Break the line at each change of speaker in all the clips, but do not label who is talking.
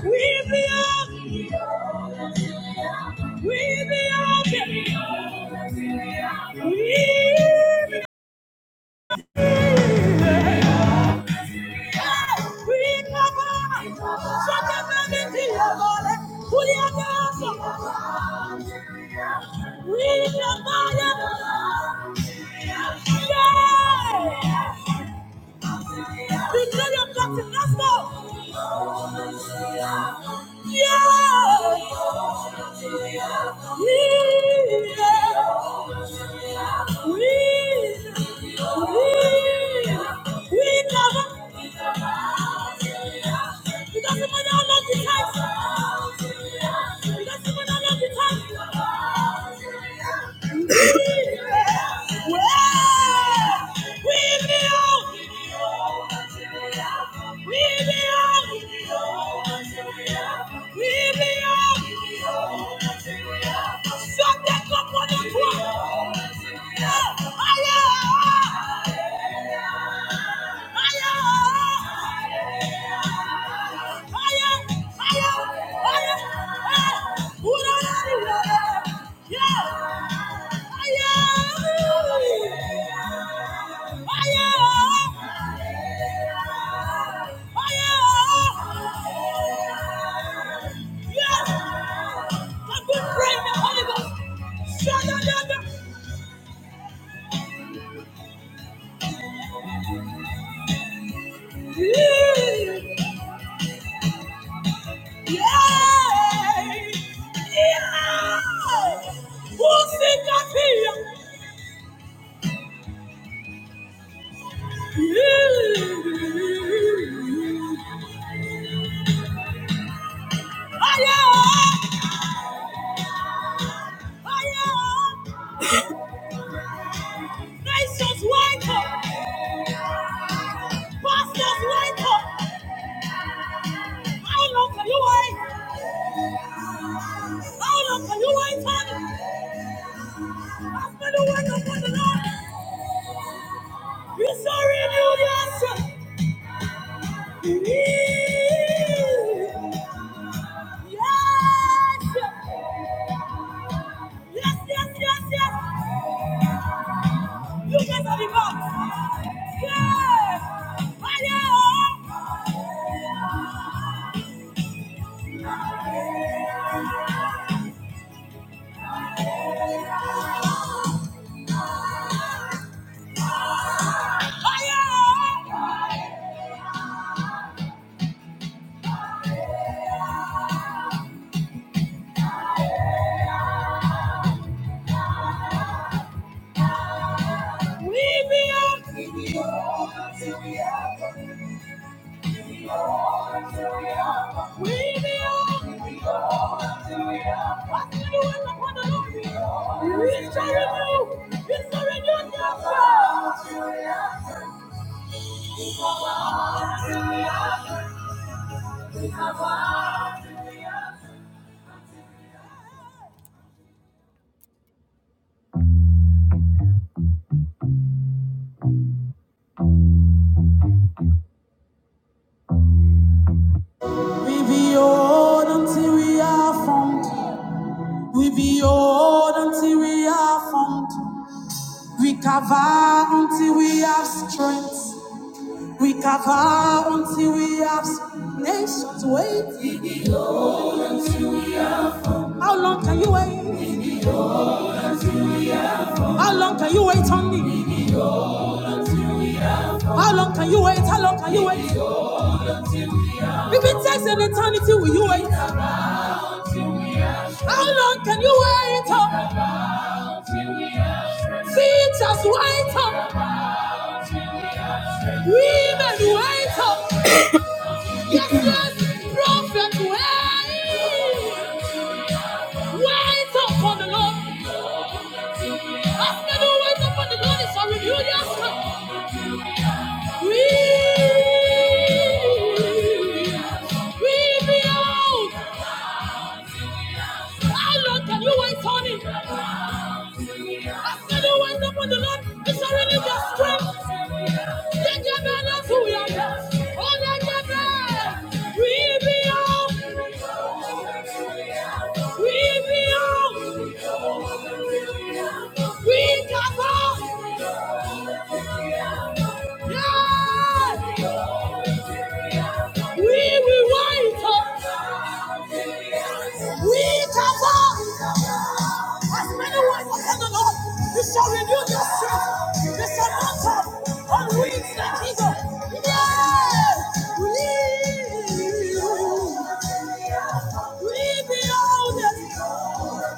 We be up. We be up. We be up. We cover. Sakamaniti We Kuya We be up. We could have gotten us more. Yeah. Yeah. We, we, we never. It doesn't matter how long it takes. It doesn't matter Shut that up on the floor. I've been praying the Holy Ghost. Shut up, Yeah, yeah, Who's in that here. Higher! Higher! nations wake wake up, up. pastors wake up! How long can you wait? wait? How long can you You're the word of the Lord. you shall renew your strength. Yes! Yes, yes, yes, yes! You guys are the boss! Yes! Fire! Fire! We be will! We will! We be will! What do you want upon the Lord? We shall remove! We shall renew the earth. We be on till we have them. We be on till we have them. We be old until we are found. We be old until we are found. We cover until we have strength. We cover until we have s- nations wait. How long can you wait? How long can you wait on me? How long can you wait? How long can you wait? If it takes an eternity, will you wait? How long can you wait? See, just wait. oh. Women, wait up. Yes, yes, prophet, wait. Wait up on the Lord. As men who wait up upon the Lord It's a renewed your We, we be out. How long can you wait on it? I said the word upon the Lord is a religious strength. Take your man off who you are. Oh, let your man. We be out. We be out. We come out. Yeah. We will wait. We cover as many wives as the Lord. You shall renew your strength. You shall mount up on wings like eagle. Yes, we we behold it. We beyond,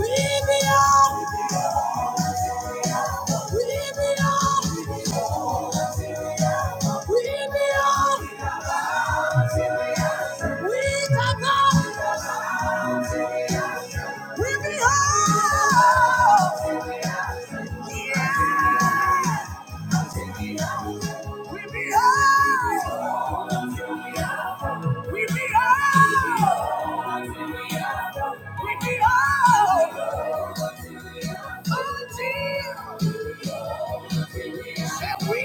we beyond, we beyond. We come up, we beyond. Yeah. We be high. We be high. We be high. Until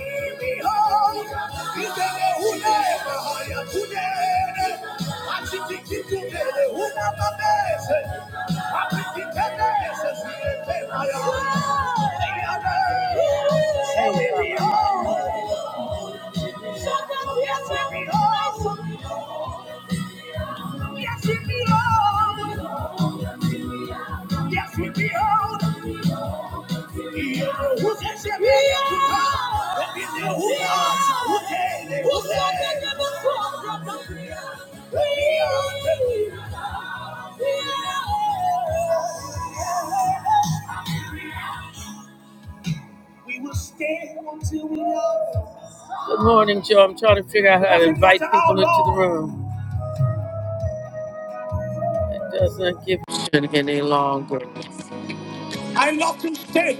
Hey. Yes, we behold. Yes, we behold. Who's that? Who's that? Who's that? We will stay until we love. Good morning, Joe. I'm trying to figure out how to invite people into the room. It doesn't give a shit any longer. I love to stay.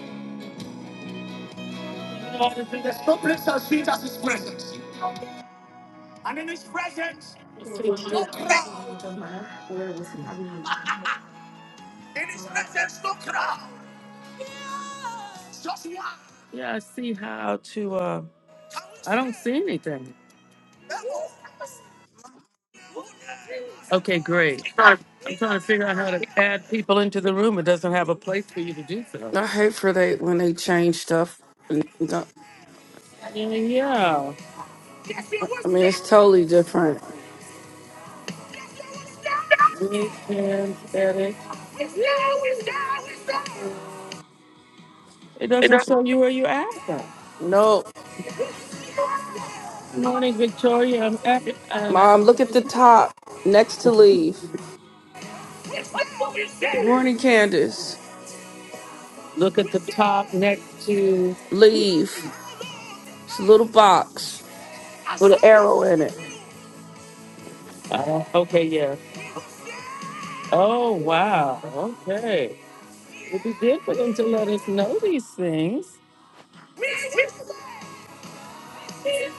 There's no place as sweet as His presence. And in His presence, no crowd. In His presence, no crowd. Just one. Yeah, I see how to. Uh, I don't see anything. Okay, great. I'm trying to figure out how to add people into the room. It doesn't have a place for you to do so.
I hate for they when they change stuff. And go-
Yeah, yeah.
I mean, it's totally different.
We can edit. It doesn't show you where you at. though.
No,
Morning, Victoria. I'm at uh,
mom, look at the top next to leave. Good morning, Candace.
look at the top next to
Leave. It's a little box with an arrow in it.
uh, okay, yeah. Oh wow, okay. It'd be good for them to let us know these things.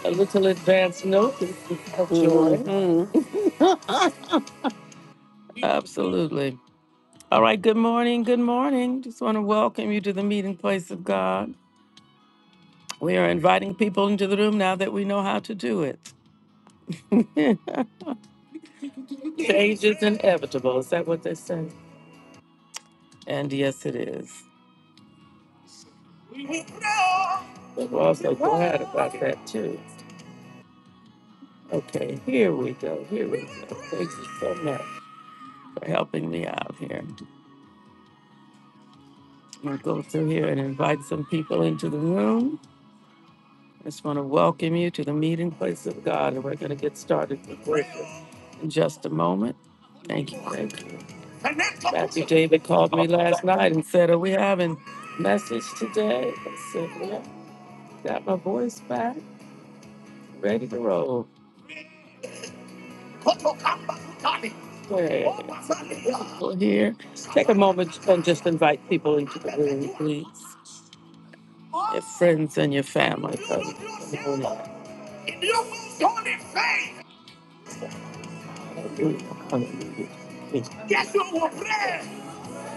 A little advance notice of joy.
Mm-hmm.
Absolutely. All right, good morning, good morning. Just want to welcome you to the meeting place of God. We are inviting people into the room now that we know how to do it. Change is inevitable. Is that what they say? And yes, it is. But we're also glad about that, too. Okay, here we go. Here we go. Thank you so much for helping me out here. I'm going to go through here and invite some people into the room. I just want to welcome you to the meeting place of God, and we're going to get started with worship in just a moment. Thank you, thank you. Matthew David called me last night and said, "Are we having message today?" I said, "Yeah, got my voice back, ready to roll." Okay, people here, take a moment and just invite people into the room, please. Your friends and your family. Come in. Hallelujah. Hallelujah. Yes, you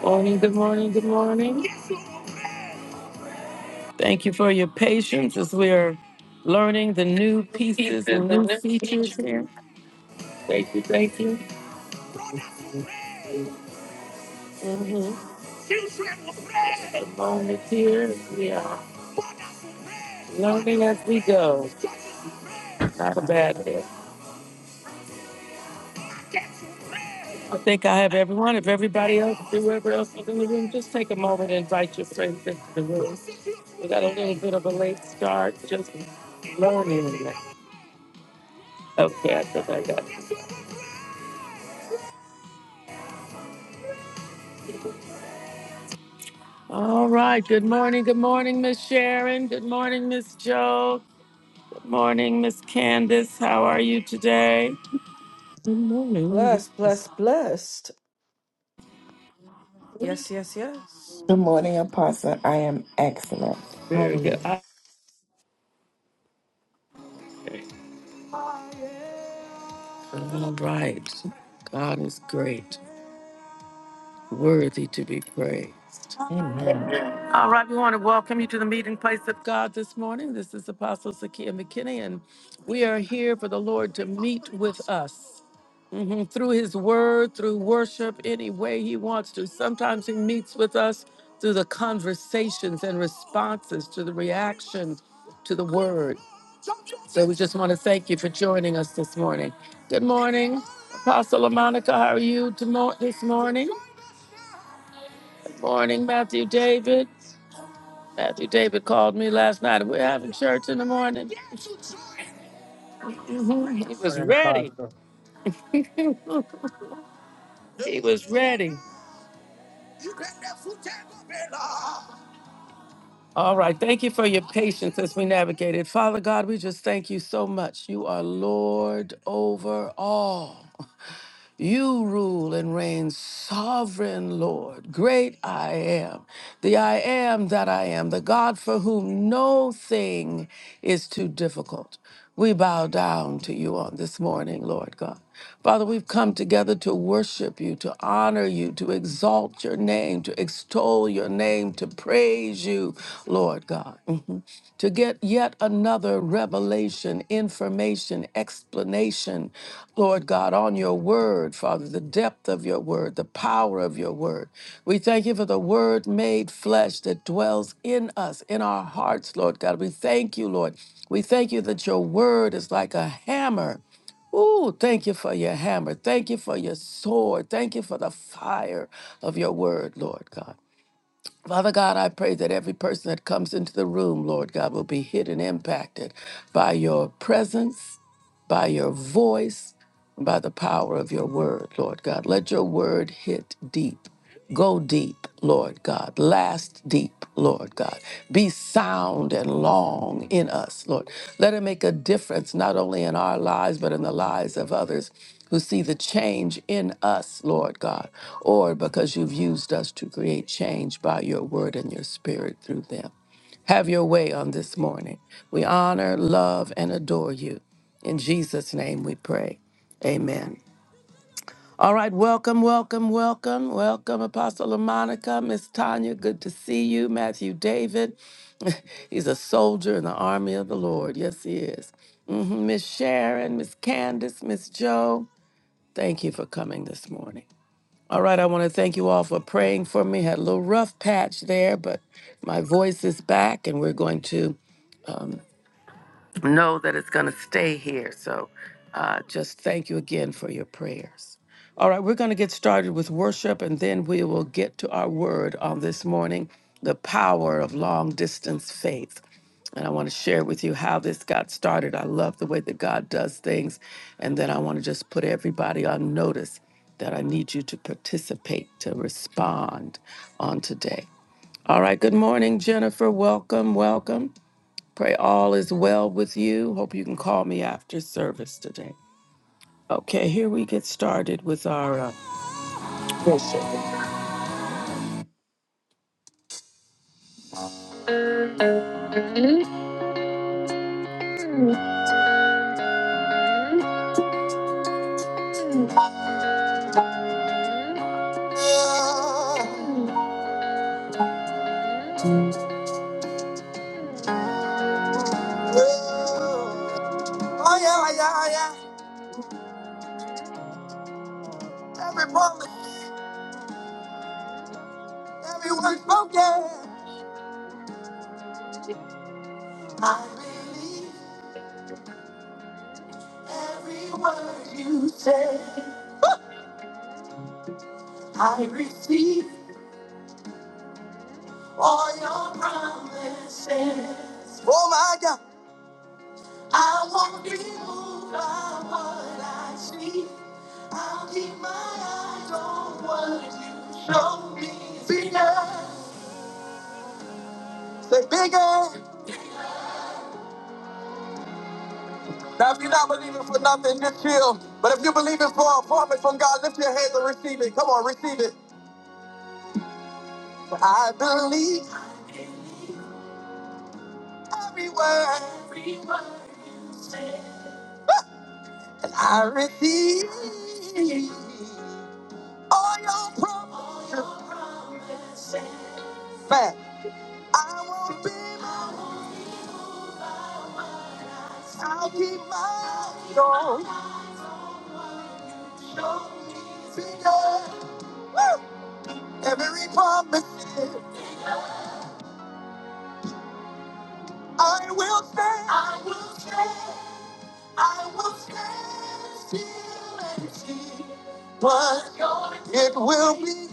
Morning, good morning, good morning. Yes, Thank you for your patience as we are learning the new pieces and new features here. Thank you, thank you.
Mm-hmm.
The moment here, we are learning as we go. Not a bad day. I think I have everyone. If everybody else, whoever else is in the room, just take a moment and invite your friends into the room. We got a little bit of a late start, just learning. Okay, I think I got it. All right. Good morning. Good morning, Miss Sharon. Good morning, Miss Joe. Good morning, Miss Candace. How are you today?
Blessed,
Yes,
blessed, blessed. Yes, yes, yes.
Good morning, Apostle. I am excellent.
Very
Hallelujah.
good. All right. God is great, worthy to be praised.
Amen.
All right, we want to welcome you to the meeting place of God this morning. This is Apostle Zakia McKinney, and we are here for the Lord to meet with us Mhm. through His Word, through worship, any way He wants to. Sometimes He meets with us through the conversations and responses to the reaction to the Word. So we just want to thank you for joining us this morning. Good morning, Apostle LaMonica. How are you tomo- this morning? Good morning, Matthew David. Matthew David called me last night. We're having church in the morning. Mhm. He
What
was
an
ready.
apostle.
He was ready. All right. Thank you for your patience as we navigated. Father God, we just thank you so much. You are Lord over all. You rule and reign sovereign, Lord. Great I am, the I am that I am, the God for whom no thing is too difficult. We bow down to you on this morning, Lord God. Father, we've come together to worship you, to honor you, to exalt your name, to extol your name, to praise you, Lord God. to get yet another revelation, information, explanation, Lord God, on your word, Father, the depth of your word, the power of your word. We thank you for the word made flesh that dwells in us, in our hearts, Lord God. We thank you, Lord. We thank you that your word is like a hammer. Ooh, thank you for your hammer. Thank you for your sword. Thank you for the fire of your word, Lord God. Father God, I pray that every person that comes into the room, Lord God, will be hit and impacted by your presence by your voice, by the power of your word, Lord God. Let your word hit deep. Go deep, Lord God. Last deep, Lord God. Be sound and long in us, Lord. Let it make a difference not only in our lives, but in the lives of others who see the change in us, Lord God, or because you've used us to create change by your word and your spirit through them. Have your way on this morning. We honor, love, and adore you. In Jesus' name we pray. Amen. All right, welcome, welcome, welcome, welcome, Apostle Monica, Miss Tanya. Good to see you, Matthew David. He's a soldier in the army of the Lord. Yes, he is. Mhm, Miss Sharon, Miss Candace, Miss Joe. Thank you for coming this morning. All right, I want to thank you all for praying for me. Had a little rough patch there, but my voice is back, and we're going to know that it's going to stay here. So uh, just thank you again for your prayers. All right, we're going to get started with worship and then we will get to our word on this morning the power of long distance faith. And I want to share with you how this got started. I love the way that God does things. And then I want to just put everybody on notice that I need you to participate, to respond on today. All right, good morning, Jennifer. Welcome, welcome. Pray all is well with you. Hope you can call me after service today. Okay, here we get started with our. Uh, oh, yeah, yeah, yeah. yeah. Every promise, every word spoken. I believe every word you say. I receive all your promises. Oh, my God. I won't be moved by what I see. I'll keep my eyes on what you show me. Bigger, say bigger. Now, if you're not believing for nothing, just chill. But if you're believing for a promise from God, lift your hands and receive it. Come on, receive it. I believe every word, and I receive all your promises. Man, I won't be moved. I'll keep my eyes on. Every promise I will stand. I will stand. I will stand still and see. But it will be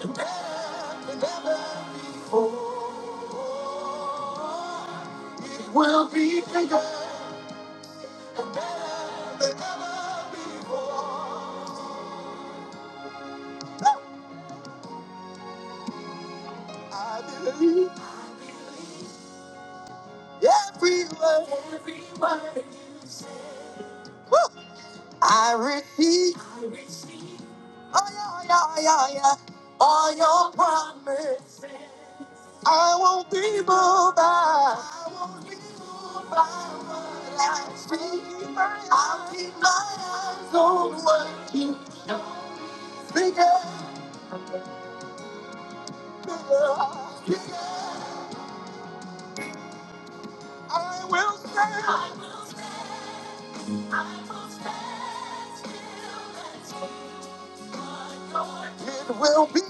better than ever before. It will be bigger and better than ever before. I believe every word. Every word. you say. Woo! I receive. Oh yeah, oh yeah, oh yeah, oh yeah. All your promises. I won't be moved. I won't I will keep my eyes on what you speak. Bigger, bigger. I will stand. It will be.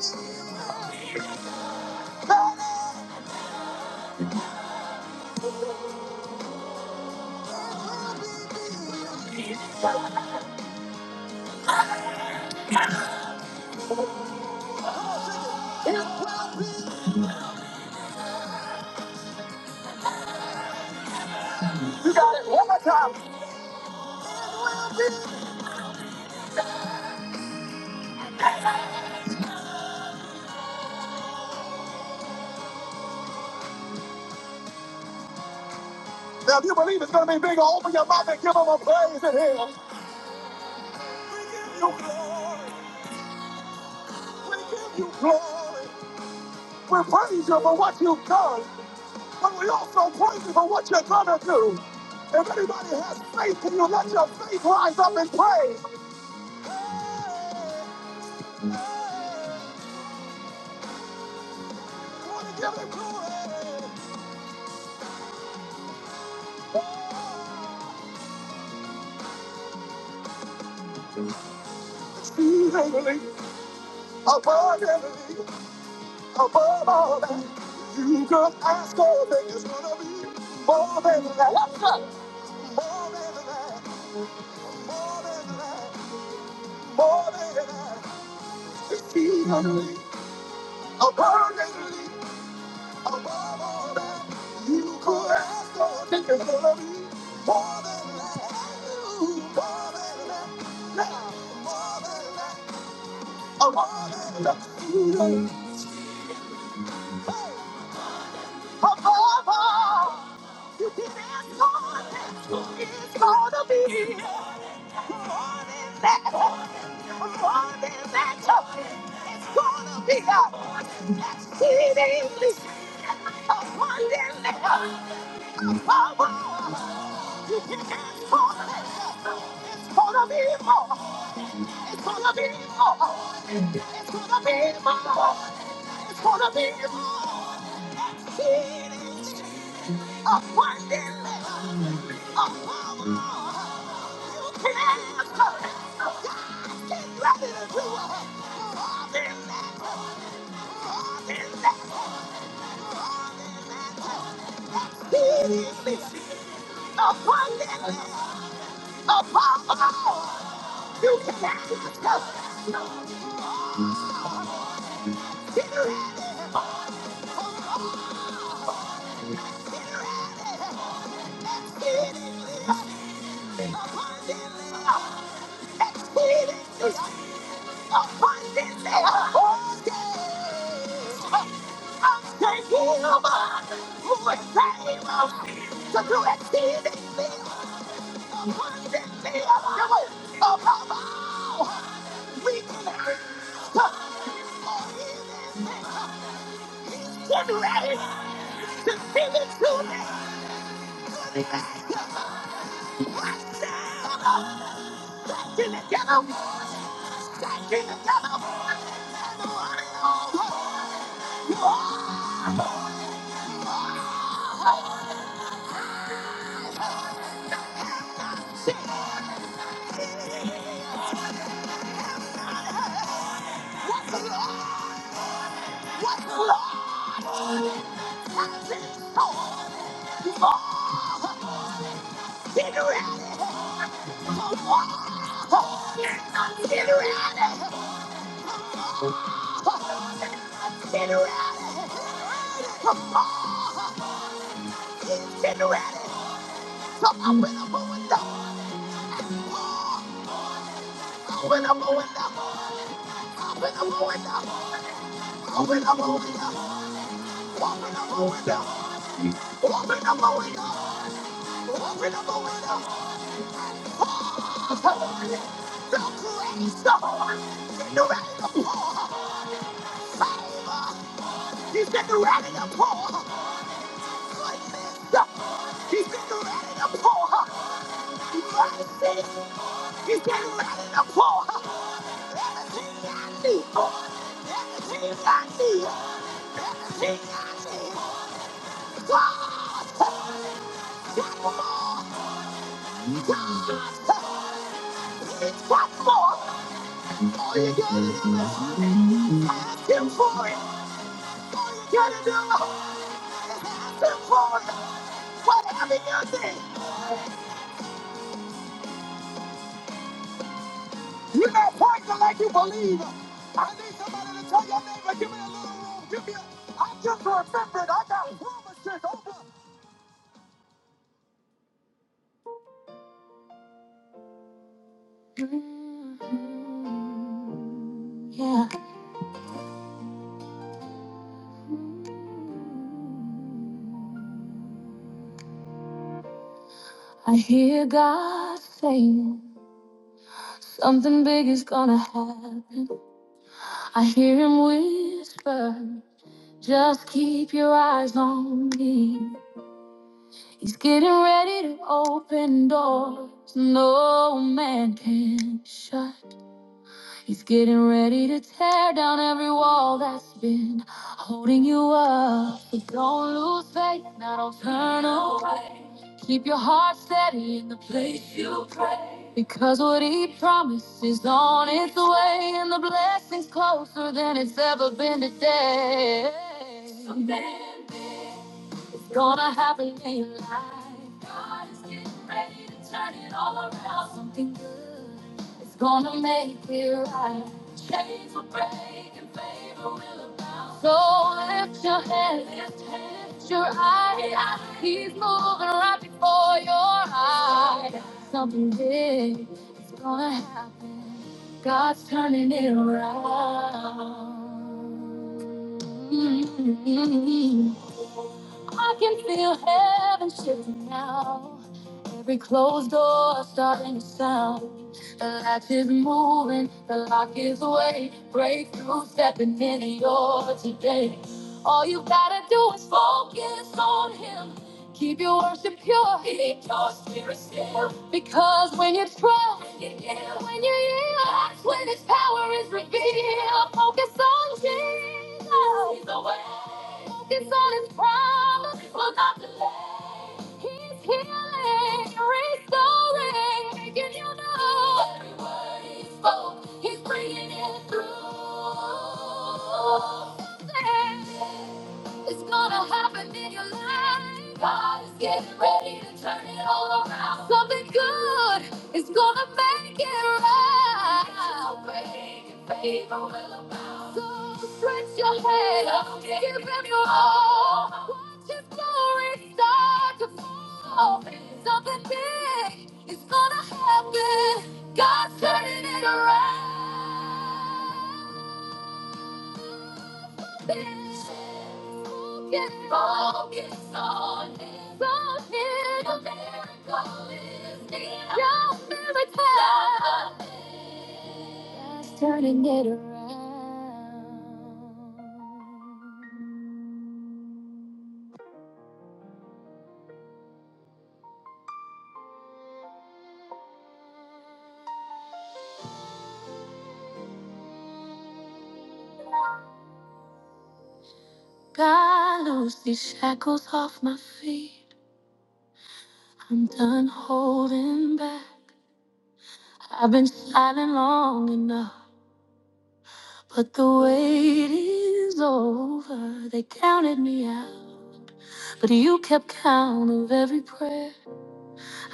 Now, if you believe it's going to be big, open your mouth and give them a praise in here. We praise you for what you've done, but we also praise you for what you're gonna do. If anybody has faith, can you let your faith rise up and praise? Hey, wanna give him glory. Exceedingly, abundantly, above all that you could ask or think is gonna be more than that. What's that? More than that. More than that. More than that. Exceedingly, abundantly. above all that you could ask for, think is gonna be more than that. Ooh, more than that. Now, more than that. Oh, more than that. Ooh, hey, above, it's gonna be more than that. More than that. It's gonna be uh, exceedingly abundantly above all. more. more. more. more. It's It's It's It's gonna gonna gonna gonna be be be be Abundantly, above all. You can have it. Let's go. Get your head in. Get your head in. Let's get it. Abundantly. Let's get it. Abundantly. All day. I'm taking over. More favor. So do exceedingly. Abundantly. Above all we can have. it. Already. Let's go. Come on with a moment All you gotta do is just look forward. Whatever you think, you know, point to like you believe. I need somebody to tell your neighbor, give me a little room, give me a, I just remembered I got promises over. I hear God saying. Something big is gonna happen. I hear him whisper, just keep your eyes on me. He's getting ready to open doors no man can shut. He's getting ready to tear down every wall that's been holding you up. But don't lose faith, now don't turn away. Keep your heart steady in the place you pray. Because what he promised is on its way, and the blessing's closer than it's ever been today. Something big it's gonna happen in your life. God is getting ready to turn it all around. Something good. It's gonna make it right. Chains will break and favor will abound. So lift your head, lift your eyes. He's moving right before your eyes. Something big is gonna happen. God's turning it around. I can feel heaven shifting now. Every closed door starting to sound. The latch is moving, the lock is away. Breakthrough stepping in your today. All you gotta do is focus on him. Keep your worship pure. Keep your spirit still. Because when you trust, when you yield, when you yield, that's when His power is revealed. Focus on Jesus. He's the way. Focus on His promise. He will not delay. He's healing, restoring, making you know every word He spoke. He's bringing it through. Something. It's gonna happen in your life. God is getting ready to turn it all around. Something good is gonna make it right. So great your favor will abound. So stretch your head up, give him your all. Watch his glory start to fall. Something big is gonna happen. God's turning it around. Turning it around. God, loose these shackles off my feet. I'm done holding back. I've been silent long enough, but the wait is over. They counted me out. But you kept count of every prayer.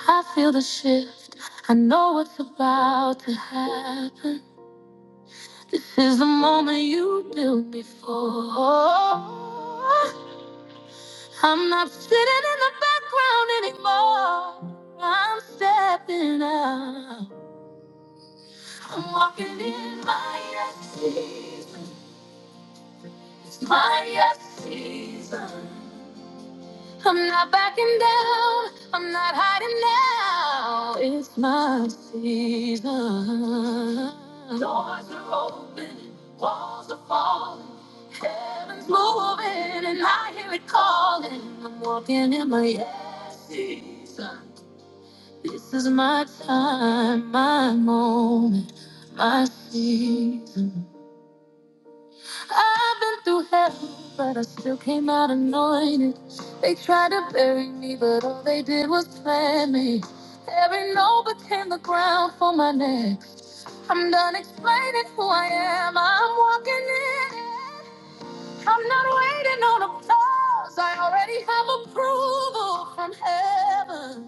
I feel the shift. I know what's about to happen. This is the moment you built me for. I'm not sitting in the background anymore. I'm stepping out. I'm walking in my yes season. It's my yes season. I'm not backing down. I'm not hiding now. It's my season. Doors are open, walls are falling, heaven's moving, and I hear it calling. I'm walking in my yes season. This is my time, my moment, my season. I've been through hell, but I still came out anointed. They tried to bury me, but all they did was plant me. Every no became the ground for my next. I'm done explaining who I am. I'm walking in it. I'm not waiting on applause. I already have approval from heaven.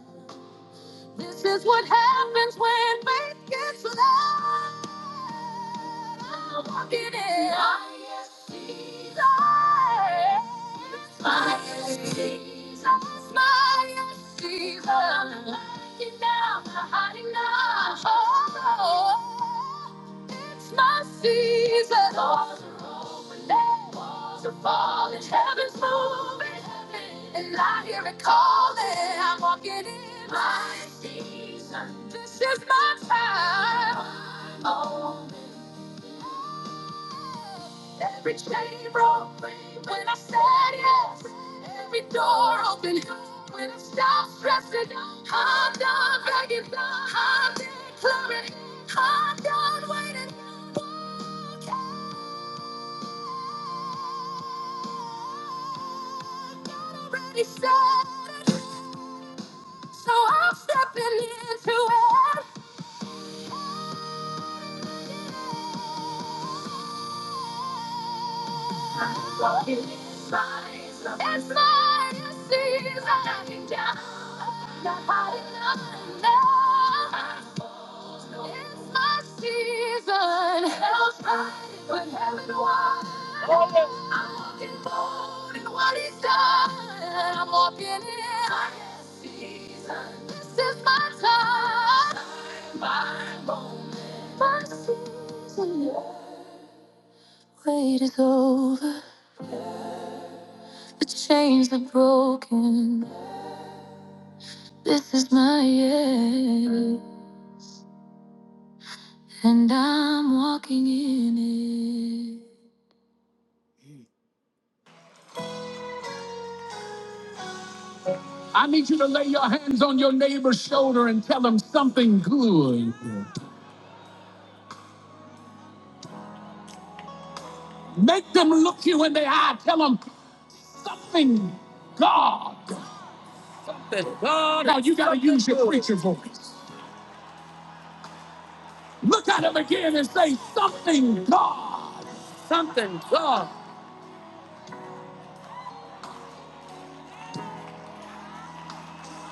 This is what happens when faith gets loud. I'm walking in my Jesus. my Jesus. Fire, Jesus. I'm hiding now, I'm hiding now. Oh, it's my season. Doors are open, walls are falling, heaven's moving, and I hear it calling. I'm walking in my season. This is my time. My moment. Every chain broke free when I said yes. Every door open when I stopped stressing. I'm done begging, I'm declaring, I'm done waiting. pretty sure, So I'm stepping into it. It's mine, you see, it's not a season. Knocking down. Not high enough now. It's my season. Hell's riding, but heaven won. I'm walking forward in what he's done. I'm walking in. my season. This is my time. My moment. My season. Wait is over. The chains are broken. This is my end, and I'm walking in it. I need you to lay your hands on your neighbor's shoulder and tell them something good. Make them look you in the eye. Tell them something God. Something God. Now you gotta use your preacher voice. Look at them again and say something God. Something God.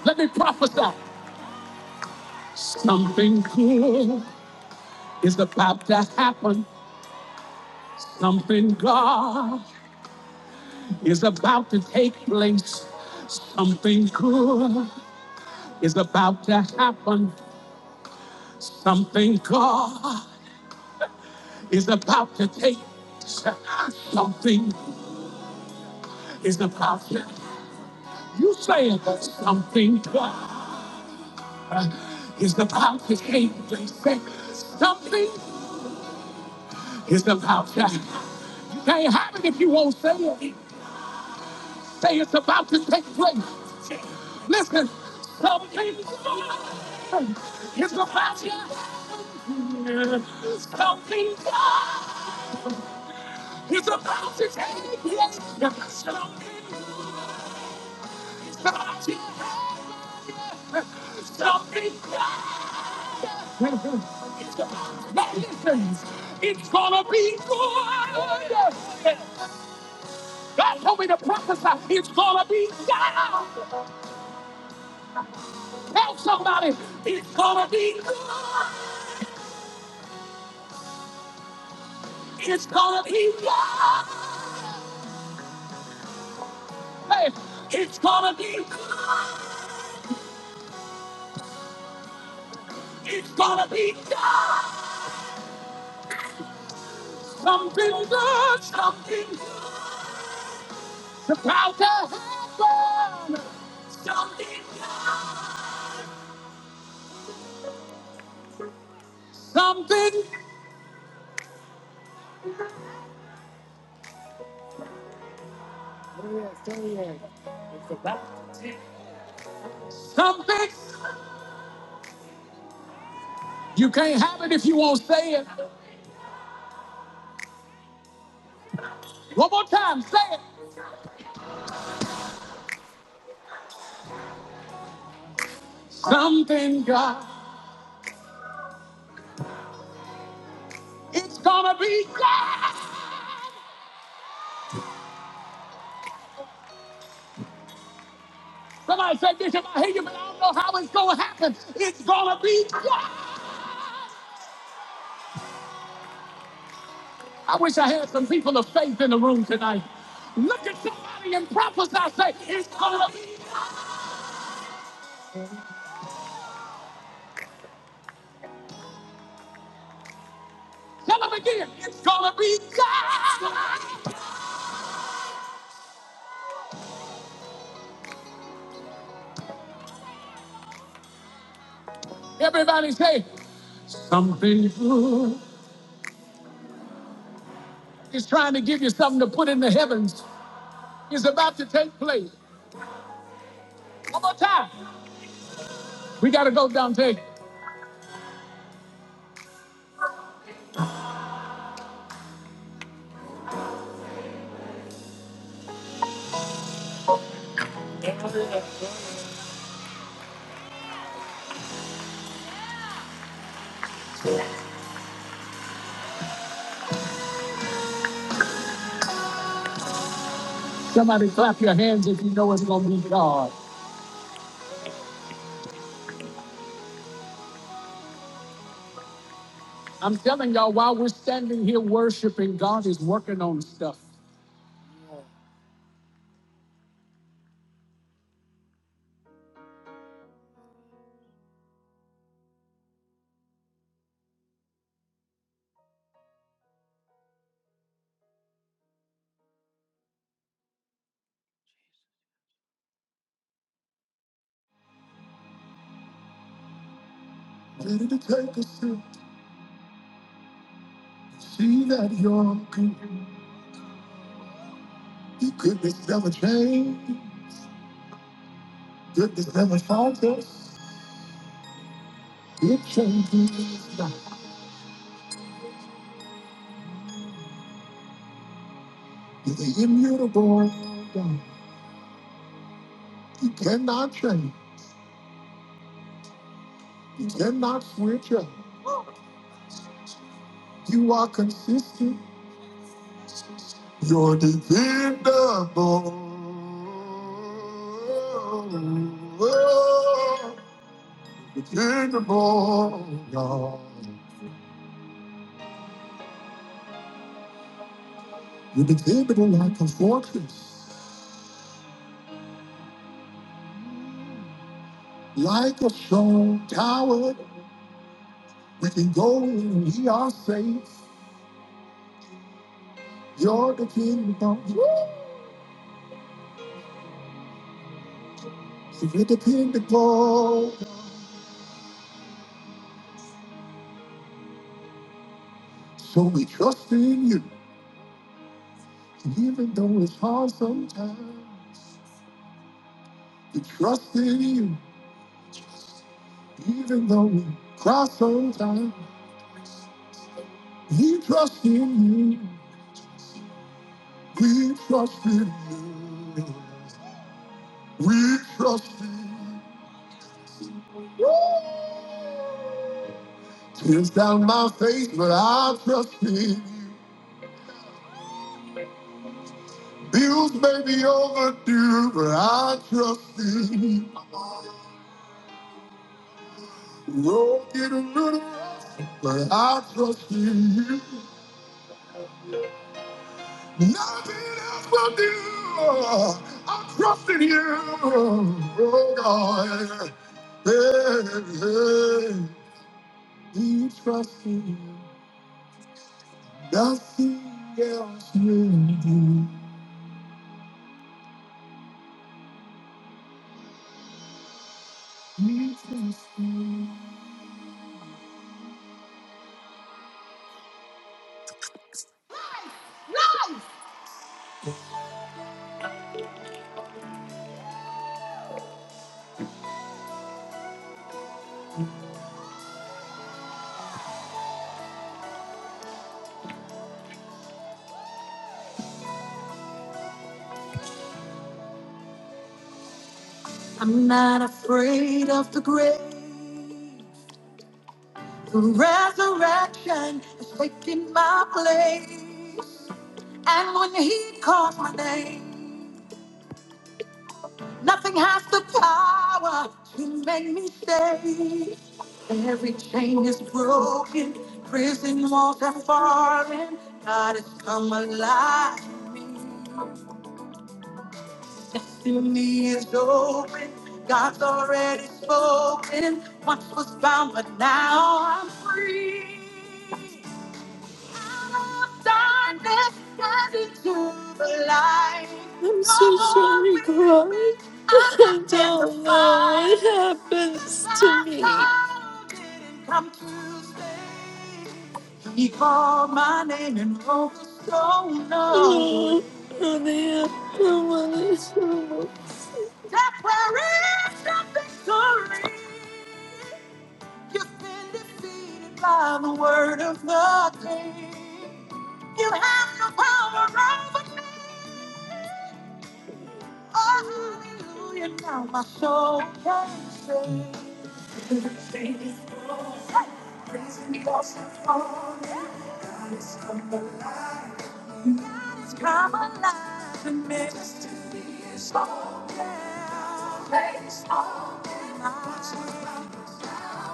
Let me prophesy. Something good is about to happen. Something God is about to take place. Something good is about to happen. Something God is about to take. place. Something is about to. You say it. Something God is about to take place. Say, Something is about to. You can't have it if you won't say it. say it's about to take place. Listen, something good is about to Something good is about to take place. Something's about to Something good is gonna be done. Something good, something about to happen. Something, something, something. You can't have it if you won't say it. One more time, say it. Something God. It's gonna be God. Somebody said, Bishop, I hear you, but I don't know how it's gonna happen. It's gonna be God. I wish I had some people of faith in the room tonight. Look at somebody and prophesy, say, it's gonna be, tell them again, it's gonna be God. Everybody say, something is trying to give you something to put in the heavens. It's about to take place. One more time. We gotta go, Dante. Somebody clap your hands if you know it's gonna be God. I'm telling y'all, while we're standing here worshiping, God is working on stuff. Ready to take a sip? See that you're good. The goodness never change. Goodness never fault us. It changes not. You're the immutable God. You cannot change. You cannot switch up. You are consistent. You're dependable. Dependable, God. You're dependable like a fortress, like a strong tower. We can go in and we are safe. You're dependable. So you're dependable. So we trust in you, even though it's hard sometimes. We trust in you, even though we cry sometimes. We trust in you. We trust in you. We trust you. Tears down my face, but I trust in you. Bills may be overdue, but I trust in you. Road getting rid of us, but I trust in you. Nothing else will do. I trust in you, oh God. Hey, hey. hey. We trust in you. Nothing else will do. Jesus will. Nothing has the power to make me stay. Every chain is broken, prison walls are falling. God has come alive to me. Destiny is open. God's already spoken. Once was bound, but now I'm free. Darkness turns into the light.
I'm
No
so
more
sorry, God.
weeping, I'm not
I
in the
don't know
fight.
what
'Cause
happens to
I
me.
saw it didn't come to stay. He called my name and broke the stone away.
No, oh, dear. Oh, what is almost.
Declaration of victory. You've been defeated by the word of God. Hallelujah, now my soul can sing. Come alive and mist is all down. Place all in my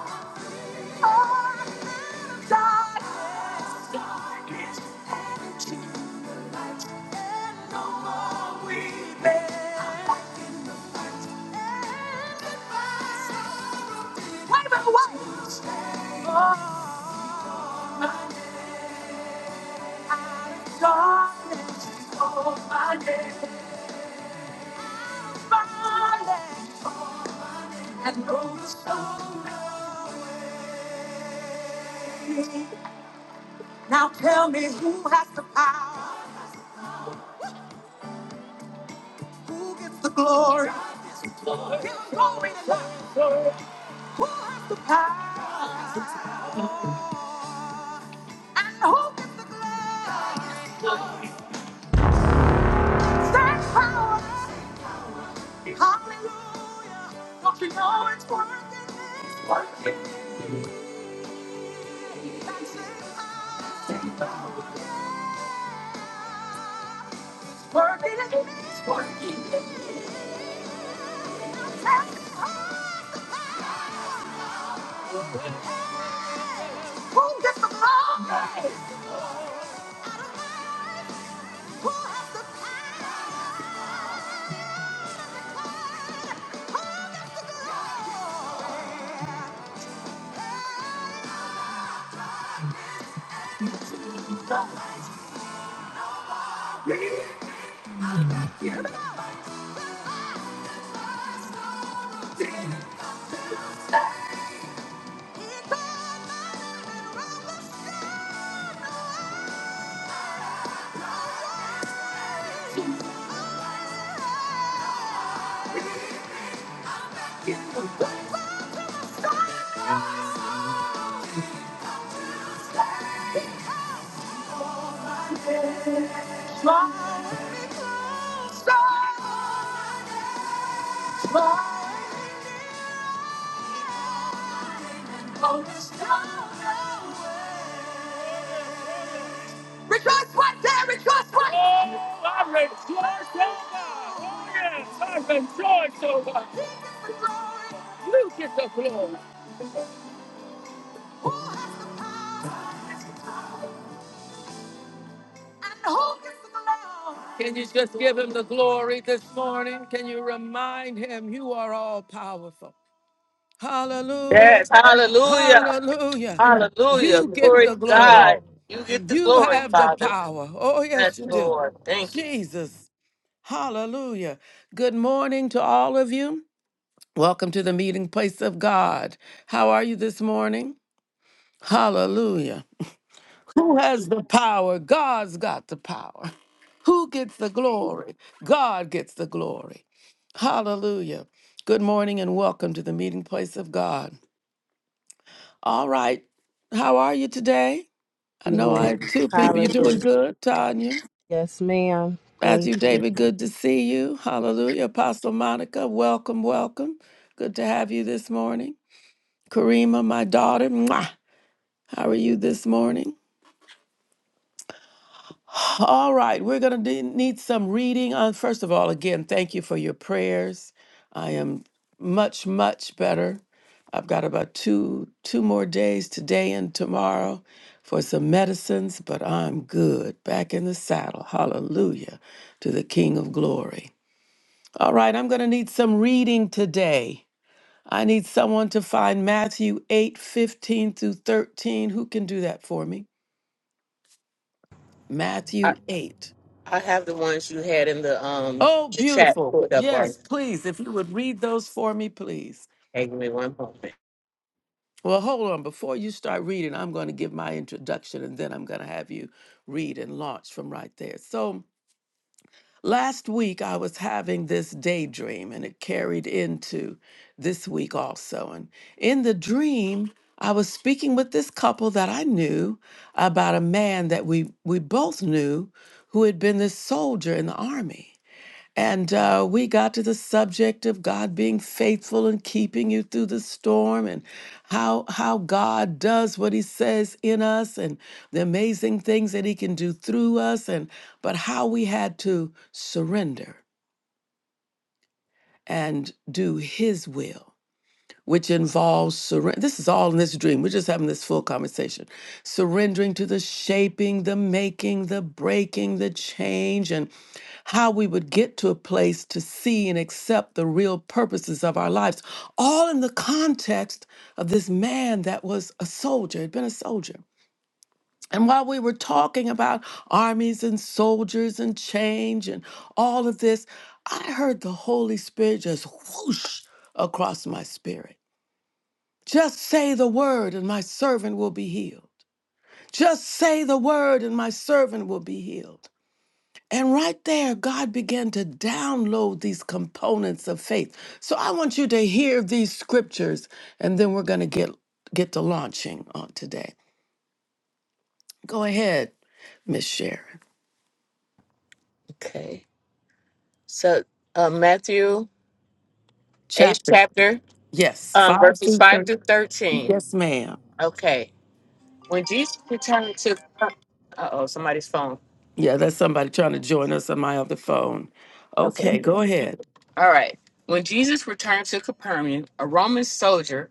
now tell me who has the power. the power. And who gets that power? Hallelujah, it's worth the test. Who gets the glory? Oh, Rejoice right there, rejoice right there. And who gets the glory? Can you just give him the glory this morning? Can you remind him you are all powerful? Hallelujah,
hallelujah,
hallelujah.
hallelujah.
You get
Glory to
the glory.
God. You get the
You
glory,
have the
Father.
power. Oh, yes,
Yes,
you do.
Lord. Thank you.
Jesus. Hallelujah. Good morning to all of you. Welcome to the meeting place of God. How are you this morning? Hallelujah. Who has the power? God's got the power. Who gets the glory? God gets the glory. Hallelujah. Good morning and welcome to the meeting place of God. All right. How are you today? I
you,
know I
Lord.
had two people. You doing
Hallelujah.
good, Tanya?
Yes, ma'am. Thank
Matthew
you.
David, good to see you. Hallelujah. Apostle Monica, welcome, welcome. Good to have you this morning. Karima, my daughter, mwah. how are you this morning? All right, we're going to need some reading. On first of all, again, thank you for your prayers. I am much, much better. I've got about two two more days today and tomorrow for some medicines, but I'm good. Back in the saddle. Hallelujah to the King of Glory. All right, I'm going to need some reading today. I need someone to find Matthew 8 15 through 13. Who can do that for me?
I,
Matthew 8.
I have the ones you had in the um
Oh,
the chat
beautiful.
pulled up already.
Yes, please. If you would read those for me, please.
Hang me one moment.
Well, hold on. Before you start reading, I'm going to give my introduction and then I'm going to have you read and launch from right there. So, Last week, I was having this daydream, and it carried into this week also. And in the dream, I was speaking with this couple that I knew about a man that we, we both knew who had been this soldier in the army. And uh, we got to the subject of God being faithful and keeping you through the storm, and how how God does what He says in us, and the amazing things that He can do through us, and but how we had to surrender and do His will which involves surrender. This is all in this dream. We're just having this full conversation. Surrendering to the shaping, the making, the breaking, the change, and how we would get to a place to see and accept the real purposes of our lives, all in the context of this man that was a soldier, had been a soldier. And while we were talking about armies and soldiers and change and all of this, I heard the Holy Spirit just whoosh across my spirit. Just say the word, and my servant will be healed. Just say the word, and my servant will be healed. And right there, God began to download these components of faith. So I want you to hear these scriptures, and then we're going to get get to launching on today. Go ahead, Miss Sharon.
Okay. So uh, Matthew 8th
Chapter
chapter,
yes,
um,
five
verses
through
5
thirty.
to 13.
Yes, ma'am.
Okay. When Jesus returned to uh oh, somebody's phone.
Yeah, that's somebody trying to join us on my other phone.
Okay.
Okay, go ahead.
All right. When Jesus returned to Capernaum, a Roman soldier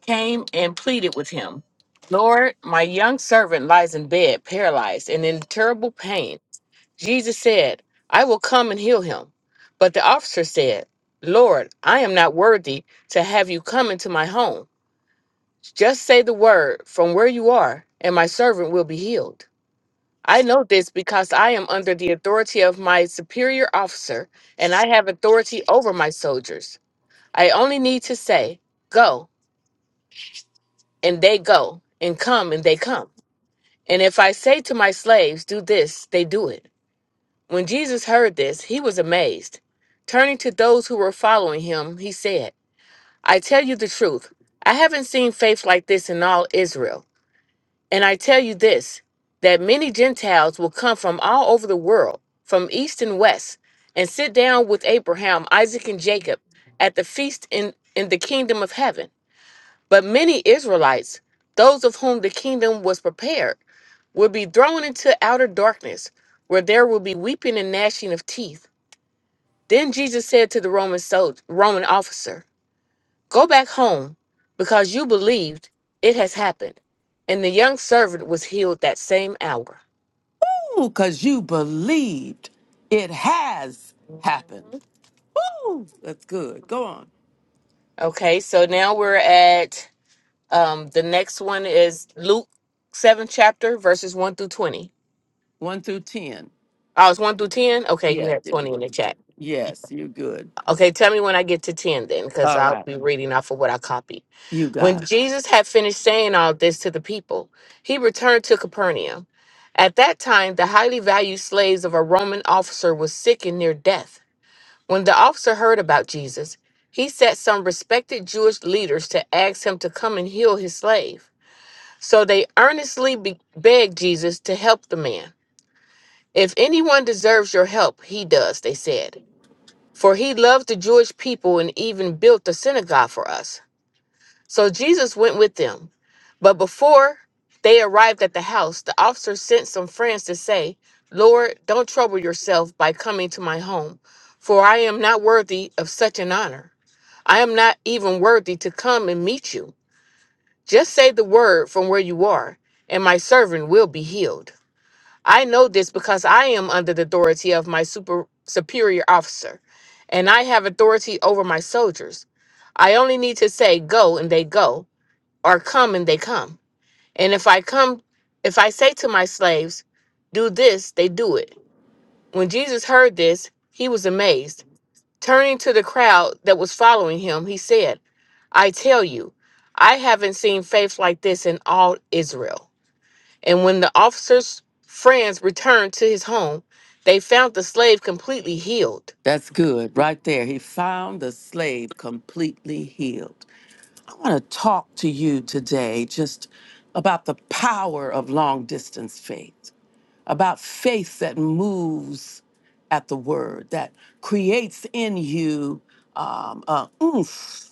came and pleaded with him, Lord, my young servant lies in bed, paralyzed and in terrible pain. Jesus said, I will come and heal him. But the officer said, Lord, I am not worthy to have you come into my home. Just say the word from where you are, and my servant will be healed. I know this because I am under the authority of my superior officer, and I have authority over my soldiers. I only need to say, Go, and they go, and come, and they come. And if I say to my slaves, Do this, they do it. When Jesus heard this, he was amazed. Turning to those who were following him, he said, I tell you the truth. I haven't seen faith like this in all Israel. And I tell you this that many Gentiles will come from all over the world, from east and west, and sit down with Abraham, Isaac, and Jacob at the feast in, in the kingdom of heaven. But many Israelites, those of whom the kingdom was prepared, will be thrown into outer darkness, where there will be weeping and gnashing of teeth. Then Jesus said to the Roman soldier, Roman officer, Go back home, because you believed it has happened. And the young servant was healed that same hour.
Ooh, because you believed it has happened. Woo! That's good. Go on.
Okay, so now we're at um the next one is Luke 7 chapter verses 1 through 20.
One through 10.
Oh, it's 1 through 10. Okay, you
Yeah,
had
Jimmy,
20 in
one
the
through
chat.
10. Yes, you're good.
Okay, tell me when I get to 10 then, because
All
I'll
right.
be reading off of what I copied.
You
When
got it.
Jesus had finished saying all this to the people, he returned to Capernaum. At that time, the highly valued slaves of a Roman officer was sick and near death. When the officer heard about Jesus, he sent some respected Jewish leaders to ask him to come and heal his slave. So they earnestly be- begged Jesus to help the man. If anyone deserves your help, he does, they said. For he loved the Jewish people and even built a synagogue for us. So Jesus went with them. But before they arrived at the house, the officer sent some friends to say, Lord, don't trouble yourself by coming to my home, for I am not worthy of such an honor. I am not even worthy to come and meet you. Just say the word from where you are, and my servant will be healed. I know this because I am under the authority of my super superior officer, and I have authority over my soldiers. I only need to say go and they go, or come and they come. And if I come if I say to my slaves, do this, they do it. When Jesus heard this, he was amazed. Turning to the crowd that was following him, he said, I tell you, I haven't seen faith like this in all Israel. And when the officer's friends returned to his home, they found the slave completely healed.
That's good. Right there. He found the slave completely healed. I want to talk to you today just about the power of long distance faith. about faith that moves at the word, that creates in you um, a oomph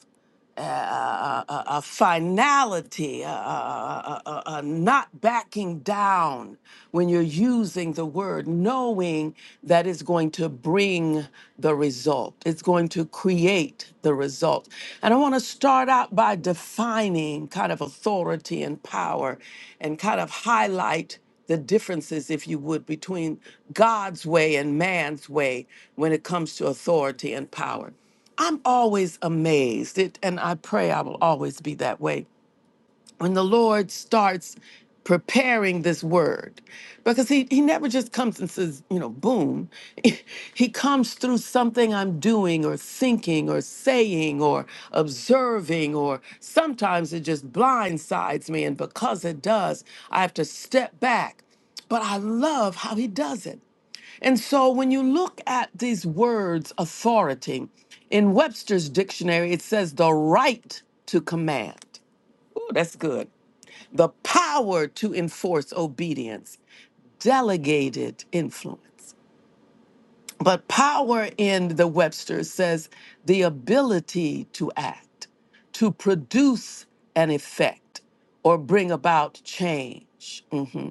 a, a- a finality, a, a- a- a- a not backing down when you're using the word, knowing that it's going to bring the result, it's going to create the result. And I want to start out by defining kind of authority and power and kind of highlight the differences, if you would, between God's way and man's way when it comes to authority and power. I'm always amazed, it, and I pray I will always be that way. When the Lord starts preparing this word, because he, he never just comes and says, you know, boom. He comes through something I'm doing or thinking or saying or observing, or sometimes it just blindsides me. And because it does, I have to step back. But I love how he does it. And so when you look at these words, authority, in Webster's dictionary, it says the right to command. Ooh, that's good. The power to enforce obedience, delegated influence. But power in the Webster says the ability to act, to produce an effect, or bring about change. Mm-hmm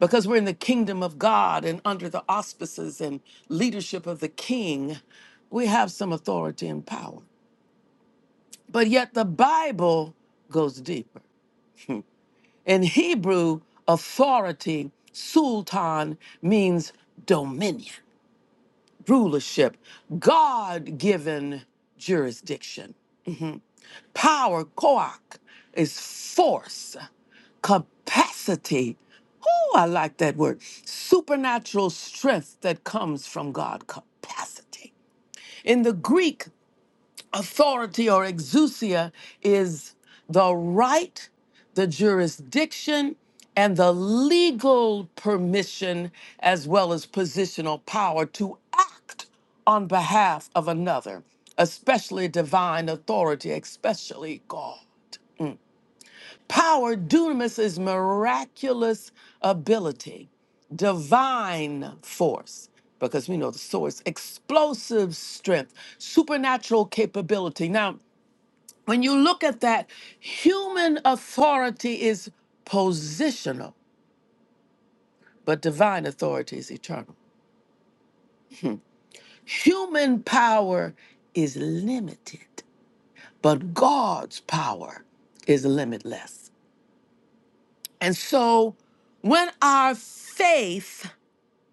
because we're in the kingdom of God and under the auspices and leadership of the king, we have some authority and power. But yet the Bible goes deeper. In Hebrew, authority, sultan, means dominion, rulership, God given jurisdiction. Power, koach, is force. capacity. Oh, I like that word. Supernatural strength that comes from God. Capacity. In the Greek, authority or exousia is the right, the jurisdiction, and the legal permission, as well as positional power to act on behalf of another, especially divine authority, especially God. Power, dunamis, is miraculous ability, divine force, because we know the source, explosive strength, supernatural capability. Now, when you look at that, human authority is positional, but divine authority is eternal. Human power is limited, but God's power is limitless. And so when our faith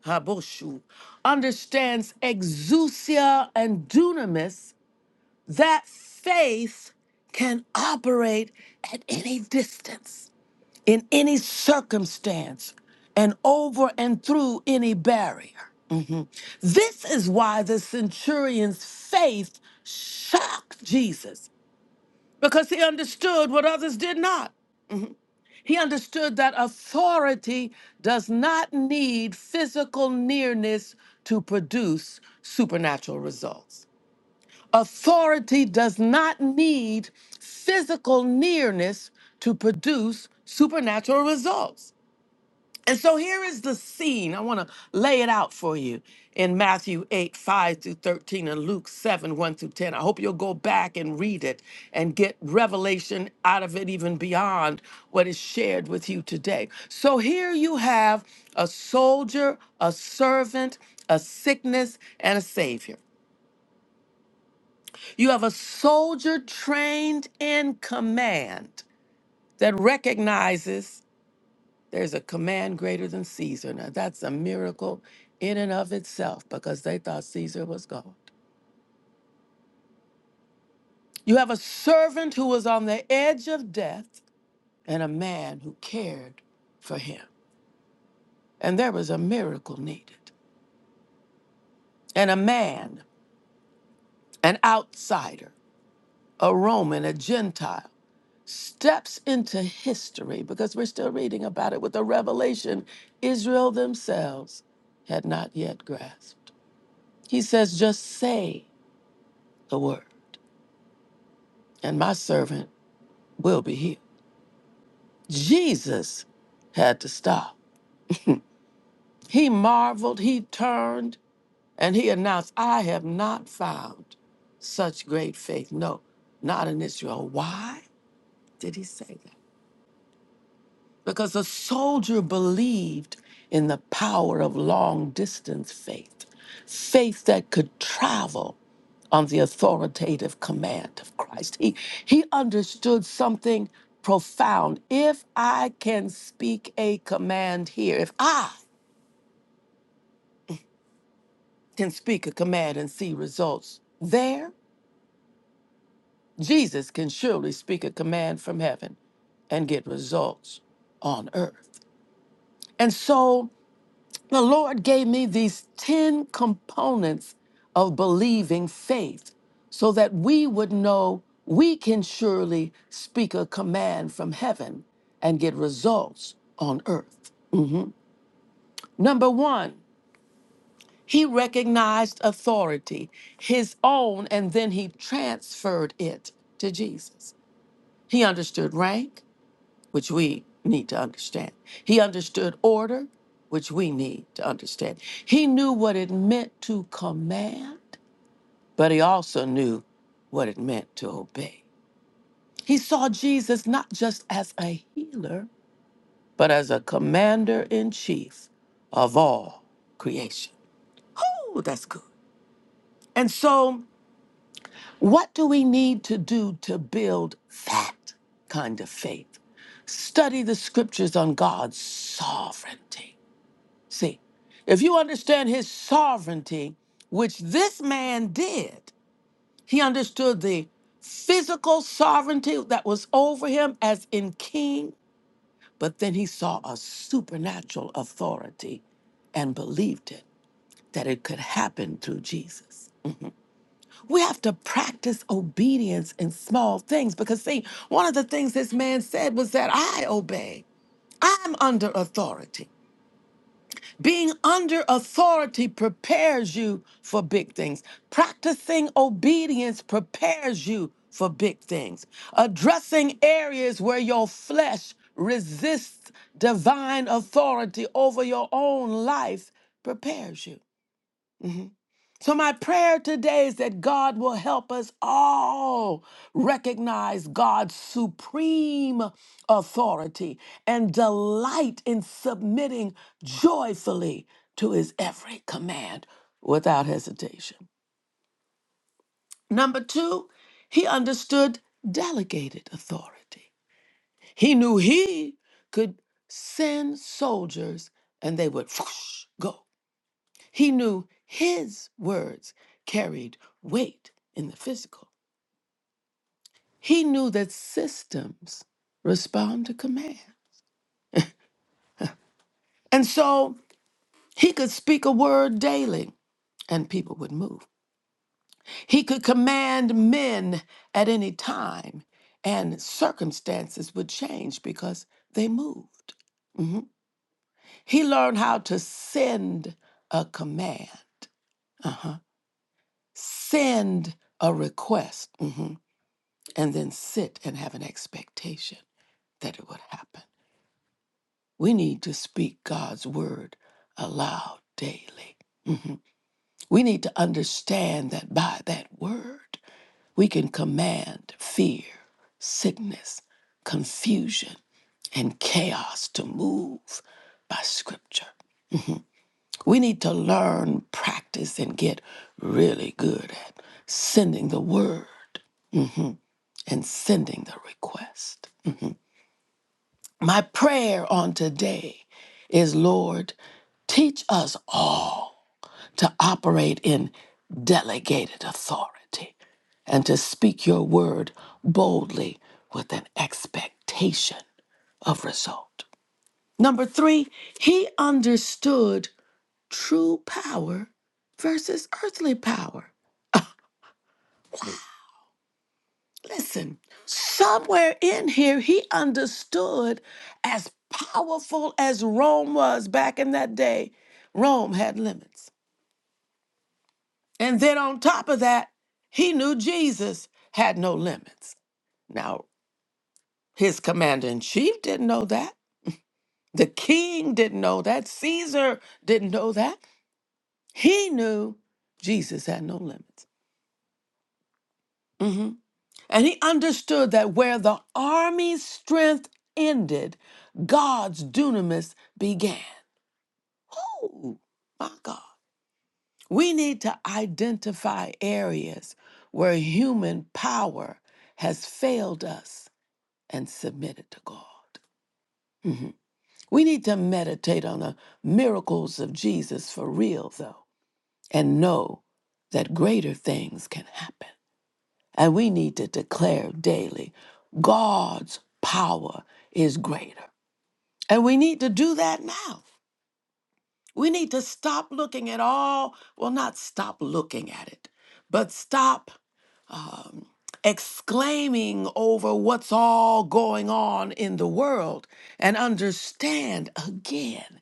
Haboshu, understands exousia and dunamis, that faith can operate at any distance, in any circumstance, and over and through any barrier. Mhm. This is why the centurion's faith shocked Jesus, because he understood what others did not. He understood that authority does not need physical nearness to produce supernatural results. Authority does not need physical nearness to produce supernatural results. And so here is the scene. I want to lay it out for you in Matthew 8, 5 through 13, and Luke 7, 1 through 10. I hope you'll go back and read it and get revelation out of it, even beyond what is shared with you today. So here you have a soldier, a servant, a sickness, and a savior. You have a soldier trained in command that recognizes There's a command greater than Caesar. Now, that's a miracle in and of itself because they thought Caesar was God. You have a servant who was on the edge of death and a man who cared for him. And there was a miracle needed. And a man, an outsider, a Roman, a Gentile, steps into history because we're still reading about it with a revelation Israel themselves had not yet grasped. He says, just say the word. and my servant will be healed. Jesus had to stop. He marveled, he turned, and he announced, I have not found such great faith. No, not in Israel. Why did he say that? because a soldier believed in the power of long distance faith, faith that could travel on the authoritative command of Christ. He, he understood something profound. If I can speak a command here, if I can speak a command and see results there, Jesus can surely speak a command from heaven and get results on earth. And so The Lord gave me these 10 components of believing faith so that we would know we can surely speak a command from heaven and get results on earth. Mhm. Number one, he recognized authority, his own, and then he transferred it to Jesus. He understood rank, which we need to understand. He understood order, which we need to understand. He knew what it meant to command, but he also knew what it meant to obey. He saw Jesus not just as a healer, but as a commander in chief of all creation. Oh, that's good. And so, what do we need to do to build that kind of faith? Study the scriptures on God's sovereignty See, if you understand his sovereignty, which this man did, he understood the physical sovereignty that was over him as in king, but then he saw a supernatural authority and believed it that it could happen through Jesus. We have to practice obedience in small things because, see, one of the things this man said was that I obey, I'm under authority. Being under authority prepares you for big things. Practicing obedience prepares you for big things. Addressing areas where your flesh resists divine authority over your own life prepares you. So, my prayer today is that God will help us all recognize God's supreme authority and delight in submitting joyfully to his every command without hesitation. Number two, he understood delegated authority. He knew he could send soldiers and they would go. He knew his words carried weight in the physical. He knew that systems respond to command. And so he could speak a word daily and people would move. He could command men at any time and circumstances would change because they moved. He learned how to send a command, uh-huh. send a request, mhm, and then sit and have an expectation. that it would happen. We need to speak God's word aloud daily. We need to understand that by that word, we can command fear, sickness, confusion, and chaos to move by scripture. We need to learn, practice, and get really good at sending the word and sending the request. My prayer on today is Lord, teach us all to operate in delegated authority and to speak your word boldly with an expectation of result. Number three, he understood true power versus earthly power. Listen, somewhere in here, he understood as powerful as Rome was back in that day, Rome had limits. And then on top of that, he knew Jesus had no limits. Now, his commander in chief didn't know that. The king didn't know that. Caesar didn't know that. He knew Jesus had no limits. Mhm. And he understood that where the army's strength ended, God's dunamis began. Oh, my God. We need to identify areas where human power has failed us and submit it to God. Mhm. We need to meditate on the miracles of Jesus for real, though, and know that greater things can happen. And we need to declare daily God's power is greater. And we need to do that now. We need to stop looking at all, well, not stop looking at it, but stop um, exclaiming over what's all going on in the world and understand again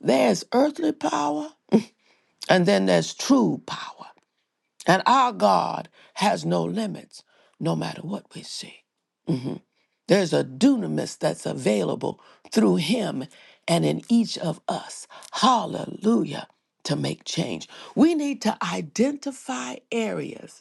there's earthly power and then there's true power. And our God has no limits, no matter what we see. Mm-hmm. There's a dunamis that's available through him and in each of us. Hallelujah. To make change, we need to identify areas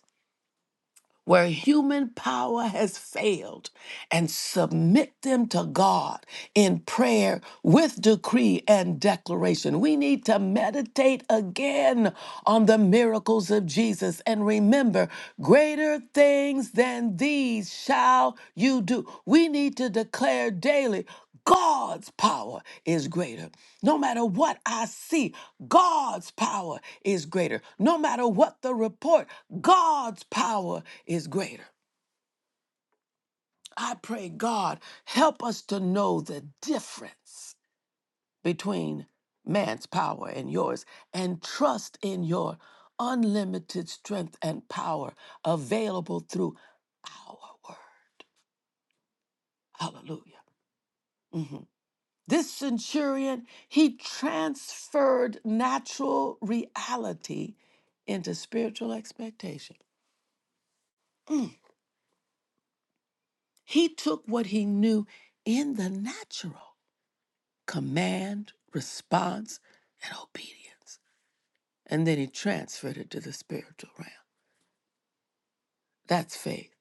where human power has failed and submit them to God in prayer with decree and declaration. We need to meditate again on the miracles of Jesus and remember greater things than these shall you do. We need to declare daily. God's power is greater. No matter what I see, God's power is greater. No matter what the report, God's power is greater. I pray, God, help us to know the difference between man's power and yours and trust in your unlimited strength and power available through our word. Hallelujah. Mhm. This centurion, he transferred natural reality into spiritual expectation. Mm. He took what he knew in the natural command, response, and obedience. And then he transferred it to the spiritual realm. That's faith.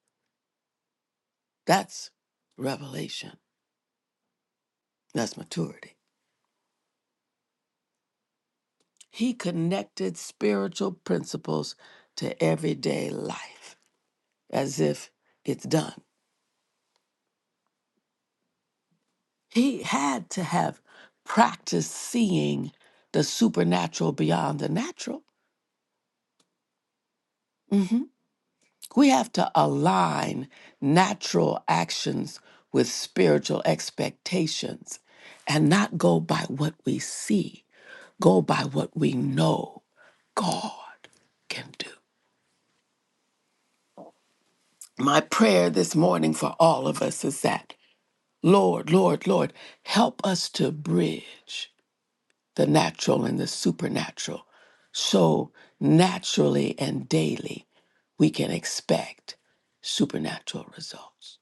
That's revelation. That's maturity. He connected spiritual principles to everyday life as if it's done. He had to have practiced seeing the supernatural beyond the natural. Mhm. We have to align natural actions with spiritual expectations and not go by what we see, go by what we know God can do. My prayer this morning for all of us is that, Lord, Lord, Lord, help us to bridge the natural and the supernatural so naturally and daily we can expect supernatural results.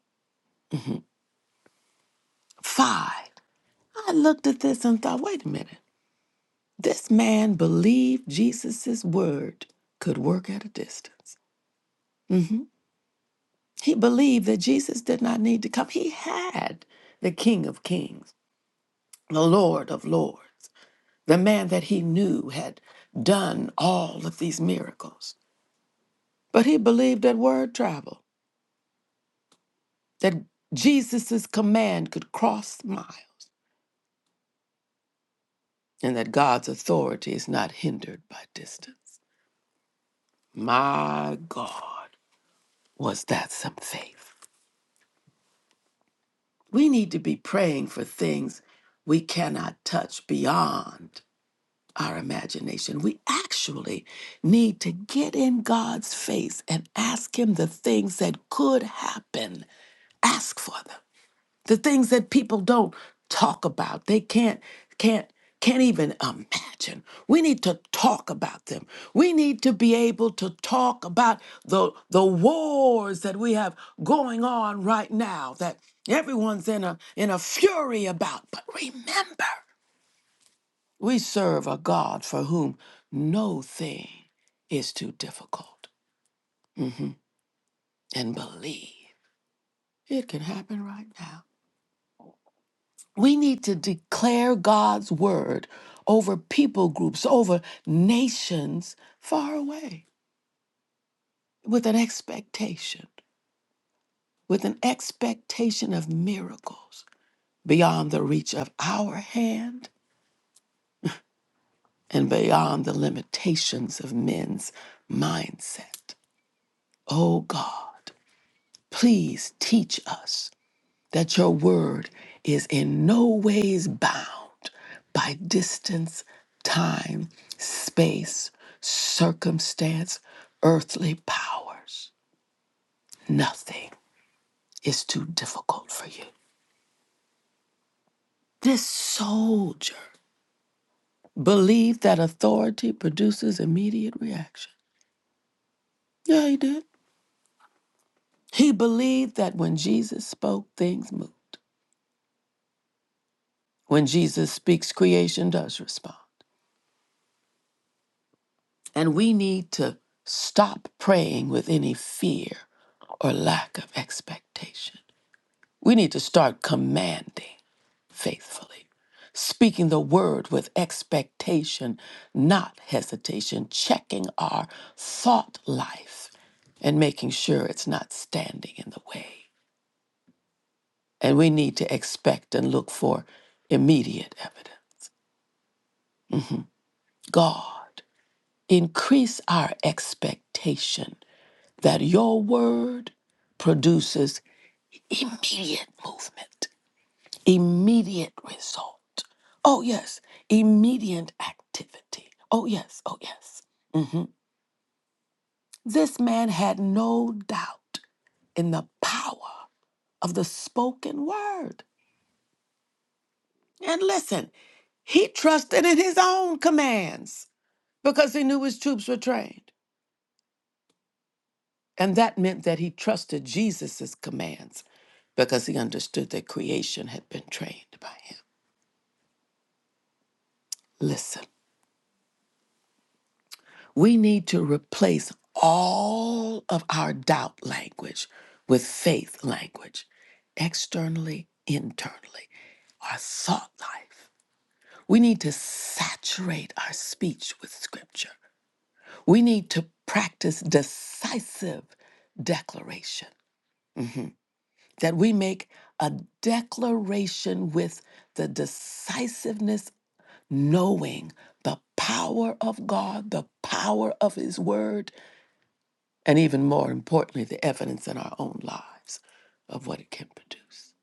Five. I looked at this and thought, wait a minute. This man believed Jesus' word could work at a distance. hmm He believed that Jesus did not need to come. He had the King of Kings, the Lord of Lords, the man that he knew had done all of these miracles. But he believed that word travel, that Jesus' command could cross miles, and that God's authority is not hindered by distance. My God. Was that some faith? We need to be praying for things we cannot touch beyond our imagination. We actually need to get in God's face and ask Him the things that could happen. Ask for them. the things that people don't talk about they can't can't can't even imagine we need to talk about them we need to be able to talk about the the wars that we have going on right now that everyone's in a in a fury about but remember we serve a god for whom no thing is too difficult Mhm. and believe it can happen right now We need to declare God's word over people groups, over nations far away with an expectation, with an expectation of miracles beyond the reach of our hand and beyond the limitations of men's mindset. Oh God, please teach us that your word is in no ways bound by distance, time, space, circumstance, earthly powers. Nothing is too difficult for you. This soldier believed that authority produces immediate reaction. Yeah, he did. He believed that when Jesus spoke, things moved. When Jesus speaks, creation does respond. And we need to stop praying with any fear or lack of expectation. We need to start commanding faithfully, speaking the word with expectation, not hesitation, checking our thought life and making sure it's not standing in the way. And we need to expect and look for immediate evidence. God, increase our expectation that your word produces immediate movement, immediate result. Oh, yes, immediate activity. Oh, yes, oh, yes. Mhm. This man had no doubt in the power of the spoken word. And listen, he trusted in his own commands because he knew his troops were trained. And that meant that he trusted Jesus' commands because he understood that creation had been trained by him. Listen, we need to replace all of our doubt language with faith language, externally, internally, our thought life. We need to saturate our speech with scripture. We need to practice decisive declaration mhm, that we make a declaration with the decisiveness, knowing the power of God, the power of His word and even more importantly, the evidence in our own lives of what it can produce,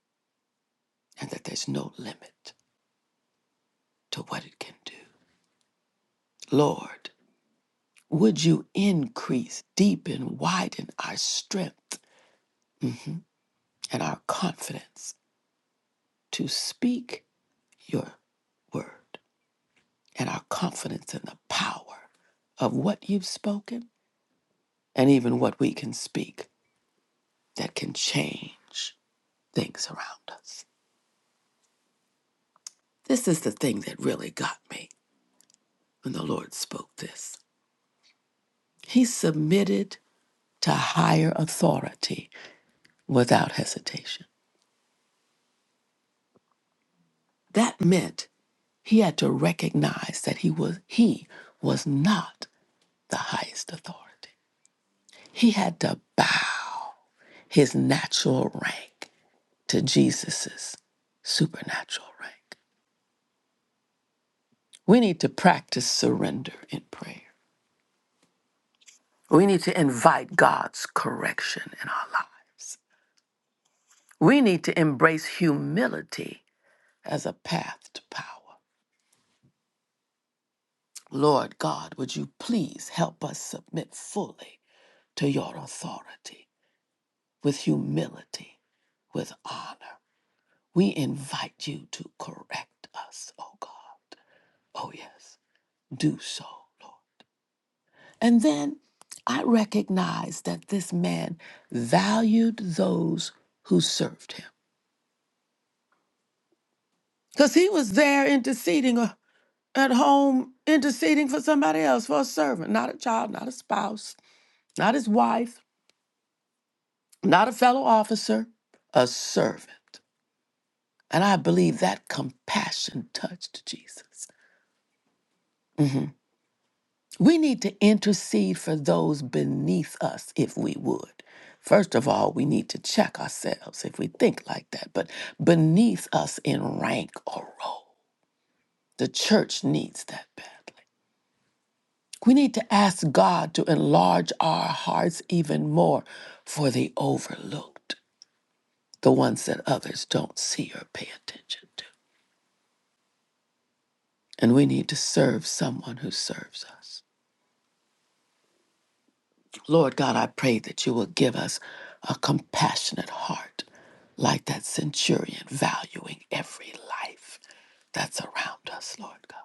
and that there's no limit to what it can do. Lord, would you increase, deepen, widen our strength mhm, and our confidence to speak your word, and our confidence in the power of what you've spoken, and even what we can speak that can change things around us. This is the thing that really got me when the Lord spoke this. He submitted to higher authority without hesitation. That meant he had to recognize that he was he was not the highest authority. He had to bow his natural rank to Jesus's supernatural rank. We need to practice surrender in prayer. We need to invite God's correction in our lives. We need to embrace humility as a path to power. Lord God, would you please help us submit fully to your authority with humility, with honor? We invite you to correct us, oh God. Oh, yes, do so, Lord. And then I recognize that this man valued those who served him because he was there interceding uh, at home, interceding for somebody else, for a servant, not a child, not a spouse, not his wife not a fellow officer, a servant. And I believe that compassion touched Jesus. Mhm. We need to intercede for those beneath us if we would. First of all, we need to check ourselves if we think like that. But beneath us in rank or role, the church needs that badly. We need to ask God to enlarge our hearts even more for the overlooked, the ones that others don't see or pay attention to. and we need to serve someone who serves us. Lord God, I pray that you will give us a compassionate heart like that centurion, valuing every life that's around us, Lord God.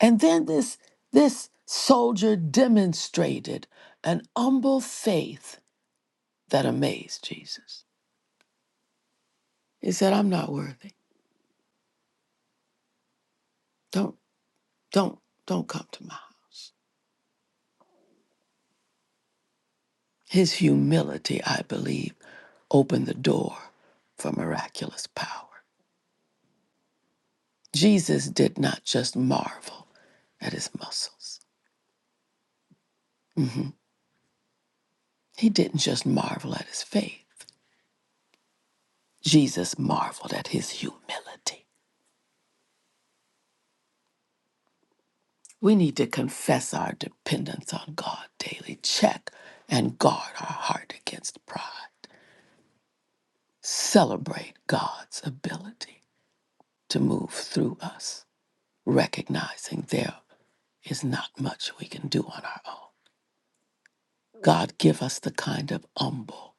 And then this, this soldier demonstrated an humble faith that amazed Jesus. He said, I'm not worthy. Don't, don't, don't come to my house. His humility, I believe, opened the door for miraculous power. Jesus did not just marvel at his muscles, he didn't just marvel at his faith. Jesus marveled at his humility. We need to confess our dependence on God daily, check and guard our heart against pride, celebrate God's ability to move through us, recognizing there is not much we can do on our own. God, give us the kind of humble,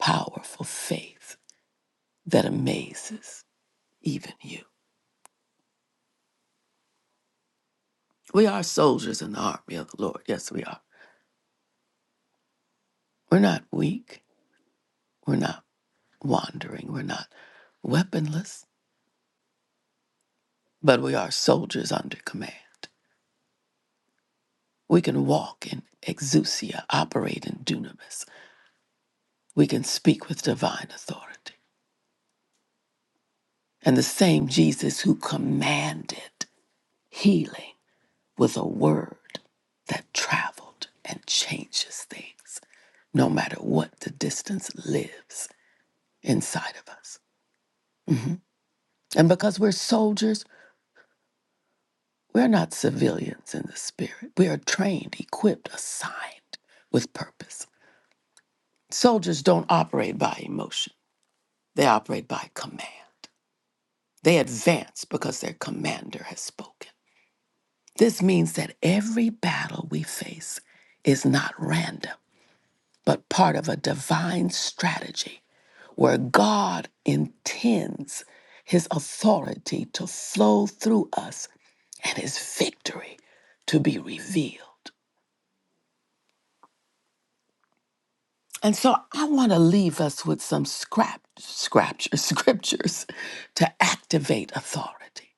powerful faith that amazes even you. We are soldiers in the army of the Lord. Yes, we are. We're not weak. We're not wandering. We're not weaponless, but we are soldiers under command. We can walk in exousia, operate in dunamis. We can speak with divine authority. And the same Jesus who commanded healing with a word that traveled and changes things, no matter what the distance lives inside of us. And because we're soldiers, we're not civilians in the spirit. We are trained, equipped, assigned with purpose. Soldiers don't operate by emotion, they operate by command. They advance because their commander has spoken. This means that every battle we face is not random but part of a divine strategy where God intends his authority to flow through us and his victory to be revealed. And so I want to leave us with some scrap, scripture, scriptures to activate authority.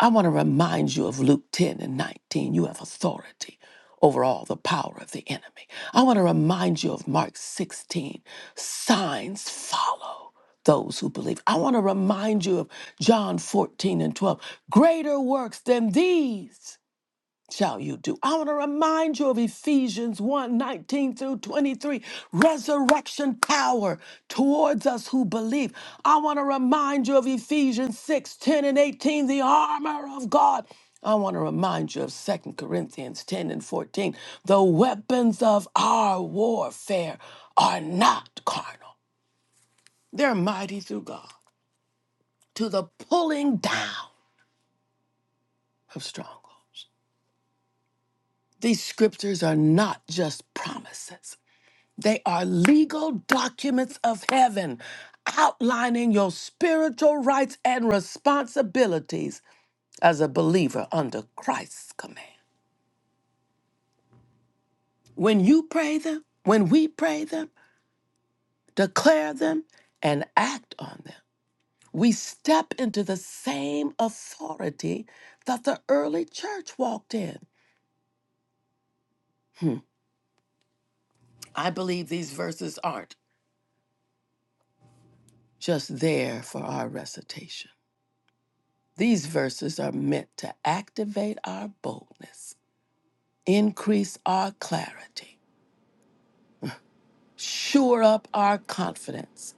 I want to remind you of Luke 10 and 19. You have authority over all the power of the enemy. I want to remind you of Mark 16. Signs follow those who believe. I want to remind you of John 14 and 12. Greater works than these shall you do. I want to remind you of Ephesians one 19 through 23, resurrection power towards us who believe. I want to remind you of Ephesians 6 10 and 18, the armor of God. I want to remind you of Second Corinthians 10 and 14. The weapons of our warfare are not carnal, they're mighty through God to the pulling down of strongholds. These scriptures are not just promises. They are legal documents of heaven outlining your spiritual rights and responsibilities as a believer under Christ's command. When you pray them, when we pray them, declare them, and act on them, we step into the same authority that the early church walked in. Hmm, I believe these verses aren't just there for our recitation. These verses are meant to activate our boldness increase our clarity, shore up our confidence,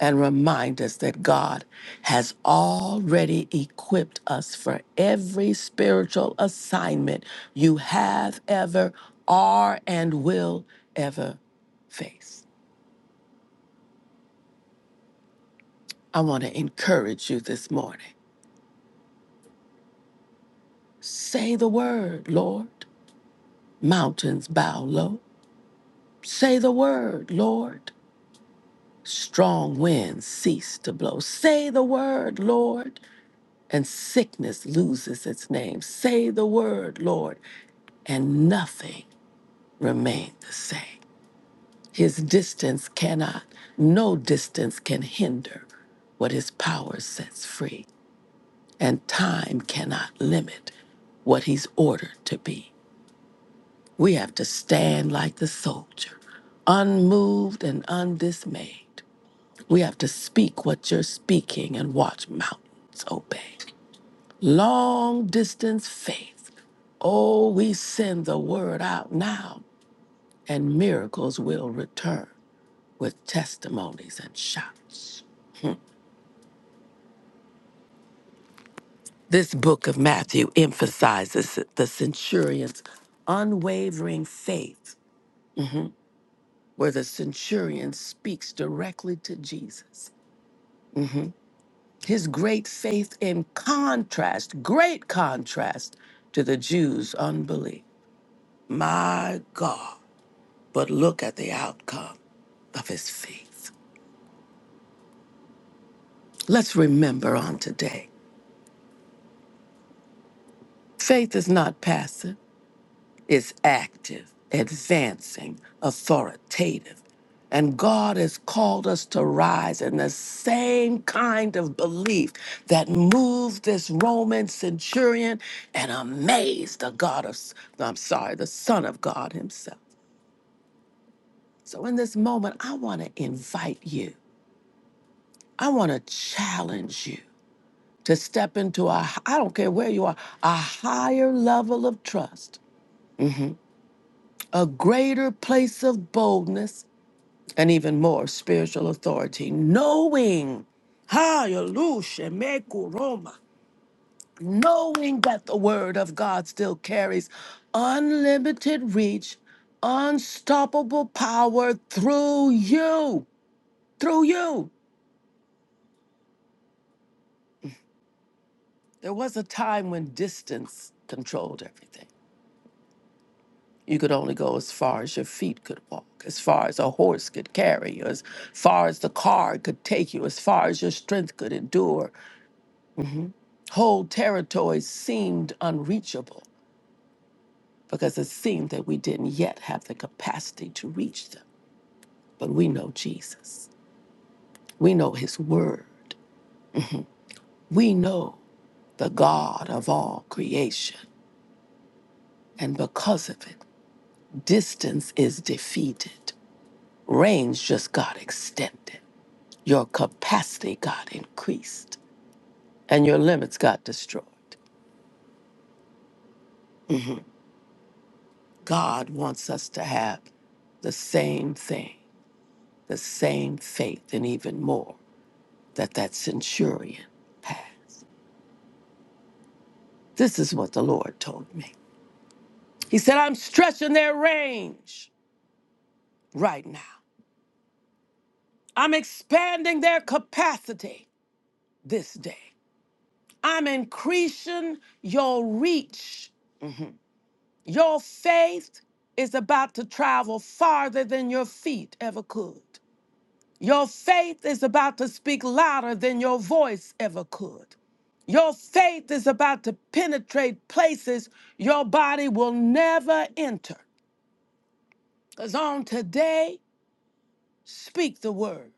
and remind us that God has already equipped us for every spiritual assignment you have ever, are, and will ever face. I want to encourage you this morning. Say the word, Lord. Mountains bow low. Say the word, Lord. Strong winds cease to blow. Say the word, Lord. and sickness loses its name. Say the word, Lord, and nothing remained the same. His distance cannot, no distance can hinder what his power sets free, and time cannot limit what he's ordered to be. We have to stand like the soldier, unmoved and undismayed. We have to speak what you're speaking and watch mountains obey. Long distance faith. Oh, we send the word out now, and miracles will return with testimonies and shouts. This book of Matthew emphasizes the centurion's unwavering faith, where the centurion speaks directly to Jesus. Mhm. His great faith in contrast, great contrast to the Jews' unbelief. My God. but look at the outcome of his faith. Let's remember on today faith is not passive, it's active, advancing, authoritative. And God has called us to rise in the same kind of belief that moved this Roman centurion and amazed the God of, I'm sorry, the Son of God himself. So in this moment, I want to invite you, I want to challenge you to step into ai h- I don't care where you are, a higher level of trust, mhm, a greater place of boldness, and even more spiritual authority, knowing, hallelujah, shemekuroma, knowing that the word of God still carries unlimited reach, unstoppable power through you, through you. There was a time when distance controlled everything. You could only go as far as your feet could walk, as far as a horse could carry you, as far as the car could take you, as far as your strength could endure. hmm Whole territories seemed unreachable because it seemed that we didn't yet have the capacity to reach them. But we know Jesus, we know His Word, we know the God of all creation. And because of it, distance is defeated, range just got extended. Your capacity got increased and your limits got destroyed. God wants us to have the same thing, the same faith, and even more that that centurion had. This is what the Lord told me. He said, I'm stretching their range right now, I'm expanding their capacity this day, I'm increasing your reach Your faith is about to travel farther than your feet ever could. Your faith is about to speak louder than your voice ever could. Your faith is about to penetrate places your body will never enter. Because on today, Speak the word,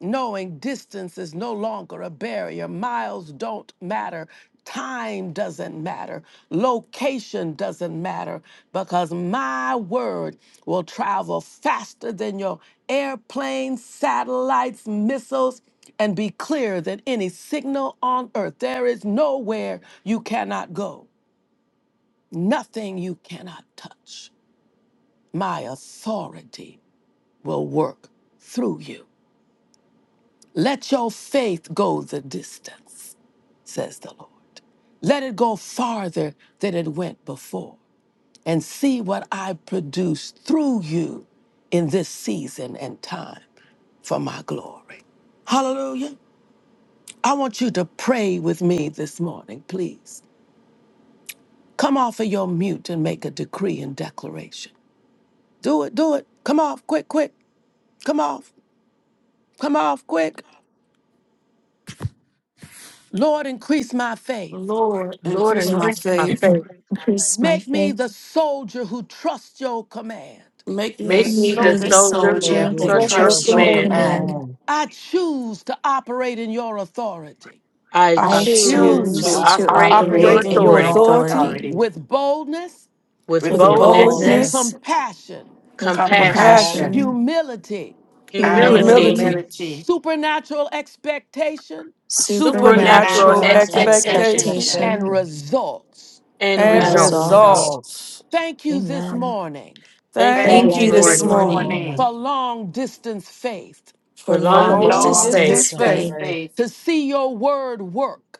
knowing distance is no longer a barrier. Miles don't matter. Time doesn't matter. Location doesn't matter because my word will travel faster than your airplanes, satellites, missiles, and be clearer than any signal on earth. There is nowhere you cannot go, nothing you cannot touch. My authority will work through you. Let your faith go the distance, says the Lord. Let it go farther than it went before, and see what I produce through you in this season and time for my glory. Hallelujah. I want you to pray with me this morning, please. Come off of your mute and make a decree and declaration. Do it, do it. Come off, quick, quick. Come off, come off, quick. Lord, increase my faith.
Lord,
Lord,
increase
Lord,
my
enhance
Lord,
my
and
faith.
faith.
increase my faith.
increase my
Make me
faith.
the soldier who trusts your command.
Make me the
Make
Make
Make
me
Make
me
me
a
Thank
the
me
you
the
the
strongest.
the
soldier
soldier
who
soldier
soldier
who
soldiers
who
trusts
and
that
trusts
your
your
trusts
trust
trusts
command.
your
your
your
command.
command.
command.
command.
I choose to operate in your authority
I
I
I
I
I
I
choose
choose
choose
choose
to
to
to
choose
choose
to
to
operate
to
operate
operate
in
in
in
your
your
your
operate
operate
operate
in
in
in
your
authority
your
authority
authority
your
authority
authority
authority
with boldness,
with
with
with a
with
with
with
boldness,
boldness,
boldness,
boldness,
boldness,
boldness,
compassion,
with
compassion,
compassion,
compassion
compassion,
compassion,
compassion,
humility,
and
humility,
humility,
humility,
humility,
humility,
humility,
supernatural expectation,
supernatural
supernatural
supernatural
supernatural
supernatural
supernatural
expectations,
expectation,
expectation,
expectation,
and
expectation
expectation,
results.
and
and
and
and
and
and
result.
resolve.
results.
results.
results.
results.
Thank you this
Amen.
Hallelujah.
morning
Thank you
Thank
Thank
Thank
Thank
this
you
you
you
Thank
you
this
this
you
this
this
this
morning
morning
morning
morning
morning
for
morning
long distance faith
for
for
for
for
long
for
long
for
long
distance
long
long
long
faith
distance
distance
distance
distance
distance
faith
faith
faith
faith
faith
to see your word work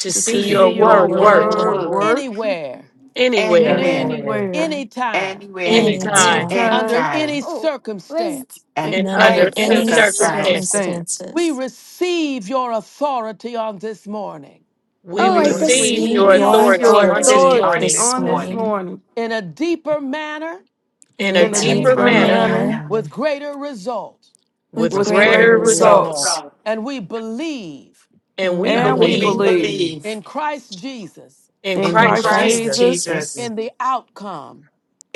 to
to
see
to
to
see
to
your
see
see
see
your
see
your
your
your
word
your
work
word
word
word
word
work
word
work
work
work
work
anywhere,
anywhere,
anywhere
anywhere,
anywhere,
anywhere,
anywhere,
anytime,
anywhere and
anytime
anytime,
anytime,
anytime,
under
anytime.
any
anytime
Oh, where's
circumstance.
and
in-
and
and
and
under
under
under
any
any
in
any
any
any
any
circumstance.
circumstance.
circumstances.
circumstance.
circumstance.
We
circumstances.
receive your authority on this morning
We
Oh,
We
We
We
I
We
think we
receive
receive
receive
receive
your
receive
your
your
your
receive
your
authority
your
authority on
authority
this
authority
authority
on
on
on
authority
this
this
morning
this
this
on this
morning
morning
morning
morning
morning
in a deeper manner
in
in
a
a
in
in
a
a
in a
in a
deeper
deeper
deeper
deeper
deeper
manner
deeper
manner
manner
manner.
manner.
manner.
with greater result.
with
with
with
with
with
greater
greater
greater
greater
greater
result.
Great
result,
results.
results,
result.
song.
And we believe
And
and
we
we
and
And
And
we
we
And
we
believe
we
believe
believe
believe
believe
believe
in Christ Jesus
in
in
in
in
in
in
Christ
Christ
Christ
Christ
Christ
Christ
Jesus
Jesus
Jesus
Jesus
Jesus
Jesus
in the outcome.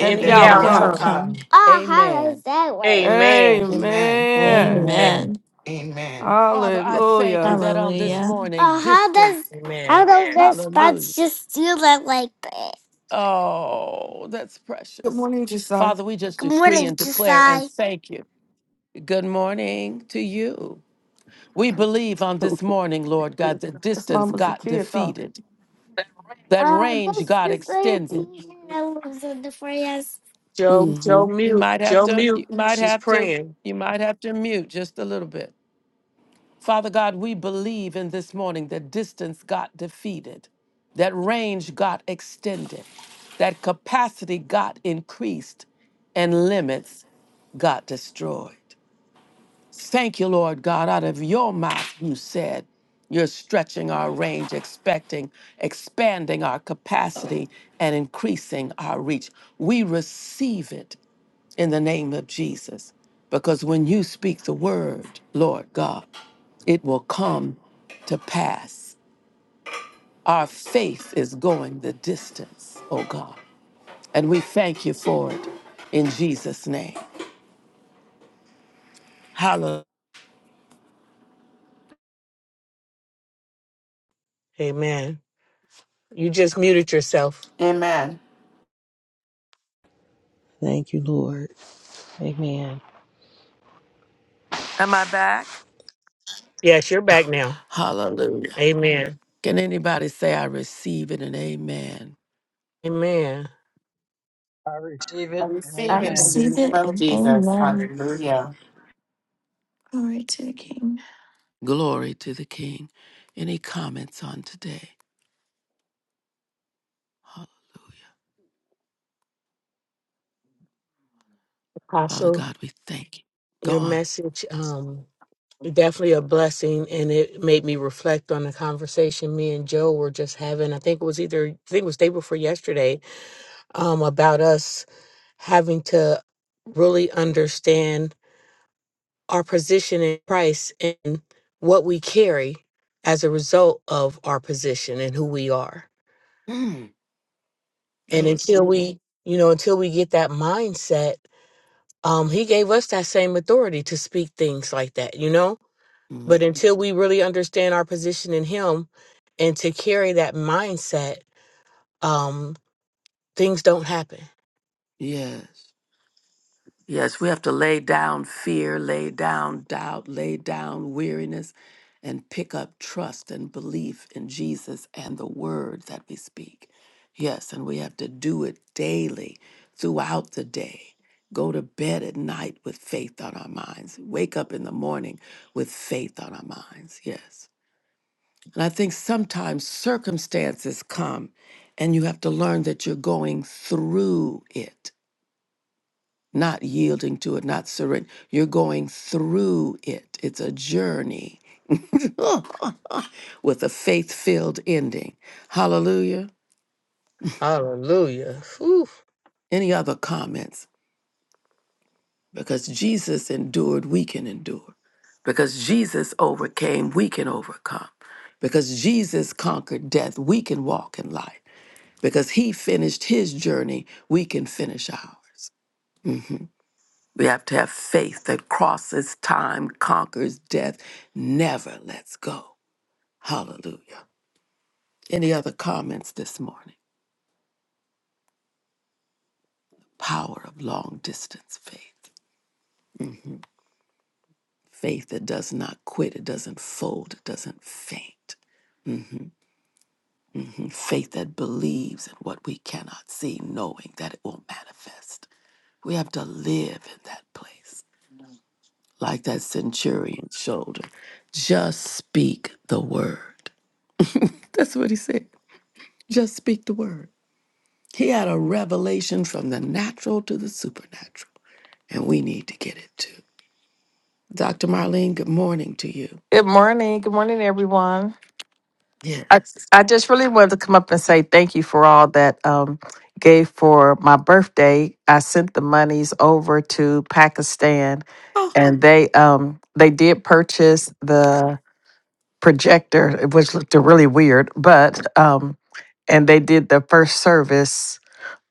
and
in
the
the
the
in
and
and
the
the
the
outcome.
outcome.
outcome.
outcome.
outcome.
Oh, how
Amen.
does that work?
Amen.
Amen.
outcome.
Amen.
Amen.
Amen.
Amen.
Amen.
Amen.
Father, I thank you
Hallelujah.
that on this
Hallelujah.
morning,
Oh, how does
distance,
how
Amen.
does their
hallelujah.
spots just do that like that?
Oh, that's
Good
precious.
morning, Josiah.
Father, we just
Good
decree
morning,
and declare and
Josiah.
thank you. Good morning to you. We believe on this morning, Lord God, that
That's
distance
mama's a
got
kid talking.
defeated, that
Oh,
range
this
got
is the
extended,
teacher that lives in the forest.
Joe,
Mm-hmm.
Joe,
You
mute.
might have
Joe,
to, you
mute.
might
She's
have to,
praying.
you might have to mute just a little bit. Father God, we believe in this morning that distance got defeated, that range got extended, that capacity got increased, and limits got destroyed. Thank you, Lord God. Out of your mouth, you said, you're stretching our range, expecting, expanding our capacity, and increasing our reach. We receive it in the name of Jesus. Because when you speak the word, Lord God, it will come to pass. Our faith is going the distance, oh God. And we thank you for it in Jesus' name. Hallelujah.
Amen. You just muted yourself.
Amen.
Thank you, Lord. Amen.
Am I back?
Yes, you're back now.
Hallelujah.
Amen.
Can anybody say I receive it and amen?
Amen.
I receive
I
it and
receive
I
it in
amen.
the
receive
name
it
of
and
Jesus.
amen.
Hallelujah.
Glory to the King.
Glory to the King. Any comments on today? Father
Apostle,
God, we thank you. Go
your
on.
message. definitely a blessing and it made me reflect on the conversation me and joe were just having i think it was either i think it was day before yesterday um, about us having to really understand our position in christ and what we carry as a result of our position and who we are
Mm,
and
that was
until
good.
we you know until we get that mindset um, he gave us that same authority to speak things like that you know But
Mhm.
until we really understand our position in Him and to carry that mindset, um, things don't happen.
Yes. Yes, we have to lay down fear, lay down doubt, lay down weariness, and pick up trust and belief in Jesus and the word that we speak. Yes, and we have to do it daily throughout the day. Go to bed at night with faith on our minds. Wake up in the morning with faith on our minds. Yes. And I think sometimes circumstances come and you have to learn that you're going through it not yielding to it, not surrendering. You're going through it. It's a journey with a faith filled ending. Hallelujah.
Hallelujah. Whew.
Any other comments? Because Jesus endured, we can endure. Because Jesus overcame, we can overcome. Because Jesus conquered death, we can walk in light. Because he finished his journey, we can finish ours. We have to have faith that crosses time, conquers death, never lets go. Hallelujah. Any other comments this morning? Power of long distance faith. Faith that does not quit, it doesn't fold, it doesn't faint. And Faith that believes in what we cannot see, knowing that it will manifest. We have to live in that place, like that centurion's shoulder. Just speak the word. That's what he said. Just speak the word. He had a revelation from the natural to the supernatural, and we need to get it too. Dr. Marlene, good morning to you.
Good morning. Good morning, everyone. I,
Yes.
I just really wanted to come up and say thank you for all that um, gave for my birthday. I sent the monies over to Pakistan, and they um, they did purchase the projector, which looked really weird, but um, and they did the first service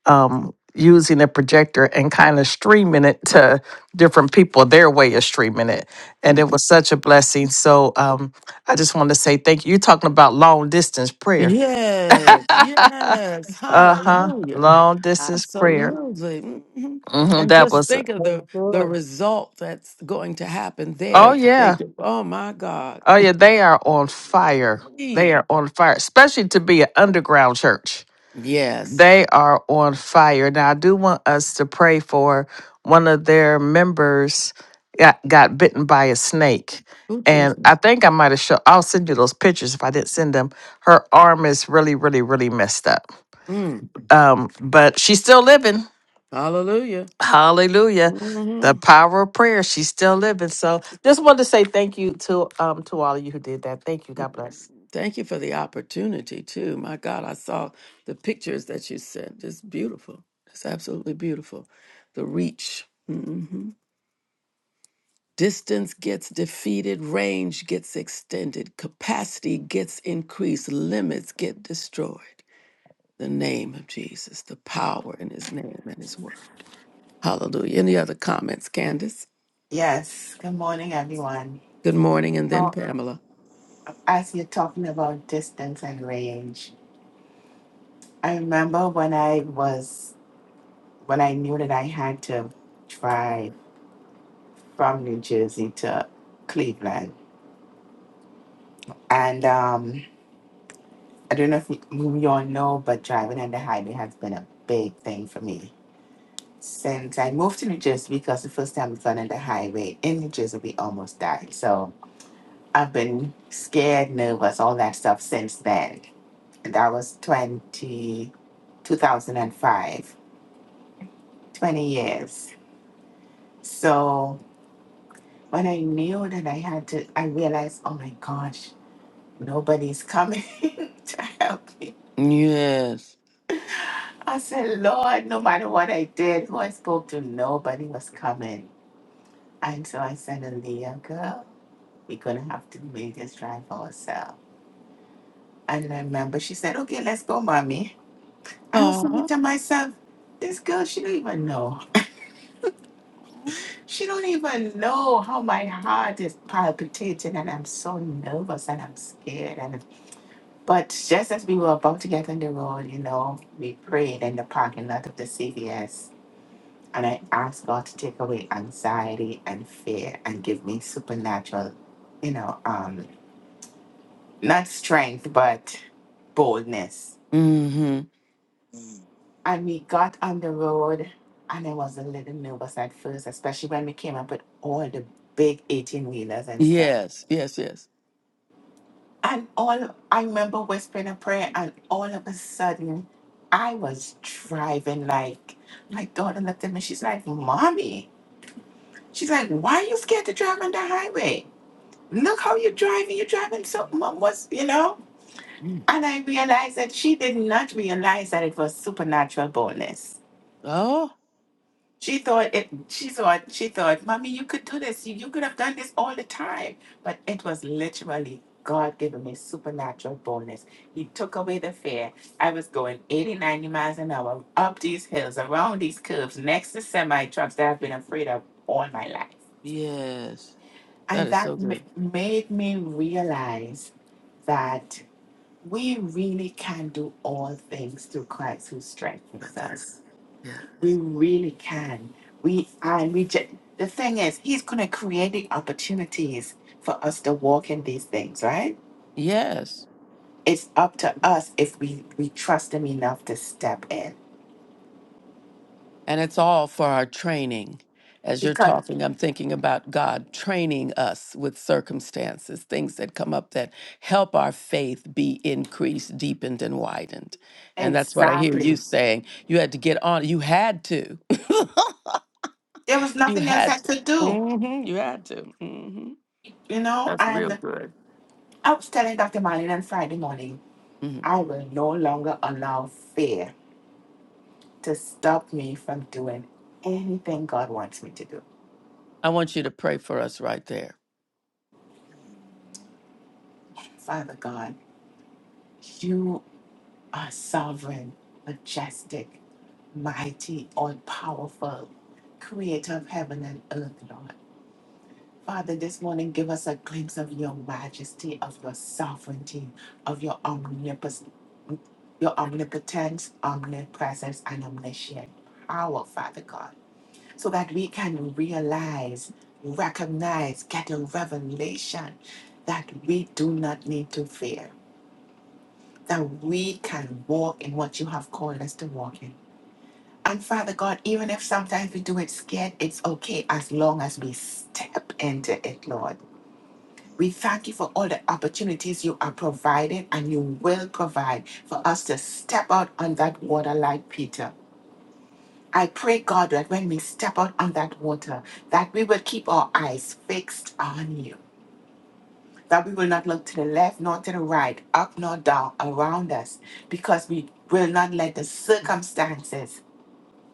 um, using a projector and kind of streaming it to different people their way of streaming it. And it was such a blessing. So um, I just want to say thank you. You're talking about long distance prayer.
Yes.
uh
Yes.
huh.
Hallelujah.
Long distance prayer.
Absolutely. Mhm.
hmm
And
that
just
was,
think of
It's
the the
good.
result that's going to happen
oh,
there. That they
yeah.
do. Oh my God.
Oh, yeah. They are on fire. They
Eee.
are on fire, especially to be an underground church.
Yes.
They are on fire. Now, I do want us to pray for one of their members got, got bitten by a snake.
Oh
And
Jesus.
I think I might have show. I'll send you those pictures if I didn't send them. Her arm is really, really, really messed up.
Mm.
Um, but she's still living.
Hallelujah.
Hallelujah.
Mm-hmm.
The power of prayer. She's still living. So just wanted to say thank you to um to all of you who did that. Thank you. God bless.
Thank you for the opportunity too. My God, I saw the pictures that you sent. It's beautiful. It's absolutely beautiful. The reach. hmm Distance gets defeated, range gets extended, capacity gets increased, limits get destroyed. The name of Jesus, the power in his name and his word. Hallelujah. Any other comments, Candace?
Yes. Good morning, everyone.
Good morning, and then
Now,
Pamela.
as you're talking about distance and range, I remember when I was when I knew that I had to drive from New Jersey to Cleveland, and um, I don't know if you, you all know, but driving on the highway has been a big thing for me since I moved to New Jersey. Because the first time we've gone on the highway in New Jersey, we almost died. So I've been scared, nervous, all that stuff since then. And that was 20, two thousand five, 20 years. So When I knew that I had to, I realized, oh my gosh, nobody's coming to help me.
Yes.
I said, Lord, no matter what I did, who I spoke to, nobody was coming. And so I said, Aaliyah, girl, we're going to have to make this drive ourselves. And I remember she said, okay, let's go, mommy. I was thinking to myself, this girl, she don't even know. She don't even know how my heart is palpitating and I'm so nervous and I'm scared and But just as we were about to get on the road, you know, we prayed in the parking lot of the CVS. And I asked God to take away anxiety and fear and give me supernatural, you know, um, not strength, but boldness.
Mm-hmm.
And we got on the road and I was a little nervous at first, especially when we came up with all the big 18 wheelers and stuff.
Yes, yes, yes.
And all I remember whispering a prayer, and all of a sudden, I was driving. Like my daughter looked at me. She's like, "Mommy," she's like, "Why are you scared to drive on the highway? Look how you're driving. You're driving so mom What's you know." And I realized that she did not realize that it was supernatural boldness
Oh,
She thought it. She thought. She thought, "Mommy, you could do this. You, you could have done this all the time." But it was literally God giving me supernatural boldness. He took away the fear. I was going 80, 90 miles an hour up these hills, around these curves, next to semi trucks that I've been afraid of all my life,
yes. That
and
is so
that
good.
ma- made me realize that we really can do all things through Christ who strengthens us
Yeah.
we really can. We and we. Just, the thing is, He's going to create the opportunities for us to walk in these things, right?
Yes.
It's up to us if we we trust Him enough to step in.
And it's all for our training. As you're
Because
talking, I'm thinking about God training us with circumstances, things that come up that help our faith be increased, deepened, and widened. And that's what I hear you
exactly,
saying. You had to get on. You had to.
there was
you
nothing else I
had to.
could do,
hmm You had to. hmm
you know.
That's real
And
good.
I was telling Dr. Marlene on Friday morning,
hmm
I will no longer allow fear to stop me from doing anything God wants me to do.
I want you to pray for us right there.
Father God, you. are sovereign, majestic, mighty, all powerful, creator of heaven and earth, Lord. Father, this morning give us a glimpse of your majesty, of your sovereignty, of your omnipotence, your omnipotence, omnipresence, and omniscient power, Father God, so that we can realize, recognize, get a revelation that we do not need to fear, that we can walk in what you have called us to walk in And Father God, even if sometimes we do it scared, it's okay as long as we step into it, Lord. We thank you for all the opportunities you are providing and you will provide for us to step out on that water like Peter. I pray, God, that when we step out on that water, that we will keep our eyes fixed on you. That we will not look to the left nor to the right, up nor down, around us, because we will not let the circumstances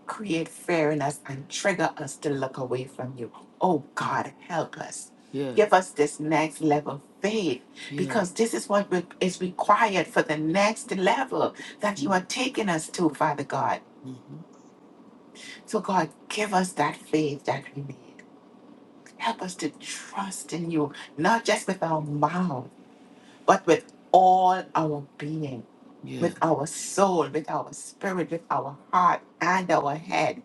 create fear in us and trigger us to look away from you. Oh
Yeah.
God, help us.
Yeah.
Give us this next level faith
Yeah.
because this is what re- is required for the next level that you
Yeah.
are taking us to, Father God.
hmm
So, God, give us that faith that we need. Help us to trust in you, not just with our mouth, but with all our being,
yeah.
with our soul, with our spirit, with our heart, and our head.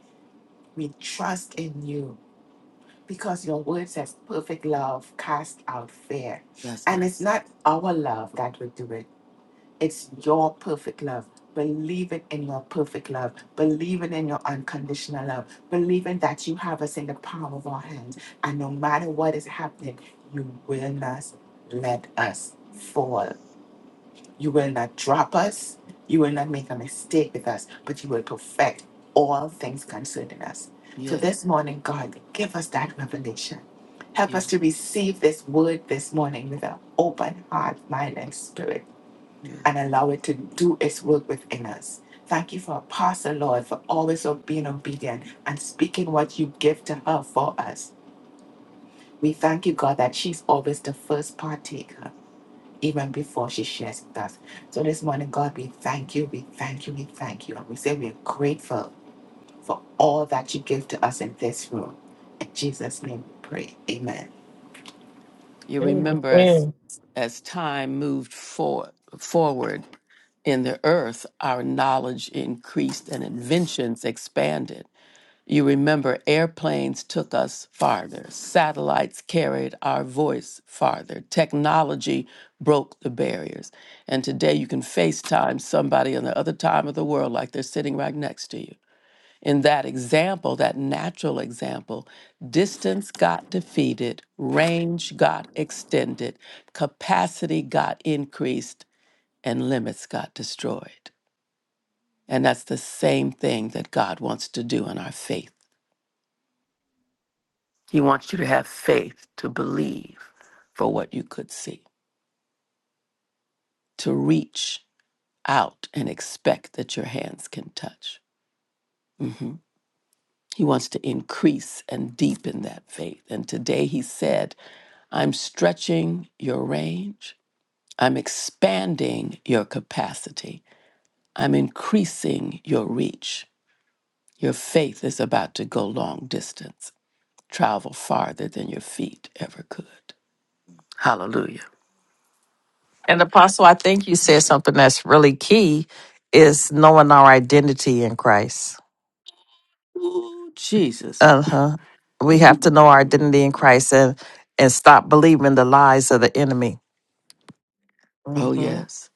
We trust in you. Because your word says perfect love cast out fear.
That's what
And
it
it's
said.
not our love that will do it, it's your perfect love. Believing in your perfect love, believing in your unconditional love, believing that you have us in the palm of our hands. And no matter what is happening, you will not let us fall. You will not drop us. You will not make a mistake with us, but you will perfect all things concerning us. So this morning, God, give us that revelation. Help
You,
us to receive this word this morning with an open heart, mind, and spirit,
yeah.
and allow it to do its work within us. Thank you for Apostle, Lord, for always being obedient and speaking what you give to her for us. We thank you, God, that she's always the first partaker even before she shares with us. So this morning, God, we thank you, we thank you, we thank you. And we say we're grateful for all that you give to us in this room. In Jesus' name we pray. Amen.
you remember as
Amen.
as time moved for, forward in the earth, our knowledge increased and inventions expanded. You remember airplanes took us farther, satellites carried our voice farther, technology broke the barriers. And today you can FaceTime somebody on the other time of the world like they're sitting right next to you. In that example, that natural example, distance got defeated, range got extended, capacity got increased, and limits got destroyed. And that's the same thing that God wants to do in our faith. He wants you to have faith to believe for what you could see, to reach out and expect that your hands can touch. Mhm. He wants to increase and deepen that faith. And today he said, I'm stretching your range. I'm expanding your capacity. I'm increasing your reach. Your faith is about to go long distance, travel farther than your feet ever could. Hallelujah.
And Apostle, I think you said something that's really key is knowing our identity in Christ.
Ooh, Jesus.
Uh huh. We have to know our
Mm.
identity in Christ and and stop believing the lies of the enemy.
Oh,
hmm
yes.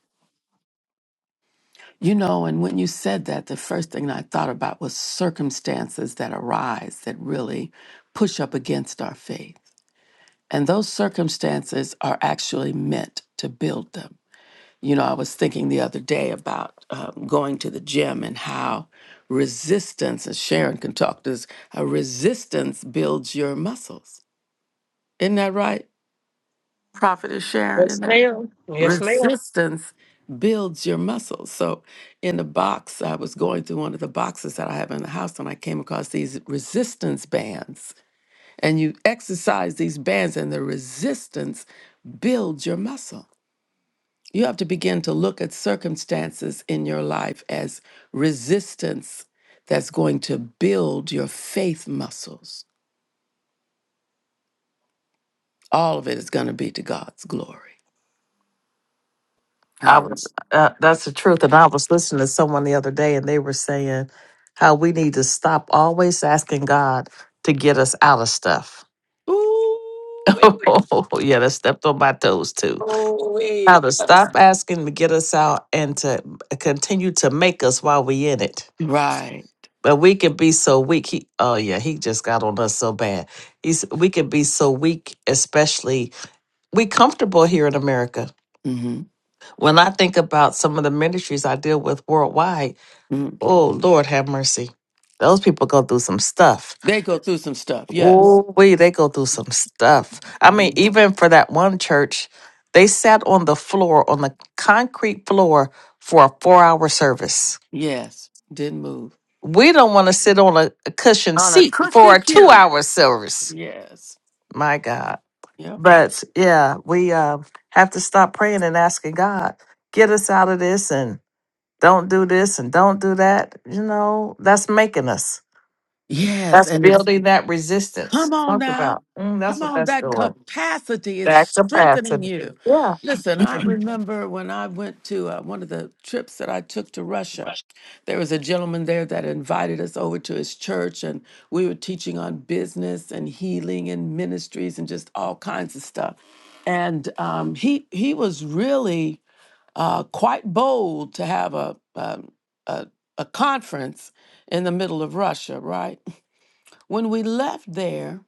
You know, and when you said that, the first thing I thought about was circumstances that arise that really push up against our faith And those circumstances are actually meant to build them. You know, I was thinking the other day about um, going to the gym and how resistance, and Sharon can talk to this, how resistance builds your muscles. Isn't that right? Prophetess Sharon, isn't
Yes,
that right?
ma'am. Yes, ma'am.
Resistance builds your muscles. So in the box, I was going through one of the boxes that I have in the house and I came across these resistance bands and you exercise these bands and the resistance builds your muscle. You have to begin to look at circumstances in your life as resistance that's going to build your faith muscles. All of it is going to be to God's glory.
I
Hallelujah.
was uh, that's the truth. And I was listening to someone the other day, and they were saying how we need to stop always asking God to get us out of stuff.
Ooh, wee.
oh, yeah, that stepped on my toes too.
ooh, wee.
How to stop asking to get us out and to continue to make us while we in it.
Right.
But we can be so weak. He, oh yeah, he just got on us so bad. He's, we can be so weak, especially we comfortable here in America.
hmm
When I think about some of the ministries I deal with worldwide, oh Lord have mercy. Those people go through some stuff.
They go through some stuff. Yes.
Oh, we they go through some stuff. I mean,
Mhm.
even for that one church, they sat on the floor, on the concrete floor for a four hour service.
Yes. Didn't move.
We don't want to sit on a, a cushioned
On a
seat for
cushy
a two
pew.
hour service.
Yes.
My God.
Yep.
But yeah, we uh, have to stop praying and asking God, get us out of this and don't do this and don't do that. You know, that's making us.
Yes,
That's
and it's
building that resistance.
come on
Talk
now.
about. Mm, that's
Come
what
on,
that's
that
doing.
capacity is
That's a
strengthening
passive.
you.
Yeah.
Listen, I
God.
remember when I went to uh, one of the trips that I took to Russia, there was a gentleman there that invited us over to his church, and we were teaching on business and healing and ministries and just all kinds of stuff. And um, he he was really uh, quite bold to have a, um, a a conference in the middle of Russia, right? When we left there,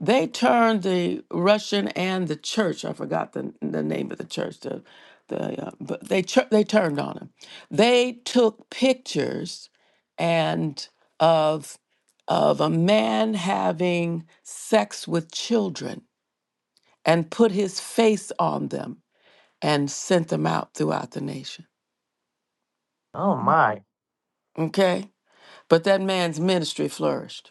they turned the Russian and the church, I forgot the, the name of the church, the, the, uh, but they, tur- they turned on him. They took pictures and of, of a man having sex with children and put his face on them and sent them out throughout the nation.
Oh, my.
Okay? But that man's ministry flourished.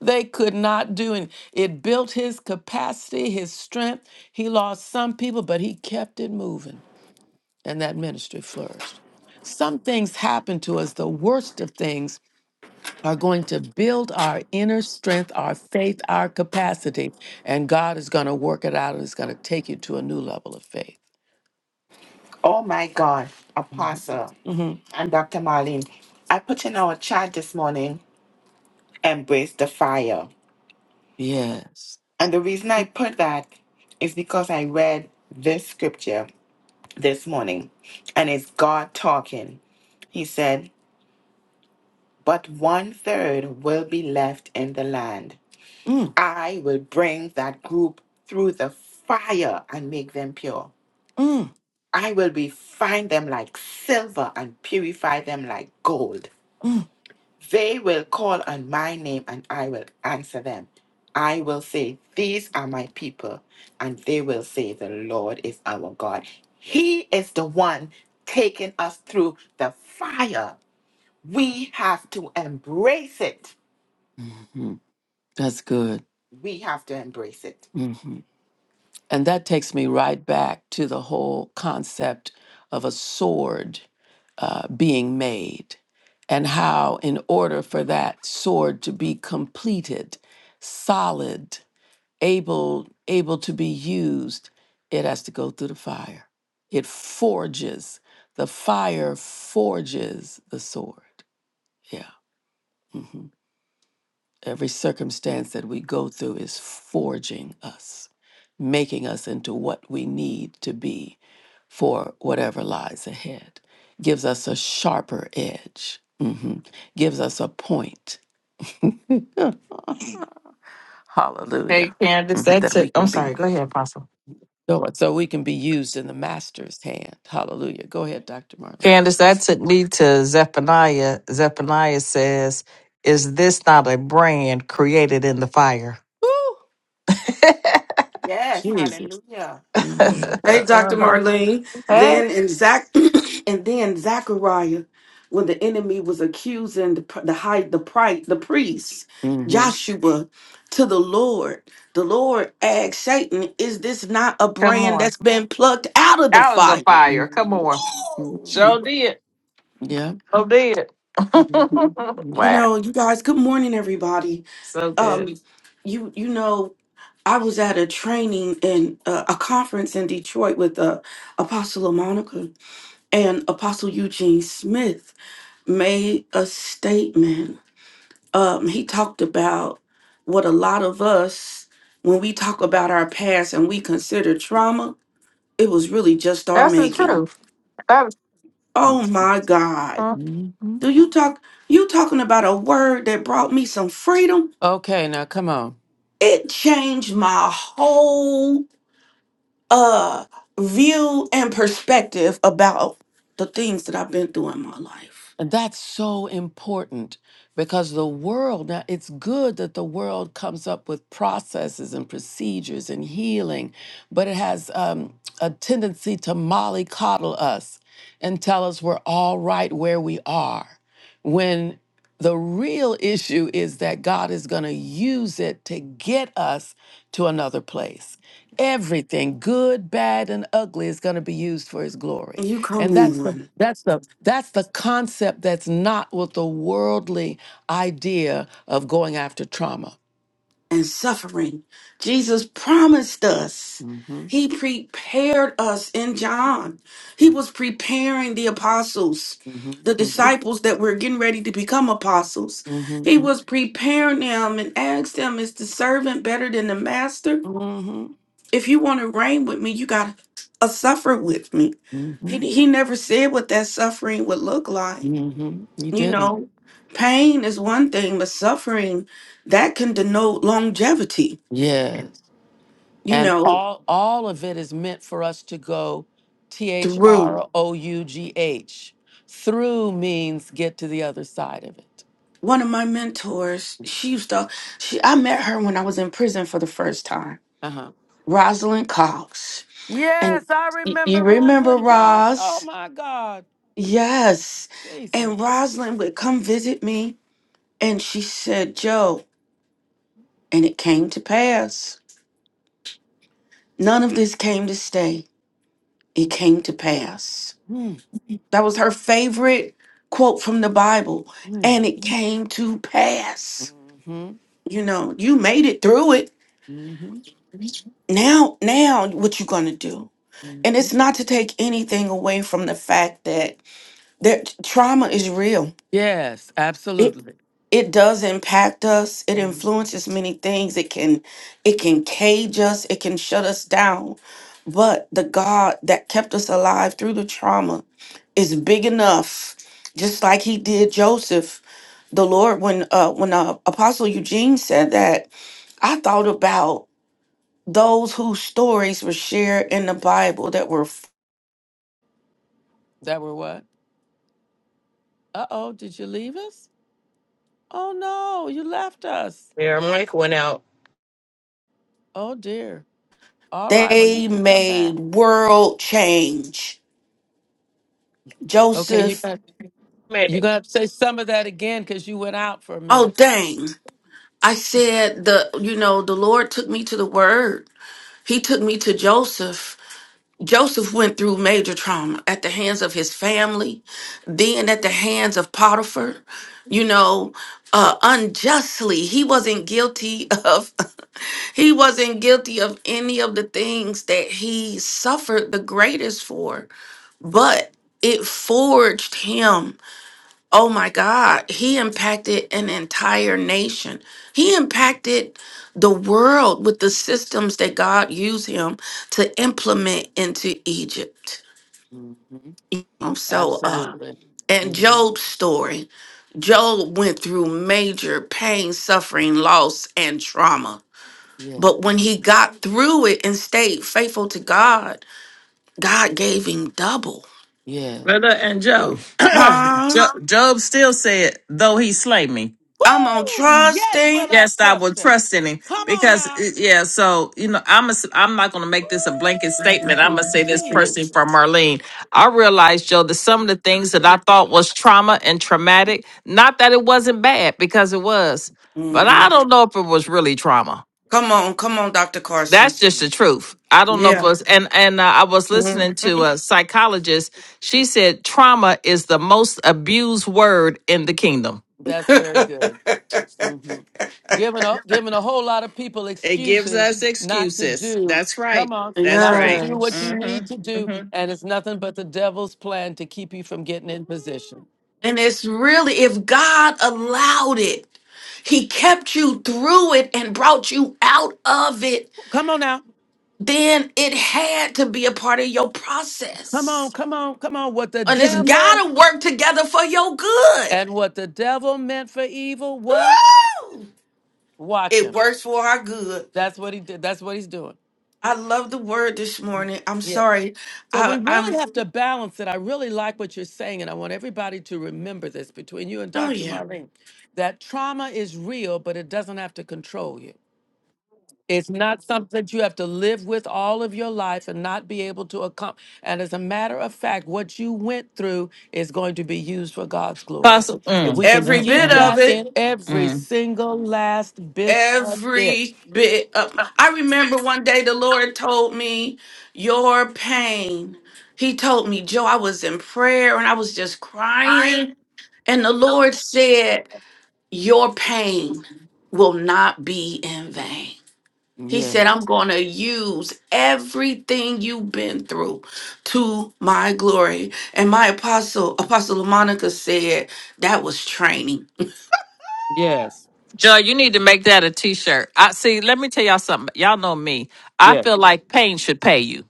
they could not do. And it built his capacity, his strength. He lost some people, but he kept it moving, and that ministry flourished. Some things happen to us, the worst of things. Are going to build our inner strength, our faith, our capacity, and God is going to work it out and is going to take you to a new level of faith.
Oh my God,
Mhm.
Apostle
Mhm.
and Dr. Marlene, I put in our chat this morning, embrace the fire.
Yes.
And the reason I put that is because I read this scripture this morning, and it's God talking. He said, but one third will be left in the land.
Mm,
I will bring that group through the fire and make them pure.
mm,
I will refine them like silver and purify them like gold.
mm.
They will call on my name and I will answer them. I will say, These are my people. And they will say, The Lord is our God. He is the one taking us through the fire. We have to embrace it
Mhm. That's good.
we have to embrace it.
Mm-hmm. And that takes me right back to the whole concept of a sword uh, being made and how, in order for that sword to be completed, solid, able able to be used it has to go through the fire it forges the fire forges the sword yeah mm-hmm. Every circumstance that we go through is forging us, making us into what we need to be for whatever lies ahead. Gives us a sharper edge, mhm, gives us a point. Good. Hallelujah.
Hey, Candace,
mhm, That
that's it.
we
I'm
can be.
sorry. Go ahead, Apostle.
So so we can be used in the master's hand. Hallelujah. Go ahead, Dr. Marlene.
Candace, that took me to Zephaniah. Zephaniah says, Is this not a brand created in the fire?
Woo!
Yes,
Jesus.
hallelujah.
hmm
Hey, Dr. Marlene.
Hey,
Then in Zach, and then Zachariah, when the enemy was accusing the p- the high the pri- the priest
hmm
Joshua to the Lord, the Lord asked Satan, "Is this not a
come
brand
on.
that's been plucked out of the
Out of the
fire?"
fire. Come on.
Woo!
Sure did.
Yeah.
So did.
Mhm.
You
Yeah.
wow.
know, you guys. Good morning, everybody.
So good.
Um, you you know. I was at a training and uh, a conference in Detroit with uh, Apostle Monica, and Apostle Eugene Smith made a statement. Um, he talked about what a lot of us, when we talk about our past and we consider trauma, it was really just our
That's the
making.
truth. That
Oh my God.
huh?
Mhm.
Do you talk? You talking about a word that brought me some freedom?
Okay, now come on.
It changed my whole uh view and perspective about the things that I've been through in my life.
And that's so important because the world, now it's good that the world comes up with processes and procedures and healing, but it has um, a tendency to mollycoddle us and tell us we're all right where we are. When the real issue is that God is going to use it to get us to another place. Everything, good, bad, and ugly, is going to be used for his glory.
You come
And that's the
on
that's the that's the concept that's not with the worldly idea of going after trauma.
and suffering. Jesus promised us.
Mm-hmm.
He prepared us in John. He was preparing the apostles,
Mm-hmm.
the disciples that were getting ready to become apostles.
Mm-hmm.
He was preparing them and asked them, Is the servant better than the master?
Mm-hmm. Mm-hmm.
If you want to reign with me, you got to suffer with me.
Mm-hmm.
He, he never said what that suffering would look like.
Mm-hmm. You
You
didn't.
know, pain is one thing, but suffering that can denote longevity,
Yes.
you
And
know,
all all of it is meant for us to go T H
through
R O U G H. Through means get to the other side of it.
one of my mentors, she used to she I met her when I was in prison for the first time,
Uh-huh.
Rosalind Cox.
Yes,
And
I
y- you
remember
remember
Rosalind Cox. Oh
Roz?
my God.
Yes.
Jesus.
And Rosalind would come visit me and she said, Joe, and it came to pass. None of this came to stay. It came to pass. That was her favorite quote from the Bible. And it came to pass.
hmm
You know, you made it through it.
hmm
Now, now what you gonna do? And it's not to take anything away from the fact that that trauma is real
Yes,
It
absolutely.
it does impact us. It influences many things. It can it can cage us. It can shut us down. But the God that kept us alive through the trauma is big enough, just like He did Joseph. The Lord, when uh, when uh, Apostle Eugene said that, I thought about those whose stories were shared in the Bible that were
That were what? Uh oh, did you leave us? Oh no, you left us.
Their mic went out.
Oh dear. All right, well you
they
can come back.
made world change.
Okay, you
Joseph,
got
Made
you're
it.
gonna have to say some of that again because you went out for a
oh
minute.
dang. I said the you know the Lord took me to the word. He took me to Joseph. Joseph went through major trauma at the hands of his family, then at the hands of Potiphar, you know, uh unjustly. He wasn't guilty of he wasn't guilty of any of the things that he suffered the greatest for, but it forged him Oh my God, he impacted an entire nation. He impacted the world with the systems that God used him to implement into Egypt.
hmm
You know, so, uh,
Absolutely.
and
hmm
Job's story Job went through major pain, suffering, loss, and trauma.
Yes.
But when he got through it and stayed faithful to God, God gave him double.
Yeah.
Brother and Job.
Huh?
Job. Job still said, though he slay me.
I'm on
Woo! Yet will
trusting.
I
Yes, I will
trust him.
trust in him
Come on
because
now.
eh, yeah. So you know, I'm a, s- I'm not going to make this a blanket statement. I'm going to say this
Jesus.
personally from Marlene. I realized, Joe, that some of the things that I thought was trauma and traumatic, not that it wasn't bad because it was, but
hmm
I don't know if it was really trauma.
Come on, come on, Dr. Carson.
That's just the truth. I don't know if it
Yeah.
was. And and uh, I was listening to
Mhm.
a psychologist. She said trauma is the most abused word in the kingdom
That's very good. hmm Giving a giving a whole lot of people
It gives
excuses
us
not to
excuses.
do.
That's right.
Come on,
That's
not to
right.
do what you
yes.
need to
Mm-hmm.
do,
Mm-hmm.
and it's nothing but the devil's plan to keep you from getting in position.
And it's really, if God allowed it, He kept you through it and brought you out of it,
Come on now,
then it had to be a part of your
come on,
process.
come on, come on. What the
And it's
devil
got to work together for your good.
and what the devil meant for evil, what?
Woo!
Watch
It
him.
works for our good.
That's what he did. That's what he's doing.
I love the word this morning. I'm
Yeah.
sorry.
So we
I,
really
I'm,
have to balance it. I really like what you're saying, and I want everybody to remember this between you and
oh
Dr.
yeah.
Marlene that trauma is real, but it doesn't have to control you. It's not something that you have to live with all of your life and not be able to accomplish. And as a matter of fact, what you went through is going to be used for God's glory.
Possible.
If we
Mm,
can
Every
mm,
keep
bit
mm,
of
that in every
mm.
single last bit of it.
every bit of i remember one day the lord told me your pain he told me joe i was in prayer and i was just crying and the lord said your pain will not be in vain he
Yeah.
said i'm going to use everything you've been through to my glory and my apostle apostle monica said that was training
Yes.
Joy, you need to make that a T-shirt. I see. Let me tell y'all something. Y'all know me. I
Yeah.
feel like pain should pay you.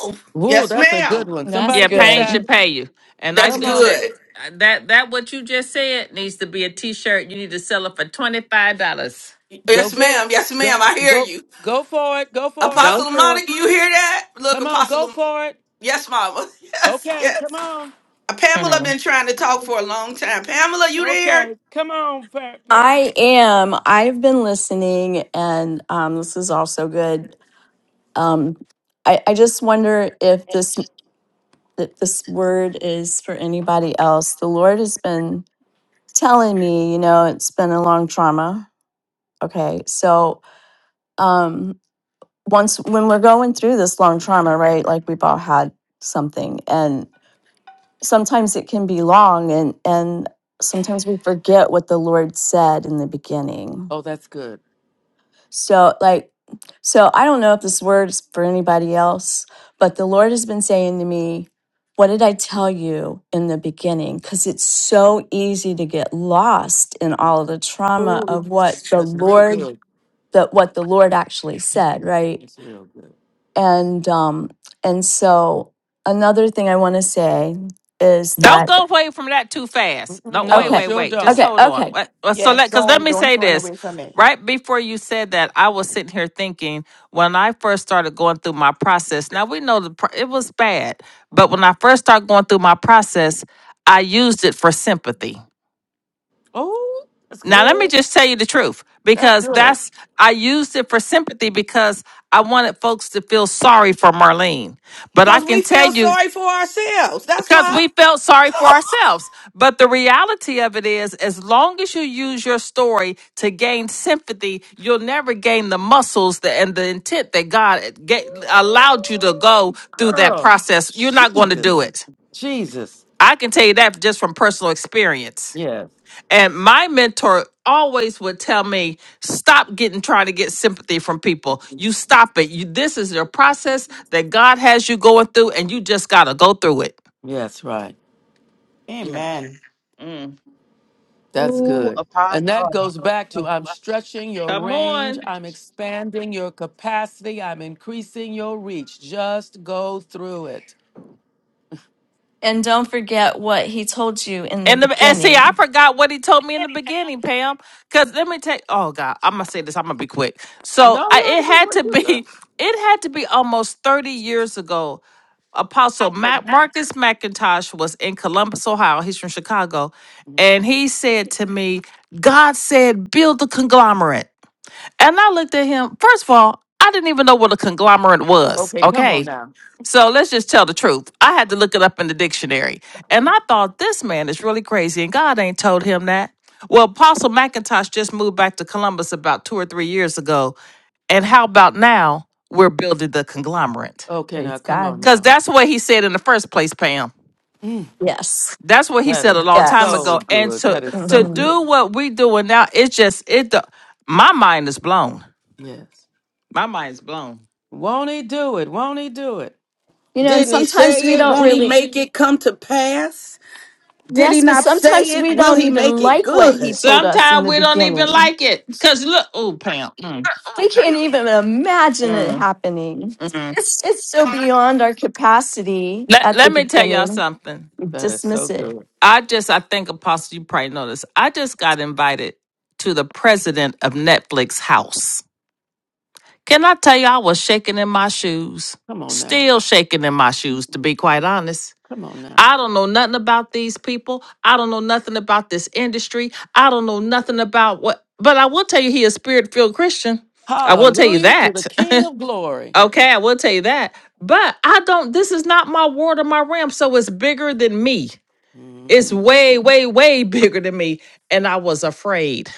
Oh,
Woo,
yes
that's a good
ma'am
one. Somebody
Yeah,
get
pain
that.
should pay you. And I
that's
Come
think
on.
that
good
uh, that that what you just said needs to be a T-shirt. You need to sell it for twenty five dollars.
Go
Yes,
get
ma'am.
it.
Yes,
Go
ma'am. I hear
go
you.
go for it. Go for it.
Go
Apostle
for it.
Monica, you hear that? Look,
Come on, go
Apostle.
for it.
Yes, mama. Yes,
Okay, come
yes.
on.
Hmm.
Pamela been trying to talk for a long time. Pamela, you there?
Okay, come on.
I am. I've been listening, and um, this is also good. Um, I, I just wonder if this that this word is for anybody else. The Lord has been telling me, you know, it's been a long trauma. Okay, so um, once when we're going through this long trauma, right? Like we've all had something, sometimes it can be long and and sometimes we forget what the lord said in the beginning
Oh, that's good.
so like so i don't know if this word is for anybody else but the lord has been saying to me what did i tell you in the beginning because it's so easy to get lost in all of the trauma of what the
That's real
lord
good.
that what the lord actually said right
It's real good.
and um and so another thing i want to say is
Don't
that
go away from that too fast.
Mm-mm,
Don't wait,
No,
Okay.
wait,
sure
wait. Just
don't.
Okay.
hold on.
Okay.
What- uh, So let
Yes,
because let
don't
me
don't
say
run
this.
away from it.
Right before you said that, I was sitting here thinking when I first started going through my process. Now we know the pro- it was bad,
Mm,
but when I first started going through my process, I used it for sympathy.
Oh, that's
Now let me
good.
just tell you the truth
That's
because
good.
that's I used it for sympathy because I wanted folks to feel sorry for Marlene. But
Yeah.
I
Because
can
we
tell
feel
you
sorry for ourselves. That's
because
why.
we felt sorry for ourselves. But the reality of it is, as long as you use your story to gain sympathy, you'll never gain the muscles that, and the intent that God ga- allowed you to go through that
Girl.
process. You're not going to
Jesus.
do it.
Jesus.
I can tell you that just from personal experience.
Yes.
And my mentor always would tell me, stop getting trying to get sympathy from people. You stop it. You, this is your process that God has you going through, and you just got to go through it.
Yes, right.
Yeah.
Amen.
That's
Ooh,
good. And that
apostle.
goes back to I'm stretching your
Come
range,
on.
I'm expanding your capacity, I'm increasing your reach. Just go through it.
And don't forget what he told you in the
And, the, and see, I
beginning.
forgot what he told me in the beginning, Pam. Because let me take. Oh God, I'm gonna say this. I'm gonna be quick. So I, it had to be. It had to be almost 30 years ago. Apostle Mac, Marcus McIntosh was in Columbus, Ohio. He's from Chicago, and he said to me, "God said build the conglomerate." And I looked at him. First of all, I didn't even know what a conglomerate was. Okay, So let's just tell the truth. I had to look it up in the dictionary. And I thought this man is really crazy and God ain't told him that. Well, Apostle McIntosh just moved back to Columbus about two or three years ago. And how about now we're building the conglomerate?
Okay, now
Praise
come on
God.
Because
now.
that's what he said in the first place, Pam.
Mm,
Yes.
That's what he
that
said
is
a long time
Yes.
so
ago. And
good. That
to
is
to
so
hmm
good.
do what we doing now, it's just it the, my mind is blown.
Yes.
My mind's blown.
Won't he do it? Won't he do it?
You know, and
Didn't he
sometimes we
say it?
don't
Won't he
really,
make it come to pass? Did he
yes, but
not
sometimes
say
we
it? Will
don't
he make
even
it
like what he
good?
told us in
Sometimes
the
we don't even
beginning.
like it. Cause look, oh Pam. Mm,
Oh,
We can't even imagine
mm.
it happening.
Mm. Yes,
It's so
God.
beyond our capacity
Let,
at the
let me tell y'all
beginning.
something.
We
That is so
dismiss it.
good.
I just, I think, Apostle, you probably know this. I just got invited to the president of Netflix house. Can I tell you, I was shaking in my shoes,
Come on now.
still shaking in my shoes, to be quite honest.
Come on now.
I don't know nothing about these people. I don't know nothing about this industry. I don't know nothing about what, but I will tell you, he a spirit filled Christian. I will tell you
Hallelujah to the
that.
King of Glory.
Okay, I will tell you that. But I don't, this is not my ward or my realm. So it's bigger than me.
hmm
It's way, way, way bigger than me. And I was afraid.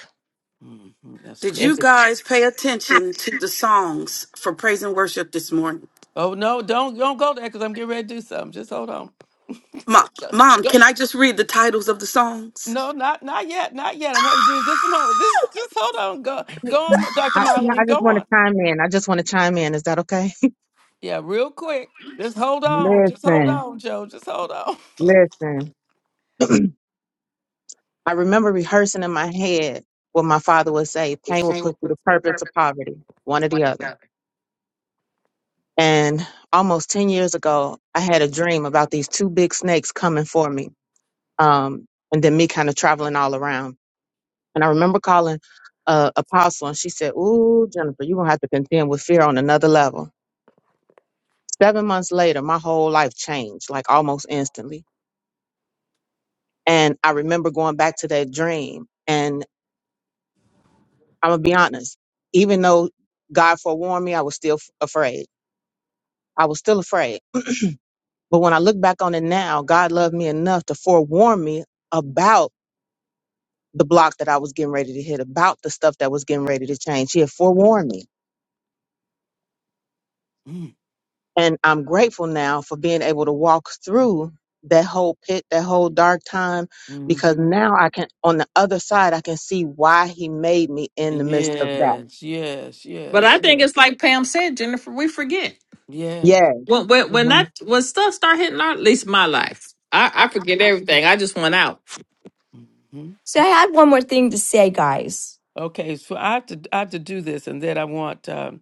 hmm That's
Did you
good.
It's,
guys pay attention to the songs for praise and worship this morning?
Oh no, don't don't go there because I'm getting ready to do something. Just hold on.
Mom,
So,
Mom,
go-
can I just read the titles of the songs?
no, not not yet, not yet. I'm having to do this moment. Just just hold on. Go go on, Dr.
I, can I I
Marlene.
just
Go
want to
on.
chime in. I just want to chime in. Is that okay?
Yeah, real quick. Just hold on. Just hold
Listen,
on, Joe. Just hold on.
listen. I remember rehearsing in my head what my father would say pain will put you to purpose or poverty, one or the other. And almost 10 years ago, I had a dream about these two big snakes coming for me um, and then me kind of traveling all around. And I remember calling uh, Apostle, and she said, Ooh, Jennifer, you're going to have to contend with fear on another level. Seven months later, my whole life changed, like almost instantly. And I remember going back to that dream. And I'm going to be honest, even though God forewarned me, I was still f- afraid. I was still afraid. But when I look back on it now, God loved me enough to forewarn me about the block that I was getting ready to hit, about the stuff that was getting ready to change. He had forewarned me. And I'm grateful now for being able to walk through that whole pit, that whole dark time, because
hmm
now I can, on the other side, I can see why he made me in the midst of that.
Yes, yes,
but
yes,
I think
yes,
it's like Pam said, Jennifer, we forget.
yes.
Yeah.
When, when, when that, when stuff start hitting our, at least my life, I, I forget everything. I just went out.
hmm
So I had one more thing to say, guys.
Okay, so I have to I have to do this, and then I want um,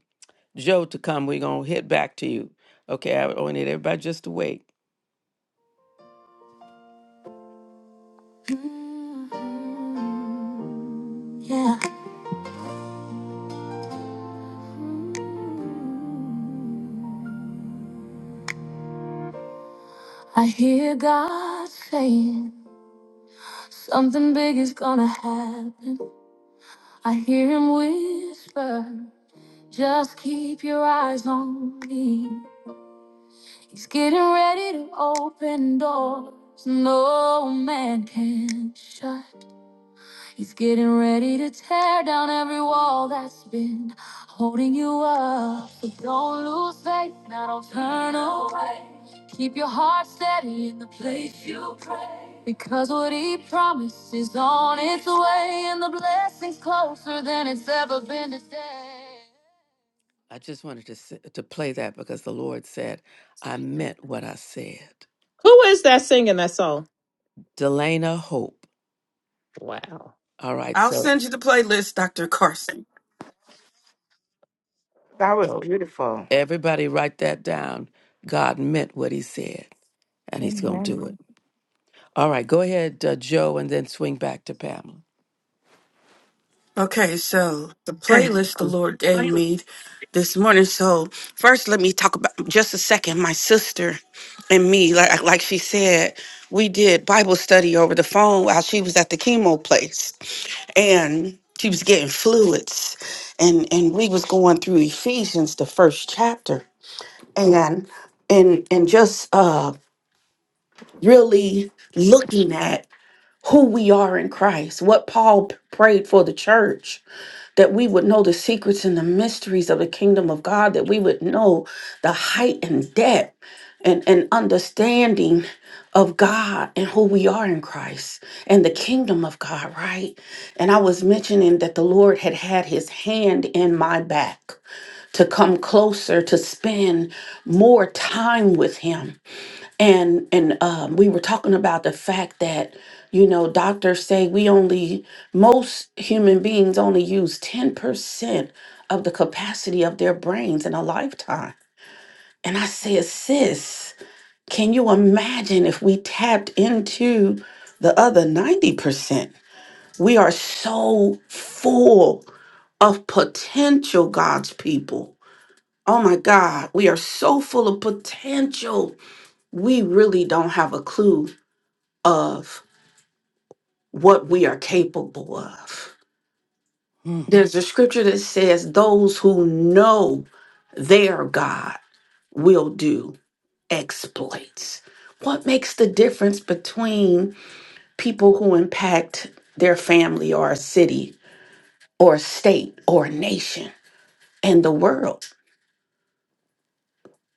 Joe to come. We're gonna hit back to you. Okay, I I need everybody just to wait. Yeah. I hear God saying something big is gonna happen. I hear him whisper, just keep your eyes on me. He's getting ready to open doors no man can shut. He's getting ready to tear down every wall that's been holding you up. So don't lose faith, now don't turn away. Keep your heart steady in the place you pray. Because what he promised is on its way, and the blessing's closer than it's ever been today. I just wanted to, s- to play that because the Lord said, I meant what I said.
Who is that singing that song?
Delana Hope.
Wow.
All right,
I'll
so.
send you the playlist, Dr. Carson.
That was beautiful.
Everybody write that down. God meant what he said, and he's going to do it.
Amen.
All right, go ahead, uh, Joe, and then swing back to Pamela.
Okay, so the playlist the Lord gave me this morning. So first, let me talk about just a second. My sister and me, like like like she said, we did Bible study over the phone while she was at the chemo place, and she was getting fluids, and and we was going through Ephesians, the first chapter, and and and just uh really looking at who we are in Christ, what Paul p- prayed for the church, that we would know the secrets and the mysteries of the kingdom of God, that we would know the height and depth and, and understanding of God and who we are in Christ and the kingdom of God, right? And I was mentioning that the Lord had had his hand in my back to come closer, to spend more time with him and and um, we were talking about the fact that you know doctors say we only most human beings only use 10% of the capacity of their brains in a lifetime and i said sis can you imagine if we tapped into the other 90% we are so full of potential god's people oh my god we are so full of potential we really don't have a clue of what we are capable of.
Hmm.
There's a scripture that says, Those who know their God will do exploits. What makes the difference between people who impact their family or a city or a state or a nation and the world?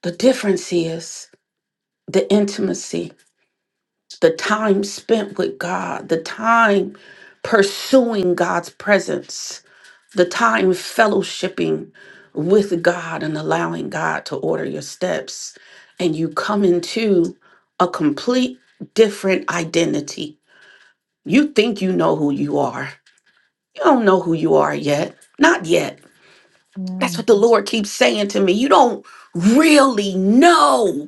The difference is the intimacy, the time spent with God, the time pursuing God's presence the time fellowshipping with God and allowing God to order your steps, and you come into a complete different identity. You think you know who you are. You don't know who you are yet. Not yet.
Yeah.
That's what the Lord keeps saying to me. You don't really know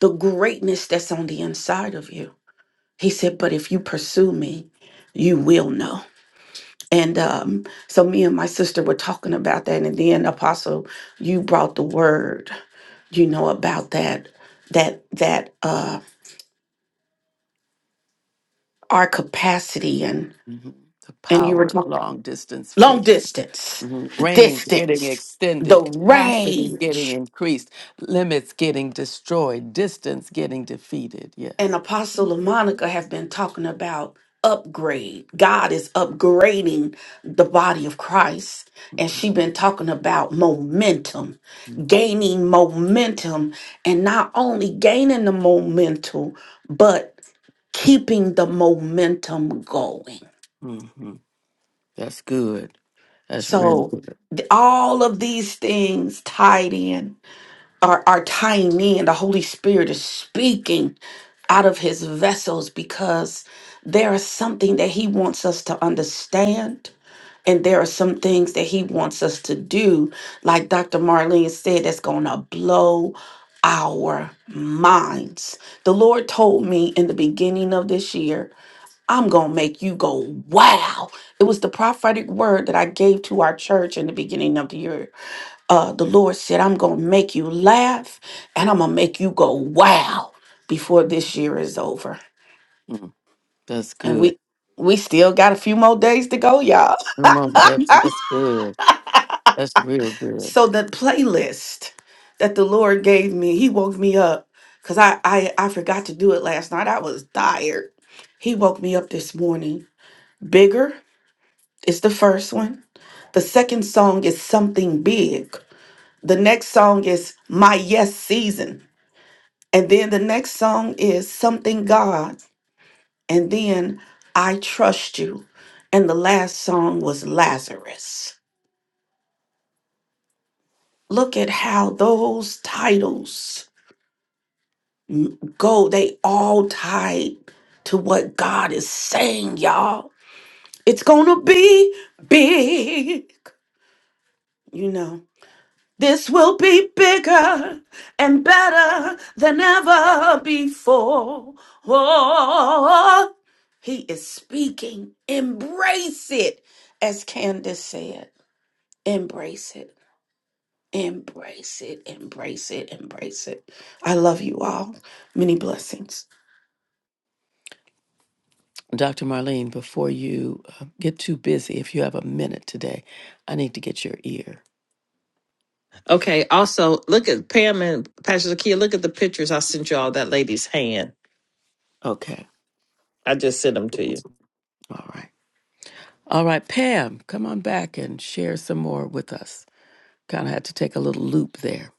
the greatness that's on the inside of you. He said, But if you pursue me, you will know. And um, so me and my sister were talking about that, and then Apostle, you brought the word, you know, about that, that that uh, our capacity, and
Mhm. The
and you were
power of
talking
long distance
long
faith.
distance,
Mhm. Range getting
distance,
extended,
the
capacity
range.
getting increased, limits getting destroyed, distance getting defeated.
and
Yes.
Apostle Monica have been talking about upgrade. God is upgrading the body of Christ. And she been talking about momentum, gaining momentum, and not only gaining the momentum, but keeping the momentum going.
hmm That's good. That's real
So
good.
th- all of these things tied in are, are tying in. The Holy Spirit is speaking out of his vessels because there is something that he wants us to understand. And there are some things that he wants us to do, like Dr. Marlene said, that's going to blow our minds. The Lord told me in the beginning of this year, I'm going to make you go, wow. It was the prophetic word that I gave to our church in the beginning of the year uh, the Lord said, I'm going to make you laugh and I'm going to make you go wow before this year is over.
Mm, That's
And
good.
we we still got a few more days to go, y'all.
Come on, that's that's good. That's real good.
so the playlist that the Lord gave me, he woke me up cuz I, I I forgot to do it last night. I was tired. He woke me up this morning. Bigger is the first one. The second song is something big. The next song is my yes season. And then the next song is Something God. And then I Trust You. And the last song was Lazarus. Look at how those titles m- go. They all tied to what God is saying, y'all. It's going to be big, you know. This will be bigger and better than ever before. Oh, he is speaking. Embrace it, as Candace said. Embrace it. Embrace it. Embrace it. Embrace it. I love you all. Many blessings.
Dr. Marlene, before you uh, get too busy, if you have a minute today, I need to get your ear.
Okay. Also, look at Pam and Pastor Zakia. Look at the pictures I sent you all. That lady's hand.
Okay.
I just sent them to you.
All right. All right, Pam, come on back and share some more with us. Kind of had to take a little loop there.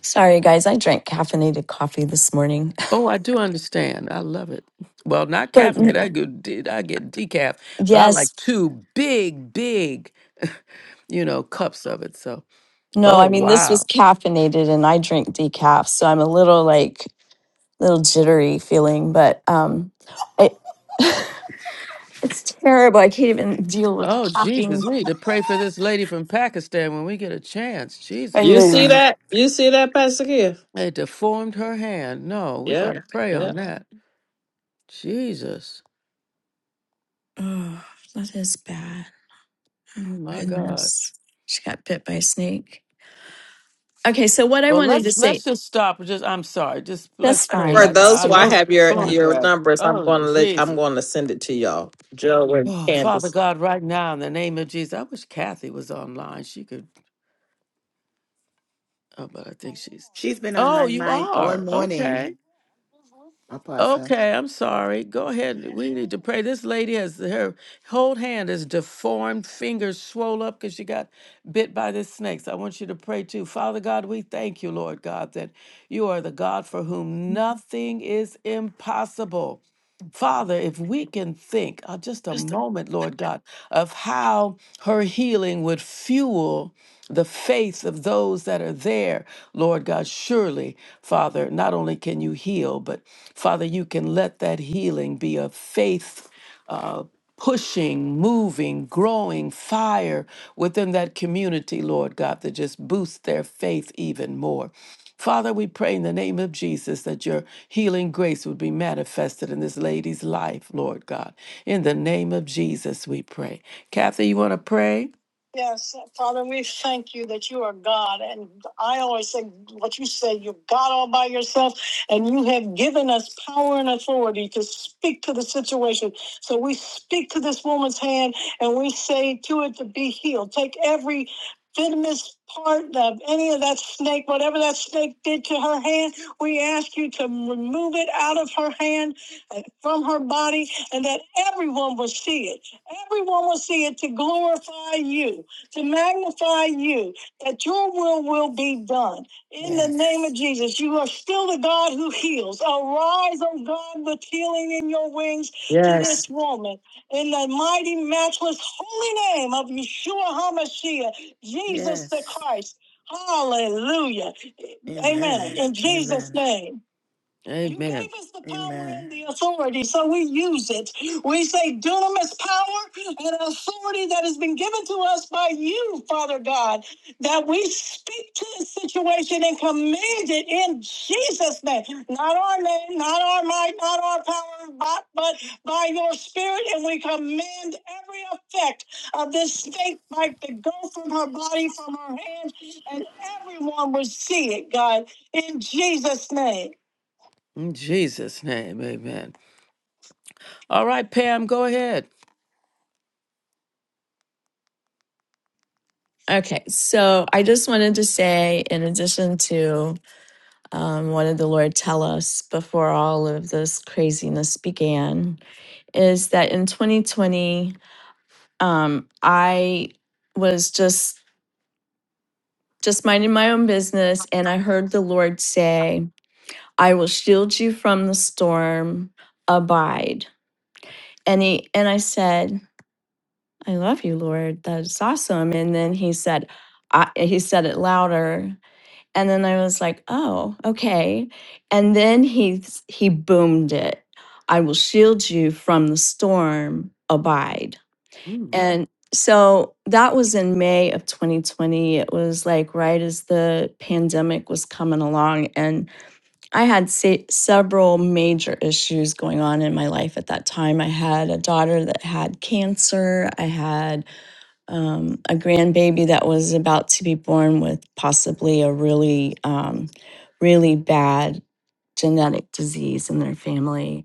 Sorry, guys. I drank caffeinated coffee this morning.
Oh, I do understand. I love it. Well, not
But
caffeinated.
n-
I get I get decaf, but I like
yes,
two big, big, you know, cups of it. So,
no,
oh
I mean, this was
wow.
caffeinated and I drink decaf. So I'm a little like, little jittery feeling, but um, I, it's terrible. I can't even deal with
Oh Jesus,
caffeine.
we need to pray for this lady from Pakistan when we get a chance. Jesus
You see
Christ.
Amen.
that? You see that, Pastor Zakia?
It deformed her hand. No, we
Yeah.
got to pray
Yeah.
on that. Jesus.
Oh, that is bad.
Oh
Oh,
my God.
goodness. She got bit by a snake. Okay, so what I
Well,
wanted to
let's let's
say,
just stop. Just I'm sorry. Just let's
That's okay,
pray
For
fine.
right now.
let's
those
Ah,
who
do
I
Those
that.
have your
Yeah.
your
photographs.
numbers, I'm
Oh
going to let I'm
Jesus.
going to send it to y'all. Joe and
Oh, Father
Candace.
God, right now in the name of Jesus. I wish Kathy was online. She could. Oh, but I think she's.
She's been on
Oh,
my
you
mind all
are.
morning,
Okay.
Apostle.
Okay, I'm sorry. Go ahead. We need to pray. This lady has her whole hand is deformed, fingers swole up because she got bit by this snake. So I want you to pray too. Father God, we thank you, Lord God, that you are the God for whom nothing is impossible. Father, if we can think uh, just a moment, Lord God, of how her healing would fuel the faith of those that are there, Lord God, surely, Father, not only can you heal, but Father, you can let that healing be a faith uh, pushing, moving, growing fire within that community, Lord God, that just boosts their faith even more. Father, we pray in the name of Jesus that your healing grace would be manifested in this lady's life, Lord God. In the name of Jesus, we pray. Kathy, you want to pray? Yes, Father, we thank you that you are God. And I always say what you say, you're God all by yourself, and you have given us power and authority to speak to the situation. So we speak to this woman's hand and we say to it to be healed. Take every Didymus part of any of that snake, whatever that snake did to her hand, we ask you to remove it out of her hand and from her body, and that everyone will see it. Everyone will see it to glorify you, to magnify you, that your will will be done. In the name
Yes.
of Jesus, you are still the God who heals. Arise, O God, with healing in your wings to this
Yes.
woman. In the mighty, matchless, holy name of Yeshua HaMashiach. Jesus the
Yes.
Christ. Hallelujah. Amen.
Amen.
In Jesus'
Amen.
name. You Amen. gave us the power
Amen.
and the authority, so we use it. We say dunamis power and authority that has been given to us by you, Father God, that we speak to the situation and command it in Jesus' name. Not our name, not our might, not our power, but, but by your spirit, and we command every effect of this snake bite to go from her body, from her hand, and everyone will see it, God, in Jesus' name. In Jesus' name, amen. All right, Pam, go ahead.
Okay, so I just wanted to say, in addition to um, what did the Lord tell us before all of this craziness began? Is that in 2020, um, I was just just minding my own business, and I heard the Lord say, "I will shield you from the storm. Abide." And he and I said, "I love you, Lord. That's awesome." And then he said, I, "He said it louder." And then I was like, oh, okay. And then he he boomed it. I will shield you from the storm, abide.
Mm,
And so that was in May of 2020. It was like right as the pandemic was coming along. And I had se- several major issues going on in my life at that time. I had a daughter that had cancer. I had um, a grandbaby that was about to be born with possibly a really, um, really bad genetic disease in their family.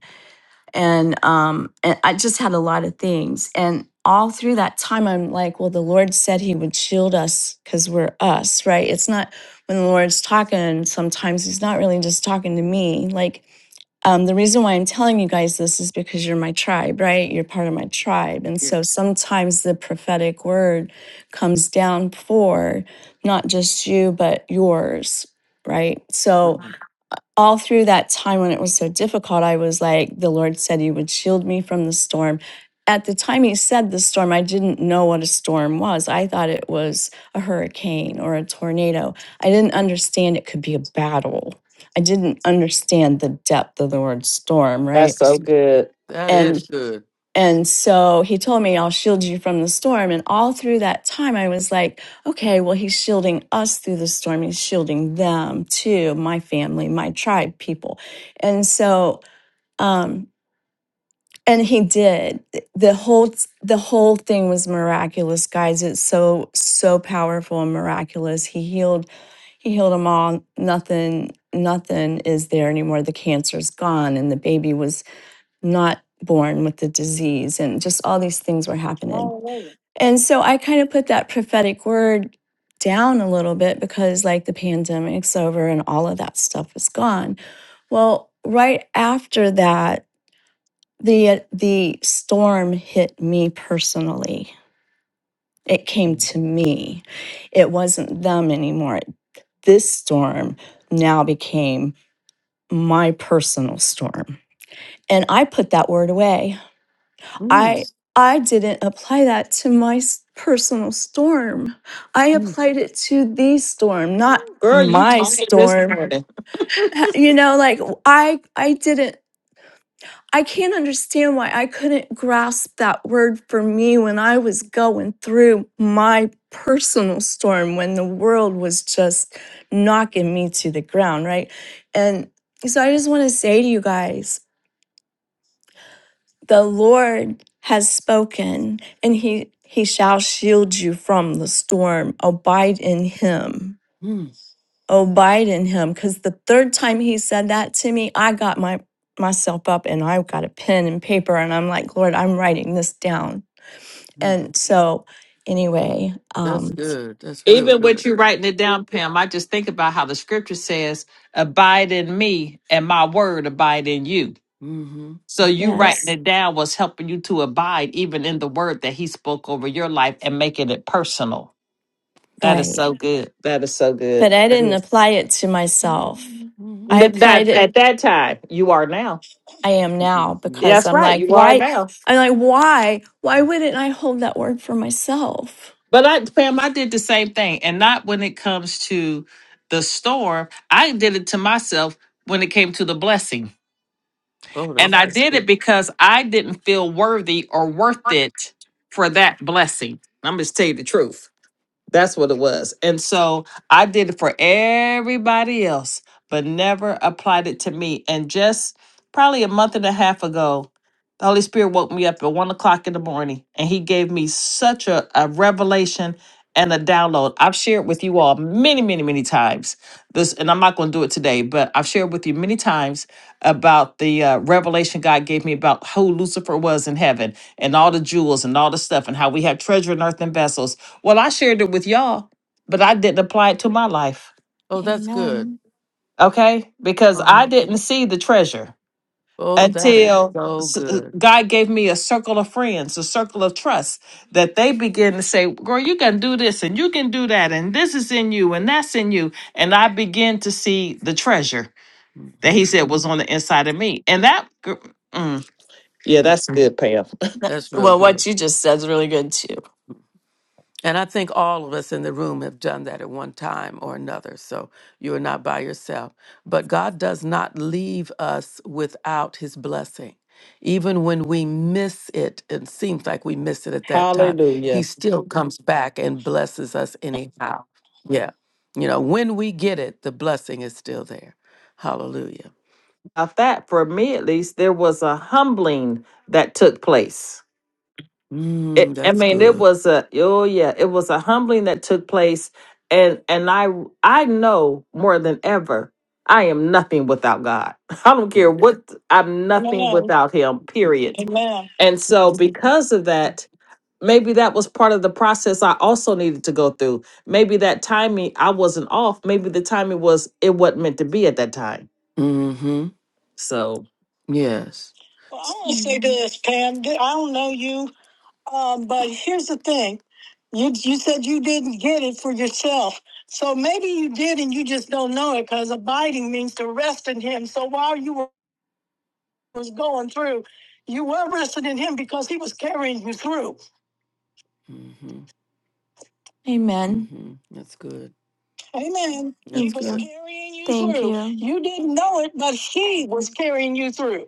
And, um, and I just had a lot of things. And all through that time, I'm like, well, the Lord said He would shield us because we're us, right? It's not when the Lord's talking, sometimes He's not really just talking to me. Like, um, the reason why I'm telling you guys this is because you're my tribe, right? You're part of my tribe. And
yeah,
so sometimes the prophetic word comes down for not just you, but yours, right? So
mm,
all through that time when it was so difficult, I was like, the Lord said He would shield me from the storm. At the time He said the storm, I didn't know what a storm was. I thought it was a hurricane or a tornado. I didn't understand it could be a battle. I didn't understand the depth of the word storm,
That's
right?
so good.
that
And
is good.
and so he told me, I'll shield you from the storm. And all through that time, I was like, okay, well, he's shielding us through the storm. He's shielding them too, my family, my tribe, people. And so, um, and he did. The whole the whole thing was miraculous, guys. It's so so powerful and miraculous. He healed he healed them all. Nothing nothing is there anymore. The cancer's gone and the baby was not born with the disease and just all these things were happening.
Hallelujah.
And so I kind of put that prophetic word down a little bit because like the pandemic's over and all of that stuff was gone. Well, right after that, the the storm hit me personally. It came to me. It wasn't them anymore. This storm now became my personal storm. And I put that word away
Mm,
I I didn't apply that to my s- personal storm. I
mm,
applied it to the storm, not
Girl, you
my
told me this
storm.
morning.
Ha- You know, like w- I I didn't I can't understand why I couldn't grasp that word for me when I was going through my personal storm when the world was just knocking me to the ground, right? And so I just want to say to you guys the Lord has spoken, and he, he shall shield you from the storm. Abide in him. Abide in him. Because the third time he said that to me, I got my myself up and I got a pen and paper and I'm like, Lord, I'm writing this down.
mm.
And so anyway,
That's
um,
good. That's real
Even
good.
with you writing it down, Pam, I just think about how the scripture says, abide in me and my word abide in you.
Mm-hmm.
So you writing
yes,
it down was helping you to abide even in the word that he spoke over your life and making it personal. That is
right.
so good. That is so good.
But I didn't
That
apply it to myself. I
hmm
Th-
applied
That
it
at that time you are now.
I am now
Yeah,
because
That's
I'm
right.
like,
You are
why?
now.
I'm like, why? Why wouldn't I hold that word for myself?
But I, Pam, I did the same thing, and not when it comes to the storm. I did it to myself when it came to the blessing,
Oh,
and
that's
I
good.
did
good.
it because I didn't feel worthy or worth it for that blessing. I'm just tell you the truth That's what it was. And so I did it for everybody else, but never applied it to me. And just probably a month and a half ago, the Holy Spirit woke me up at one o'clock in the morning and he gave me such a, a revelation and a download. I've shared with you all many, many, many times this, and I'm not going to do it today, but I've shared with you many times about the uh, revelation God gave me about who Lucifer was in heaven and all the jewels and all the stuff and how we have treasure in earthen vessels well, I shared it with y'all, but I didn't apply it to my life.
Oh, that's good.
Amen.
Okay. Because I
Uh-huh.
didn't see the treasure
Oh, that is
until
so
s- uh,
good.
God gave me a circle of friends, a circle of trust that they begin to say, Girl, you can do this and you can do that. And this is in you and that's in you. And I begin to see the treasure
Mhm.
that He said was on the inside of me. And that, gr- mm, yeah, that's
That's good.
good, Pam.
That's real
Well,
good.
what you just said is really good too.
And I think all of us in the room have done that at one time or another. So you are not by yourself. But God does not leave us without his blessing. Even when we miss it, it seems like we miss it at that time, he
Hallelujah.
still comes back and blesses us anyhow. Yeah. You know, when we get it, the blessing is still there. Hallelujah.
About that, for me at least, there was a humbling that took place it,
Mm,
I
that's
mean, it
good.
was a oh yeah, it was a humbling that took place, and and I I know more than ever, I am nothing without God. I don't care
Yeah.
what I'm nothing
Amen.
without Him. Period.
Amen.
And so because of that, maybe that was part of the process I also needed to go through. Maybe that timing I wasn't off. Maybe the timing was it wasn't meant to be at that time.
Mm hmm.
So
Yes. Well, I want to say
Amen.
this, Pam. I don't know you, um, but here's the thing: you you said you didn't get it for yourself, so maybe you did, and you just don't know it because abiding means to rest in Him. So while you were was going through, you were resting in Him because He was carrying you through. Mm-hmm.
Amen.
Mm-hmm. That's good. Amen. That's He
Thank
was good.
you.
carrying you
Thank
through.
you.
You didn't know it, but he was carrying you through.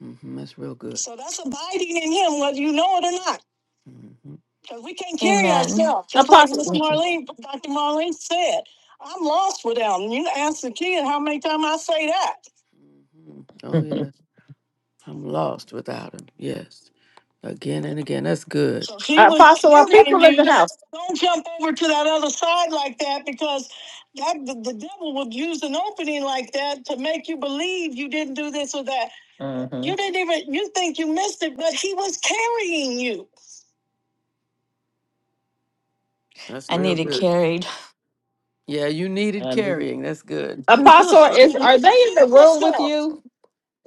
hmm That's real good. So that's abiding in him, whether you know it or not. Mm-hmm. Because we can't carry
Amen.
ourselves, just like Miss
apostle,
Marlene, Dr. Marlene said. I'm lost without him. You ask the kid how many times I say that. Mhm. Oh, yes. I'm lost without him. Yes. Again and again. That's good. So he was
apostle, are
carrying
people in
you.
the house?
Don't jump over to that other side like that because that the, the devil would use an opening like that to make you believe you didn't do this or that.
Mm-hmm.
You didn't even you think you missed it, but he was carrying you. That's
I
real
need it
good.
carried.
Yeah, you needed
And
carrying. That's good. Carry
Apostle is are they in the room with
yourself.
you?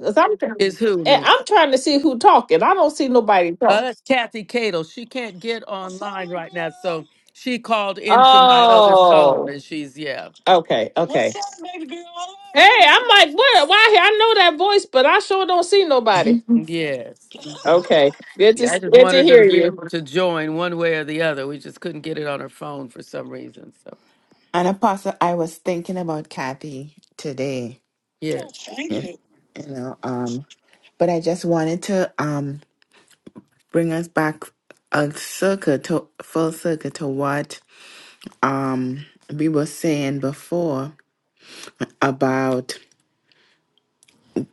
'Cause I'm
Is
trying,
who?
and
Nora?
I'm trying to see who talking. I don't see nobody
Uh,
talk.
that's Kathy Cato. She can't get online right now, so she called into my other phone,
Oh,
and she's yeah.
okay,
What's
okay.
up, baby girl? I
Hey,
love
I'm like, what? Why? he- I know that voice, but I sure don't see nobody.
you. Yes.
Okay, good to
Yeah, I just
good to
wanted her to
hear
be
you.
able to join one way or the other. We just couldn't get it on her phone for some reason. So,
And Apostle, I was thinking about Kathy today.
yeah. Oh, yes. thank
And,
you.
you know, um, but I just wanted to um bring us back a circle to full circle to what um we were saying before about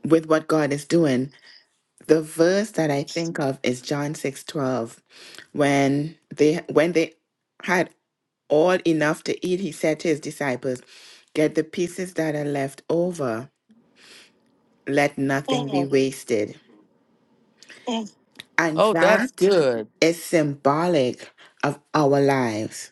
with what God is doing. The verse that I think of is John 6 12, When they when they had all enough to eat, he said to his disciples, Get the pieces that are left over, let nothing be
Oh,
wasted.
oh,
And
Oh, that's
that
good.
is symbolic of our lives.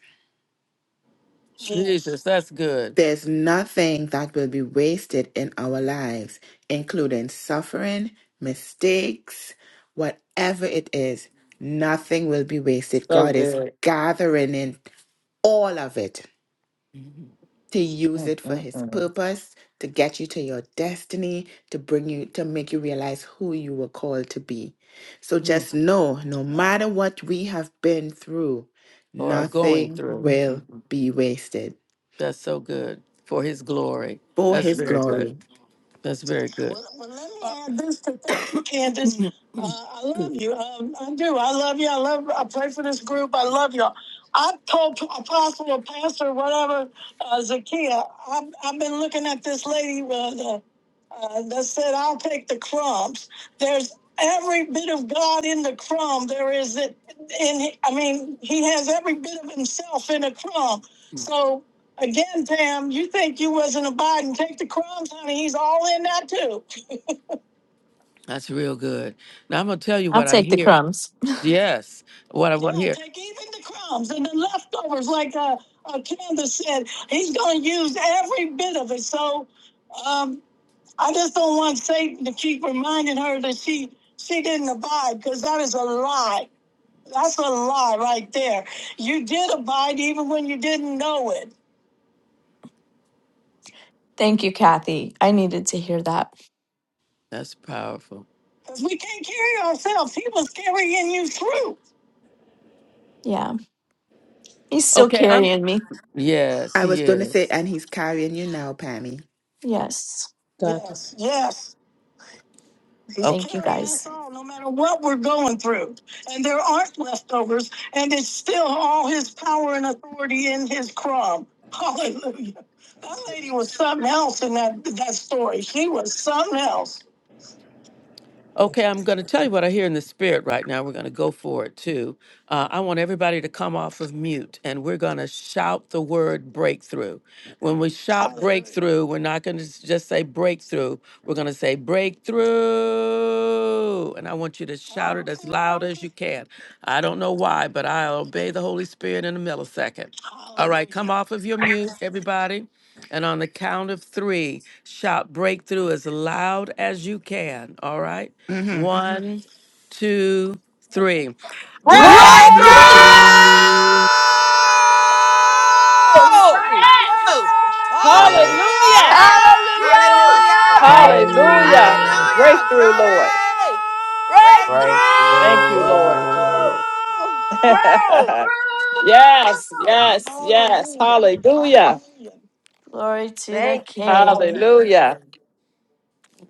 yes. Jesus, that's good.
There's nothing that will be wasted in our lives, including suffering, mistakes, whatever it is. Nothing will be wasted.
So
God is
good.
gathering in all of it to use it for his
Mm-mm-mm.
purpose, to get you to your destiny, to bring you, to make you realize who you were called to be. So
Mm.
just know no
Amen.
matter what we have been through,
Or are going
nothing
through.
will
Mhm.
be wasted
That's so good for his glory.
for
That's
his
very good.
glory
That's very good. Well, well, let me add this to that, Candace. Uh, I love you. Um, I do. I love you. I love. I pray for this group. I love y'all. I told P- Apostle or Pastor, whatever, uh, Zakia. I've, I've been looking at this lady uh, the, uh, that said, "I'll take the crumbs." There's every bit of God in the crumb. There is it. In I mean, He has every bit of Himself in a crumb. So Again, Tam, you think you wasn't abiding? Take the crumbs, honey. He's all in that too. That's real good. Now I'm gonna tell you
I'll
what I
take the
hear.
crumbs.
Yes, what I want to Yeah, hear. take even the crumbs and the leftovers, like uh, uh, Candace said. He's going to use every bit of it. So um, I just don't want Satan to keep reminding her that she she didn't abide because that is a lie. That's a lie right there. You did abide even when you didn't know it.
Thank you, Kathy. I needed to hear that.
That's powerful. Cause we can't carry ourselves. He was carrying you through.
Yeah. He's still
Okay, I'm.
carrying me.
Yes,
I
he
was going to say,
is.
and he's carrying you now, Pammy.
Yes.
Dr.
Yes,
S-
yes. He's Okay.
Thank you
carrying us
guys.
all, no matter what we're going through. And there aren't leftovers, and it's still all his power and authority in his crumb. Hallelujah. That lady was something else in that, that story. She was something else. Okay, I'm going to tell you what I hear in the spirit right now. We're going to go for it too. Uh, I want everybody to come off of mute and we're going to shout the word breakthrough. When we shout Hallelujah. breakthrough, we're not going to just say breakthrough. We're going to say breakthrough. And I want you to shout it as loud as you can. I don't know why, but I obey the Holy Spirit in a millisecond. All right, come Hallelujah. off of your mute, everybody. And on the count of three, shout breakthrough as loud as you can. All right?
hmm
One, two, three.
Breakthrough!
Breakthrough!
Breakthrough!
Breakthrough!
Breakthrough!
Breakthrough!
Breakthrough!
Oh.
Yes.
breakthrough,
Hallelujah!
Hallelujah.
Yes!
Hallelujah!
Woo!
Hallelujah!
Breakthrough!
Breakthrough!
Hallelujah.
Hallelujah.
breakthrough,
Hallelujah!
Breakthrough, Lord.
Glory!
Breakthrough!
Thank
Woo!
you,
Breakthrough!
Lord.
breakthrough.
yes,
Breakthrough!
yes, yes.
Hallelujah.
Hallelujah.
Hallelujah.
Glory to the
Thank you, Jesus.
King.
Hallelujah.
Hallelujah.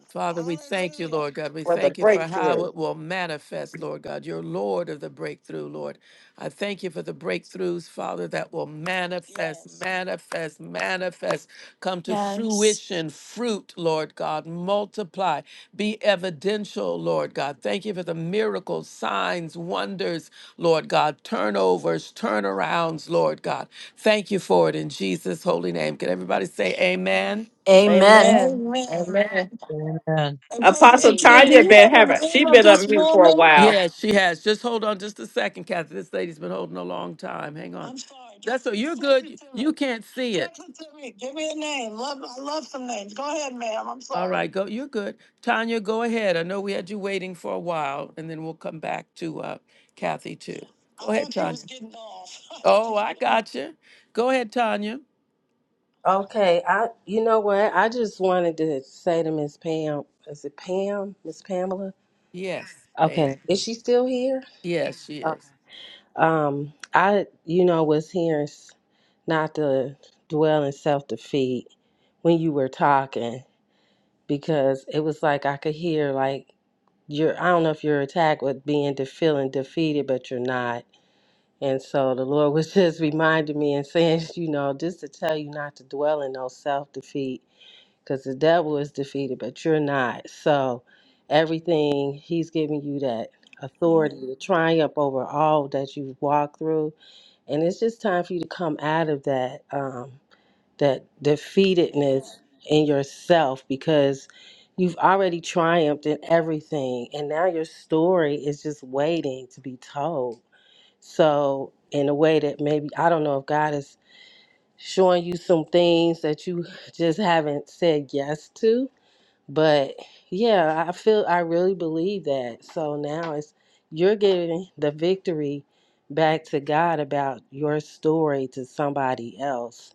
Father, we thank you, Hallelujah. Lord Hallelujah. God. We
For the
thank you for how
breakthrough.
it will manifest, Lord God. You're Lord of the breakthrough, Lord. I thank you for the breakthroughs, Father, that will manifest, Yes. manifest, manifest, come to
Yes.
fruition, fruit, Lord God, multiply, be evidential, Lord God. Thank you for the miracles, signs, wonders, Lord God, turnovers, turnarounds, Lord God. Thank you for it in Jesus' holy name. Can everybody say amen?
Amen.
Amen.
Amen.
Amen.
And Pastor
Apostle
Sakia, do
Tanya
Amen.
you know
been having
the name
she
of
been
this
on mute for a
woman?
while.
Yeah, she has. Just hold on just a second, Kathy. This lady's been holding a long time. Hang on. I'm sorry. That's Just That's so you're text good. it You to me. you can't see it. Text it to me. Give me a name. Love, I love some names. Go ahead, ma'am. I'm All sorry. right, go. You're good. Tanya, go ahead. I know we had you waiting for a while, and then we'll come back to uh, Kathy too. I Go ahead, thought you was Tanya. was getting off. Oh, I got you. Go ahead, Tanya.
Okay, I you know what? I just wanted to say to Miss Pam, is it Pam? Miss Pamela?
Yes,
Okay.
Pam.
Is she still here?
Yes, she is.
Um, I, you know, was hearing s- not to dwell in self defeat when you were talking because it was like I could hear like you're. I don't know if you're attacked with being de- feeling defeated, but you're not. And so the Lord was just reminding me and saying, you know, just to tell you not to dwell in no self defeat because the devil is defeated, but you're not. So everything He's giving you that authority to triumph over all that you've walked through and it's just time for you to come out of that um, that defeatedness in yourself because you've already triumphed in everything and now your story is just waiting to be told so in a way that maybe i don't know if god is showing you some things that you just haven't said yes to but yeah, I feel I really believe that. So now it's you're giving the victory back to God about your story to somebody else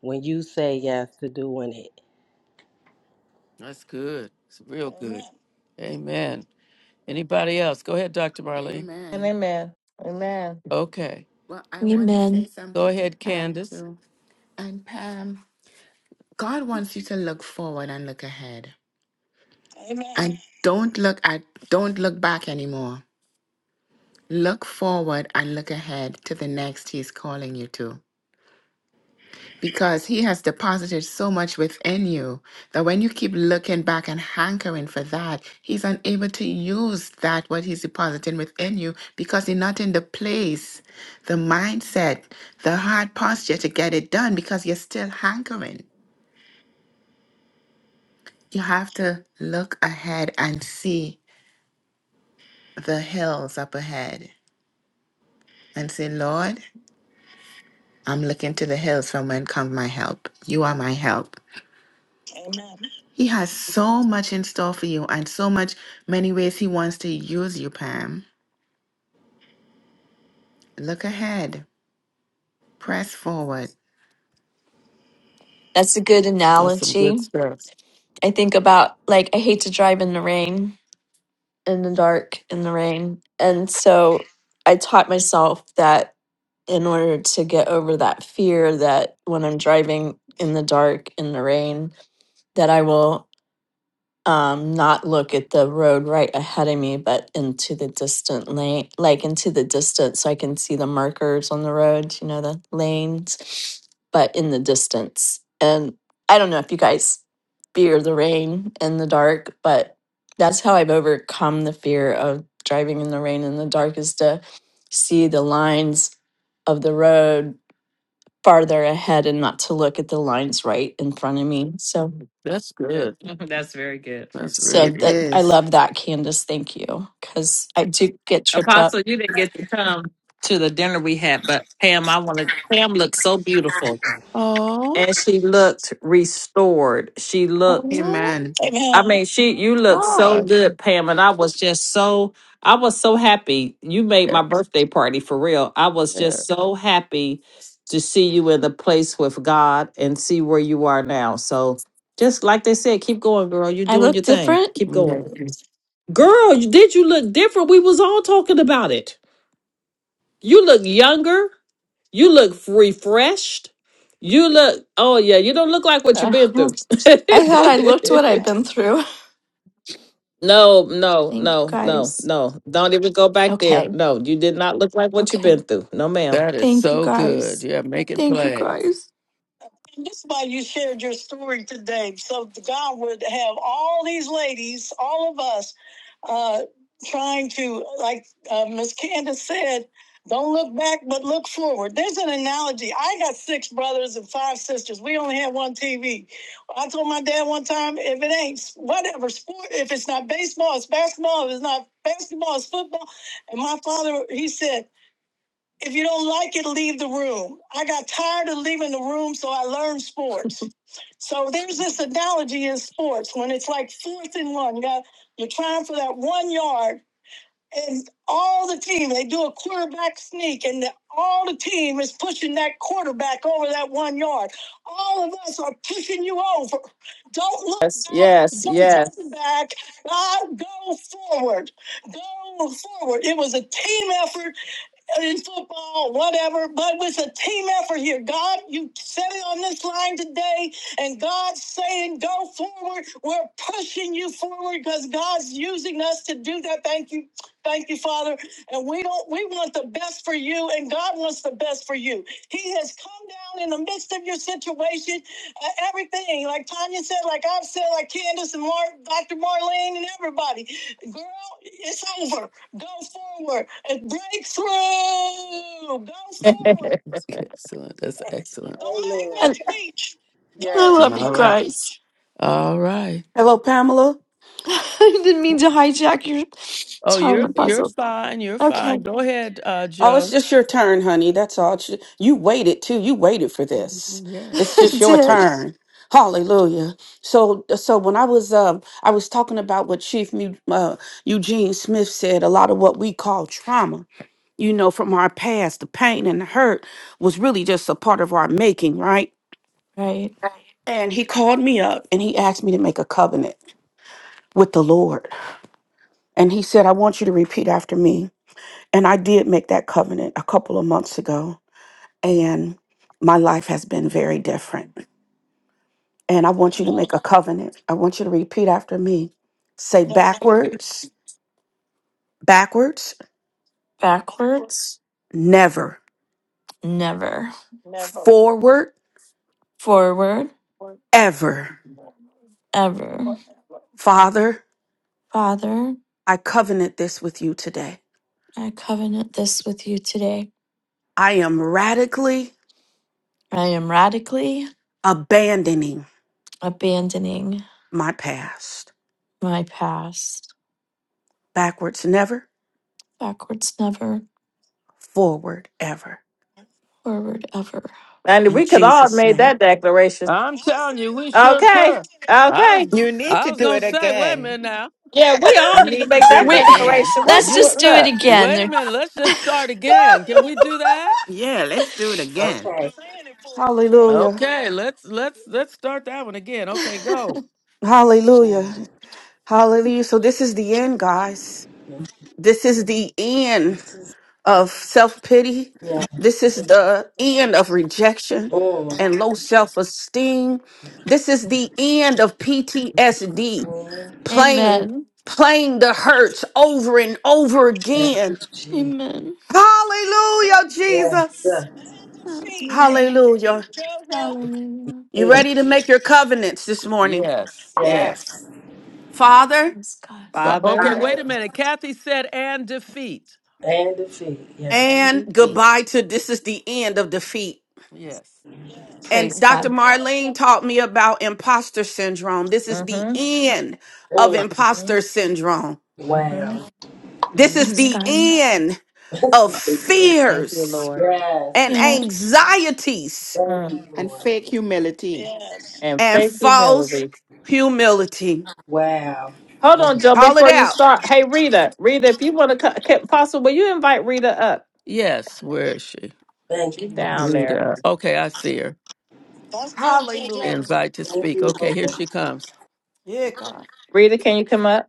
when you say yes to doing it.
That's good. It's real good. Amen. Amen. Anybody else? Go ahead, Dr. Marlene.
And
Amen.
amen. Amen.
Okay.
Well, I want to say
Amen.
Go
something to
ahead,
Pam
Candace.
too. And Pam, God wants you to look forward and look ahead.
Amen.
And don't look at don't look back anymore. Look forward and look ahead to the next He's calling you to because He has deposited so much within you that when you keep looking back and hankering for that, He's unable to use that, what He's depositing within you, because you're not in the place, the mindset, the hard posture to get it done because you're still hankering. You have to look ahead and see the hills up ahead and say, Lord, I'm looking to the hills from when come my help. You are my help.
Amen.
He has so much in store for you and so much many ways he wants to use you, Pam. Look ahead. Press forward.
That's a good
That's some good
analogy.
stuff.
I think about, like, I hate to drive in the rain, in the dark, in the rain. And so I taught myself that in order to get over that fear that when I'm driving in the dark, in the rain, that I will. um not look at the road right ahead of me but into the distant lane like into the distance so i can see the markers on the road you know the lanes but in the distance and i don't know if you guys fear the rain and the dark but that's how i've overcome the fear of driving in the rain and the dark is to see the lines of the road farther ahead and not to look at the lines right in front of me so
That's
Good.
good.
That's very good.
That's real
so
It
good.
that I
is.
love that, Candace. Thank you. Because I do get tripped up.
Apostle, you didn't get to come to the dinner we had, but Pam, I wanted Pam looked so beautiful. And she looked restored. She looked
Amen.
I
Amen.
mean, she you look so
God.
good, Pam, and I was just so I was so happy. You made
Yeah,
my birthday party for real. I was
yeah,
just so happy to see you in the place with God and see where you are now. So just like they said, keep going, girl. You're
I
doing
look
your thing.
different.
Keep going.
yeah.
Girl, you- did you look different? We was all talking about it. You look younger. You look f- refreshed. You look, oh yeah, you don't look like what you've
Uh,
been through.
I thought I looked what I've been through.
No, no,
Thank you
no, no,
guys.
no. Don't even go back there.
Okay.
No, you did not look like what you've
Okay.
been through. No, ma'am.
That is
Thank you
so good.
guys.
Yeah, make it
Thank you
plain.
guys.
That's why you shared your story today. So God would have all these ladies, all of us, uh, trying to, like uh, Miss Candace said, don't look back, but look forward. There's an analogy. I got six brothers and five sisters. We only had one TV. I told my dad one time, if it ain't whatever sport, if it's not baseball, it's basketball. If it's not basketball, it's football. And my father, he said, if you don't like it, leave the room. I got tired of leaving the room, so I learned sports. So there's this analogy in sports when it's like fourth and one. You got, you're trying for that one yard and all the team they do a quarterback sneak and the, all the team is pushing that quarterback over that one yard all of us are pushing you over don't look
Yes,
back
yes,
don't
yes.
run back God, go forward go forward it was a team effort in football, whatever, but it's a team effort here. God, you said it on this line today, and God's saying, go forward. We're pushing you forward because God's using us to do that. Thank you Thank you, Father. And we don't we want the best for you, and God wants the best for you. He has come down in the midst of your situation, uh, everything, like Tanya said, like I've said, like Candace and Mar- Dr. Marlene and everybody. Girl, it's over. Go forward and break through. Go forward. excellent. That's excellent. Don't make
Amen.
I,
me preach.
I
Don't
Yeah.
make me
love you
All right.
guys.
preach. All right.
Hello, Pamela.
I didn't mean to hijack your
Oh, you're
time
you're
puzzle.
fine. You're
Okay,
fine. Go ahead, uh,
Oh, it's
Joe.
just your turn, honey. That's all. It's- You waited too. You waited for this. It's
Yes.
I
just your
did.
turn. Hallelujah. So, so when I was, um, I was talking about what Chief Mu- uh, Eugene Smith said. A lot of what we call trauma, you know, from our past, the pain and the hurt was really just a part of our making, right?
Right.
And he called me up and he asked me to make a covenant with the Lord. And he said, I want you to repeat after me. And I did make that covenant a couple of months ago. and my life has been very different. And I want you to
Amen.
make a covenant. I want you to repeat after me. Say
That's good.
backwards, backwards,
Backwards,
Backwards?
never,
Never.
never
forward,
Forward?
work.
ever.
Ever.
Father,
Father,
I covenant this with you today.
I covenant this with you today.
I am radically
I am radically
abandoning
abandoning
my past.
my past.
Backwards, never,
Backwards, never.
forward, ever.
Forward, ever.
And
In
we could all have
Jesus'
made
name.
that declaration.
I'm telling you, we sure
Okay,
could. I was
okay.
You need
I
to
was
do
gonna
it
say, wait a
again.
minute now.
Yeah, we all
You
need to
need to
make
do
that
it
Wait,
again.
declaration.
Uh,
What's
let's
you
just
going
do it
up?
again.
wait a
There-
minute. Let's just start again. Can we do that?
Yeah, let's do it again.
Okay.
Saying it for you.
Hallelujah.
Okay, let's let's let's start that one again. Okay, go.
Yeah.
Hallelujah. Hallelujah. So this is the end, guys. This is the end
This is
of self-pity.
yeah.
This is the
and
end of rejection
Mm.
and low self-esteem. This is the end of PTSD,
Mm.
playing,
Amen.
playing the hurts over and over
Thank you,
again.
Jesus.
Amen.
Hallelujah,
defeat,
Yes.
Jesus.
and defeat, and
Hallelujah.
defeat,
Hallelujah.
Joe. Rogan.
Hallelujah.
Yes.
You ready
Yes.
to make your covenants this morning?
Yes, yes.
Yes.
Yes.
Father,
Praise God,
But okay,
Father.
Other
Father.
wait a
Father.
minute. Kathy said and defeat.
And defeat. Yes.
and
MVP.
goodbye to this is the end of defeat.
Yes. Yes.
And
Praise
Dr.
God.
Marlene taught me about imposter syndrome. This is the
Mm-hmm.
end of
Mm.
Mm-hmm.
imposter syndrome.
Wow.
Mm-hmm.
This is
Praise
hmm
the
God.
end of
Thank you,
fears
Lord.
and
yes.
Yes.
anxieties
Thank
Mm.
you,
And
Lord.
fake humility.
And
and
faith
false
humility.
humility.
Wow.
Hold
Oh,
on, Joe,
Call it
before you
out.
start. Hey, Rita, Rita, if you want to, possible, will you invite Rita up?
Yes. Where is she?
Thank
She's
you.
down there.
Rita. Okay, I see her. That's good,
Hallelujah.
Invite to
Thank
speak.
you,
Okay,
Lord.
here she comes.
Yeah, God.
Rita, can you come up?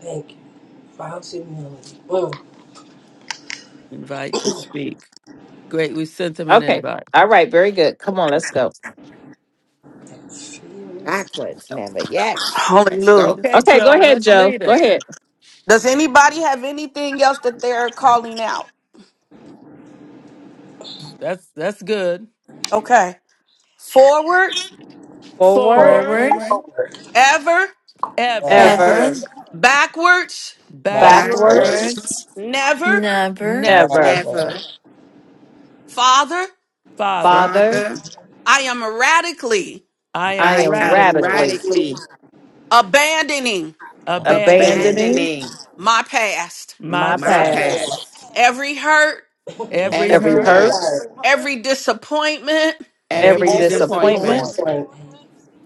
Thank you. False humility. Mm.
Invite to speak. Great. We sent them an
Okay.
invite.
All right. Very good. Come on. Let's go.
Backwards, never. Yes. Let's go.
Hallelujah.
Okay,
Okay. Go
Joe,
ahead,
let's
Joe.
lead
Go
us.
ahead.
Does anybody have anything else that they're calling out?
That's that's good.
Okay. Forward,
Forward,
Forward,
Forward,
Forward,
Forward.
ever,
ever.
ever,
ever,
ever,
Ever.
backwards,
Backwards,
backward,
backwards,
Backwards.
backwards,
never,
never.
never.
never.
Never
never.
Father.
Father,
Father,
Father,
I am radically
I am
I am
I am
radically
radically
radically
abandoning
Stand
abandoning
abandoning
abandoning
my past.
my
my
my
my
path.
ground.
past.
past.
Every hurt,
every
Every
Every
Every
Nothing
hurt,
Love
hurt,
hurt,
hurt.
every disappointment,
every
and
every
every
every
business
Every
disappointment,
point
disappointment,
disappointment
disappointment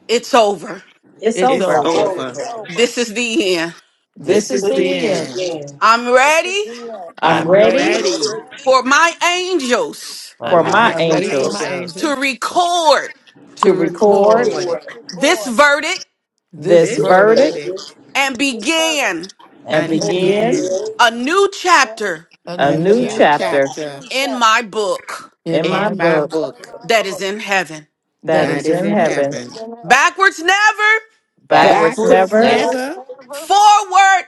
it's over.
it's
is
to
it's
is
over.
go.
over.
over.
over.
This is the end.
is
This
This
This
should
This
is
is
is
This
be
the
the
the end.
end.
is the
end.
end.
I'm ready
I'm
I'm
I'm
I'm
ready
ready.
ready
for my angels
for
for
for
I'm
my
my
my
I'm ready for my
angels
to
angels
angels
record
to
to
to
conform
record
record
record
this verdict
to
this
the
this
this
verdict
verdict
verdict
and begin
and
and
and
be
individual.
and begin
begin
begin
a new chapter
a
a
a
a
new
new
good
new
chapter
step.
chapter
chapter
in my book
in
in
my
my
in my
book
book
book
that is in heaven.
that
that
That
that
is
is
is
in
in
in
heaven.
heaven.
heaven.
Backwards never,
back
backwards
Backwards
Backwards
Backwards,
never,
never
step
never,
never,
forward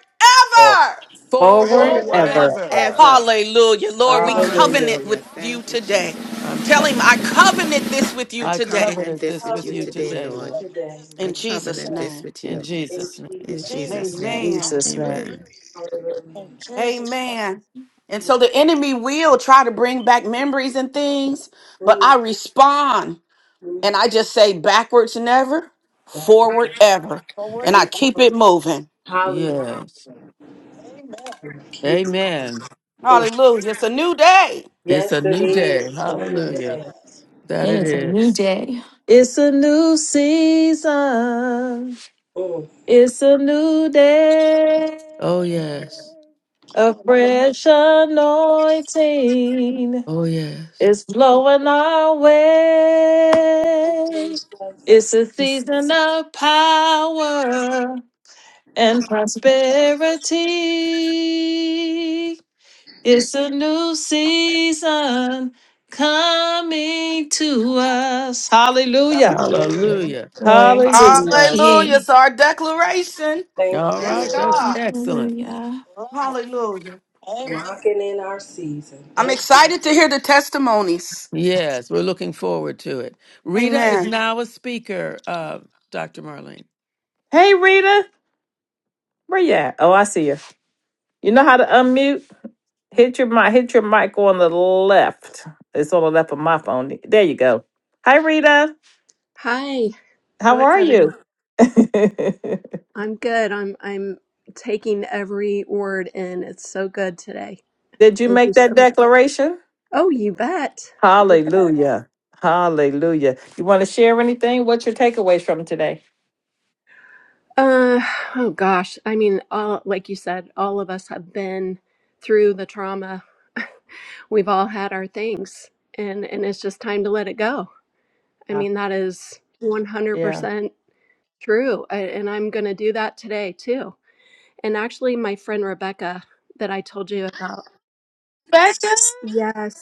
for
ever.
forward
forward
forward,
forward
ever.
ever.
ever.
ever.
Hallelujah. Lord,
Third
we
Hallelujah.
covenant
Hallelujah.
Hallelujah.
with you
Thank you,
today.
I'm
Jesus.
Tell him, I
covenanting this with you.
covenant this with you
I
I
today
covenant
covenant
this
this
with
with
you
you
covenant with
today,
today,
you
Lord.
Lord,
today,
in
I
Lord.
Jesus'
covenant this
name.
with
in
you
forever.
In
Jesus' name.
in
Jesus' name,
Jesus' name.
Amen.
Jesus name.
Amen.
hallelujah.
Amen. And so the enemy will try to bring back memories and things, but
Ooh,
I respond
ooh,
and I just say backwards never,
back and
forward ever. And I
forth.
keep it moving.
Hallelujah.
Yes.
Keep it
Amen.
in.
Hallelujah. It's a new day.
It's
Yes,
a
it
new day.
is. A new
Hallelujah.
day.
That
It
it
is a new
is.
day.
It's a new season.
Mm.
It's a new day.
Oh, yes.
A fresh anointing
Oh, yes.
is flowing our way.
Jesus.
It's a season of power and prosperity. It's a new season coming to us. Hallelujah.
Hallelujah.
Hallelujah.
Glory to the
Hallelujah.
Hallelujah.
King.
It's our declaration.
Thank
All
you,
Yes,
right.
Lord.
That's
God.
excellent.
Hallelujah.
Hallelujah.
Amen.
Walking in our season.
I'm
Thank you.
excited to hear the testimonies.
Yes. We're looking forward to it. Rita is
Amen.
now a speaker, uh, Dr. Marlene.
Hey Rita, where you at? Oh, I see you. You know how to unmute? Hit your mic. Hit your mic on the left. It's on the left of my phone. There you go. Hi Rita.
Hi, how
How
is
are you?
everyone?
Did
I'm good. I'm I'm taking every word in. It's so good today.
you
Thank you
make
so
that
much.
declaration?
Oh, you bet. You bet.
Hallelujah. Hallelujah. You want to share anything? What's your takeaways from today?
Uh, oh gosh. I mean, all like you said, all of us have been through the trauma. We've all had our things, and and it's just time to let it go. I
Yeah.
mean, that is
Yeah.
100% true. I, and I'm going to do that today too. And actually, my friend Rebecca that I told you about.
Becca?
Yes.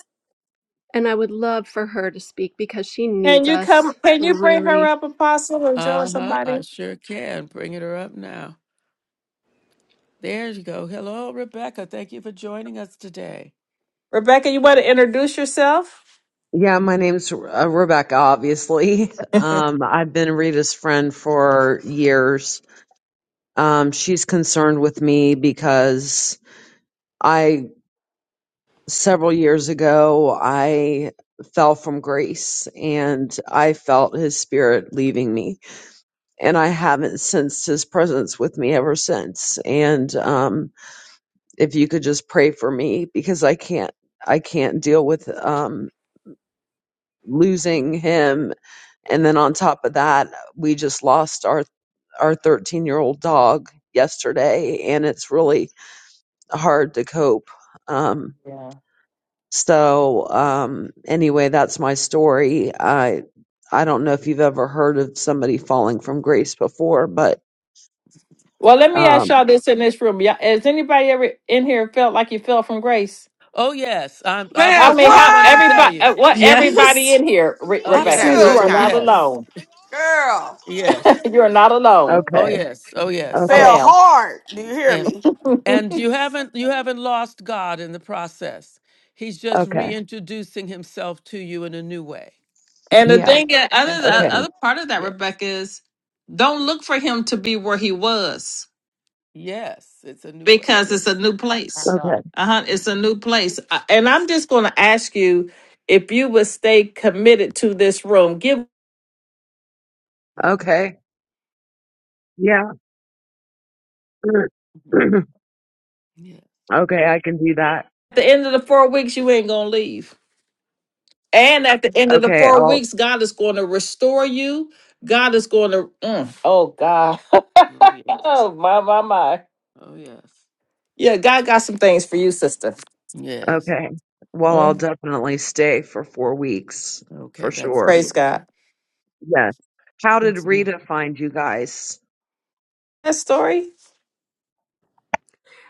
And I would love for her to speak because she
Can
needs
you come?
us
Can you bring her
really.
up, Apostle, or Joe, or
Uh huh. I
somebody?
sure can. Bringing her up now. There you go. Hello, Rebecca. Thank you for joining us today.
Rebecca, you want to introduce yourself?
Yeah, my name's uh, Rebecca, obviously. Um, I've been Rita's friend for years. Um, she's concerned with me because I, several years ago, I fell from grace and I felt his spirit leaving me. And I haven't sensed his presence with me ever since. And, um, if you could just pray for me because I can't, I can't deal with, um, losing him And then on top of that, we just lost our our 13 year old dog yesterday, and it's really hard to cope. Um,
Yeah.
so um, anyway, that's my story. I I don't know if you've ever heard of somebody falling from grace before, but
Well, let me ask
um,
y'all this in this room. Y'all, has anybody ever in here felt like you fell from grace?
Oh, yes. I'm, I'll be
I
the
Man,
mean,
first
how
one to tell
what?
everybody? uh,
you.
What everybody
Yes.
in here, Re-
Oh,
Absolutely.
yes.
Rebecca? You
Several
are
Shoot.
not
times.
Yes.
alone.
Girl.
Yes.
you are not alone.
Oh
okay,
yes. Oh yes.
No,
okay,
Fell
ma'am.
hard. Do you hear
And
me?
and you haven't you haven't lost God in the process. He's just
okay,
reintroducing himself to you in a new way.
And the
yeah,
thing, is-
And
other the
okay,
so
other part of that,
yeah.
Rebecca, is don't look for him to be where he was.
Yes, it's a new way.
because it's a
Yes.
new
My
place.
okay,
God.
Uh-huh. It's a
Mhm,
new place. Uh, And I'm just going to ask you if you would stay committed to this room. Give at
mhm,
okay, yeah,
mhm. Yes.
okay. I can do that.
the end of the four weeks, you ain't going to leave. And at the end of the
Okay,
four
I'll
weeks, God is going to restore you. God is going to, mm, oh, God.
Oh yes.
oh, my, my, my.
Oh yes.
Yeah, God got some things for you, sister.
Yes.
Okay. Well, I'll
Mm,
definitely stay for four weeks for
Okay, that's
sure.
praise God.
beautiful.
Yes. How did Rita find you guys?
That story?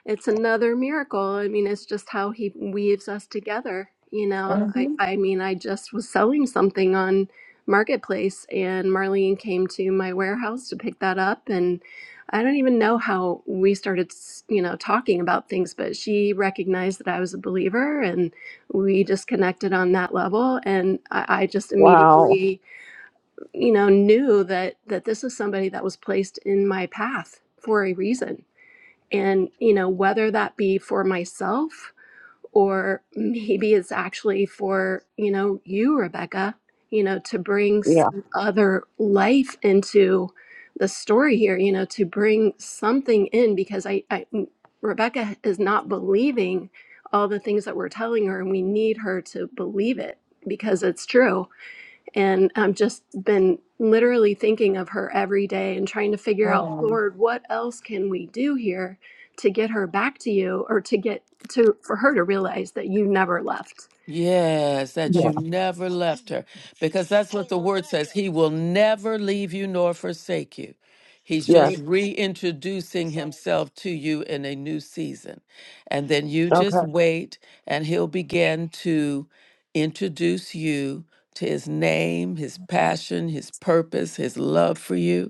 It's another miracle. I mean, it's just how he weaves us together. You know, I,
hmm
I mean, I just was selling something on Marketplace and Marlene came to my warehouse to pick that up. And I don't even know how we started, s- you know, talking about things, but she recognized that I was a believer and we just connected on that level. And I, I just
Wow.
immediately you know knew that that this is somebody that was placed in my path for a reason and you know whether that be for myself or maybe it's actually for you know you rebecca you know to bring
Yeah.
some other life into the story here you know to bring something in because i, I rebecca is not believing all the things that we're telling her and we need her to believe it because it's true and I've just been literally thinking of her every day and trying to figure out, Lord, what else can we do here to get her back to you or to get to for her to realize that you never left.
Yes, that
Yeah.
you never left her. Because that's what the word says. He will never leave you nor forsake you.
That's
He's
Yes.
just
right.
reintroducing himself to you in a new season. And then you just
Okay.
wait, and he'll begin to introduce you to his name, his passion, his purpose, his love for you.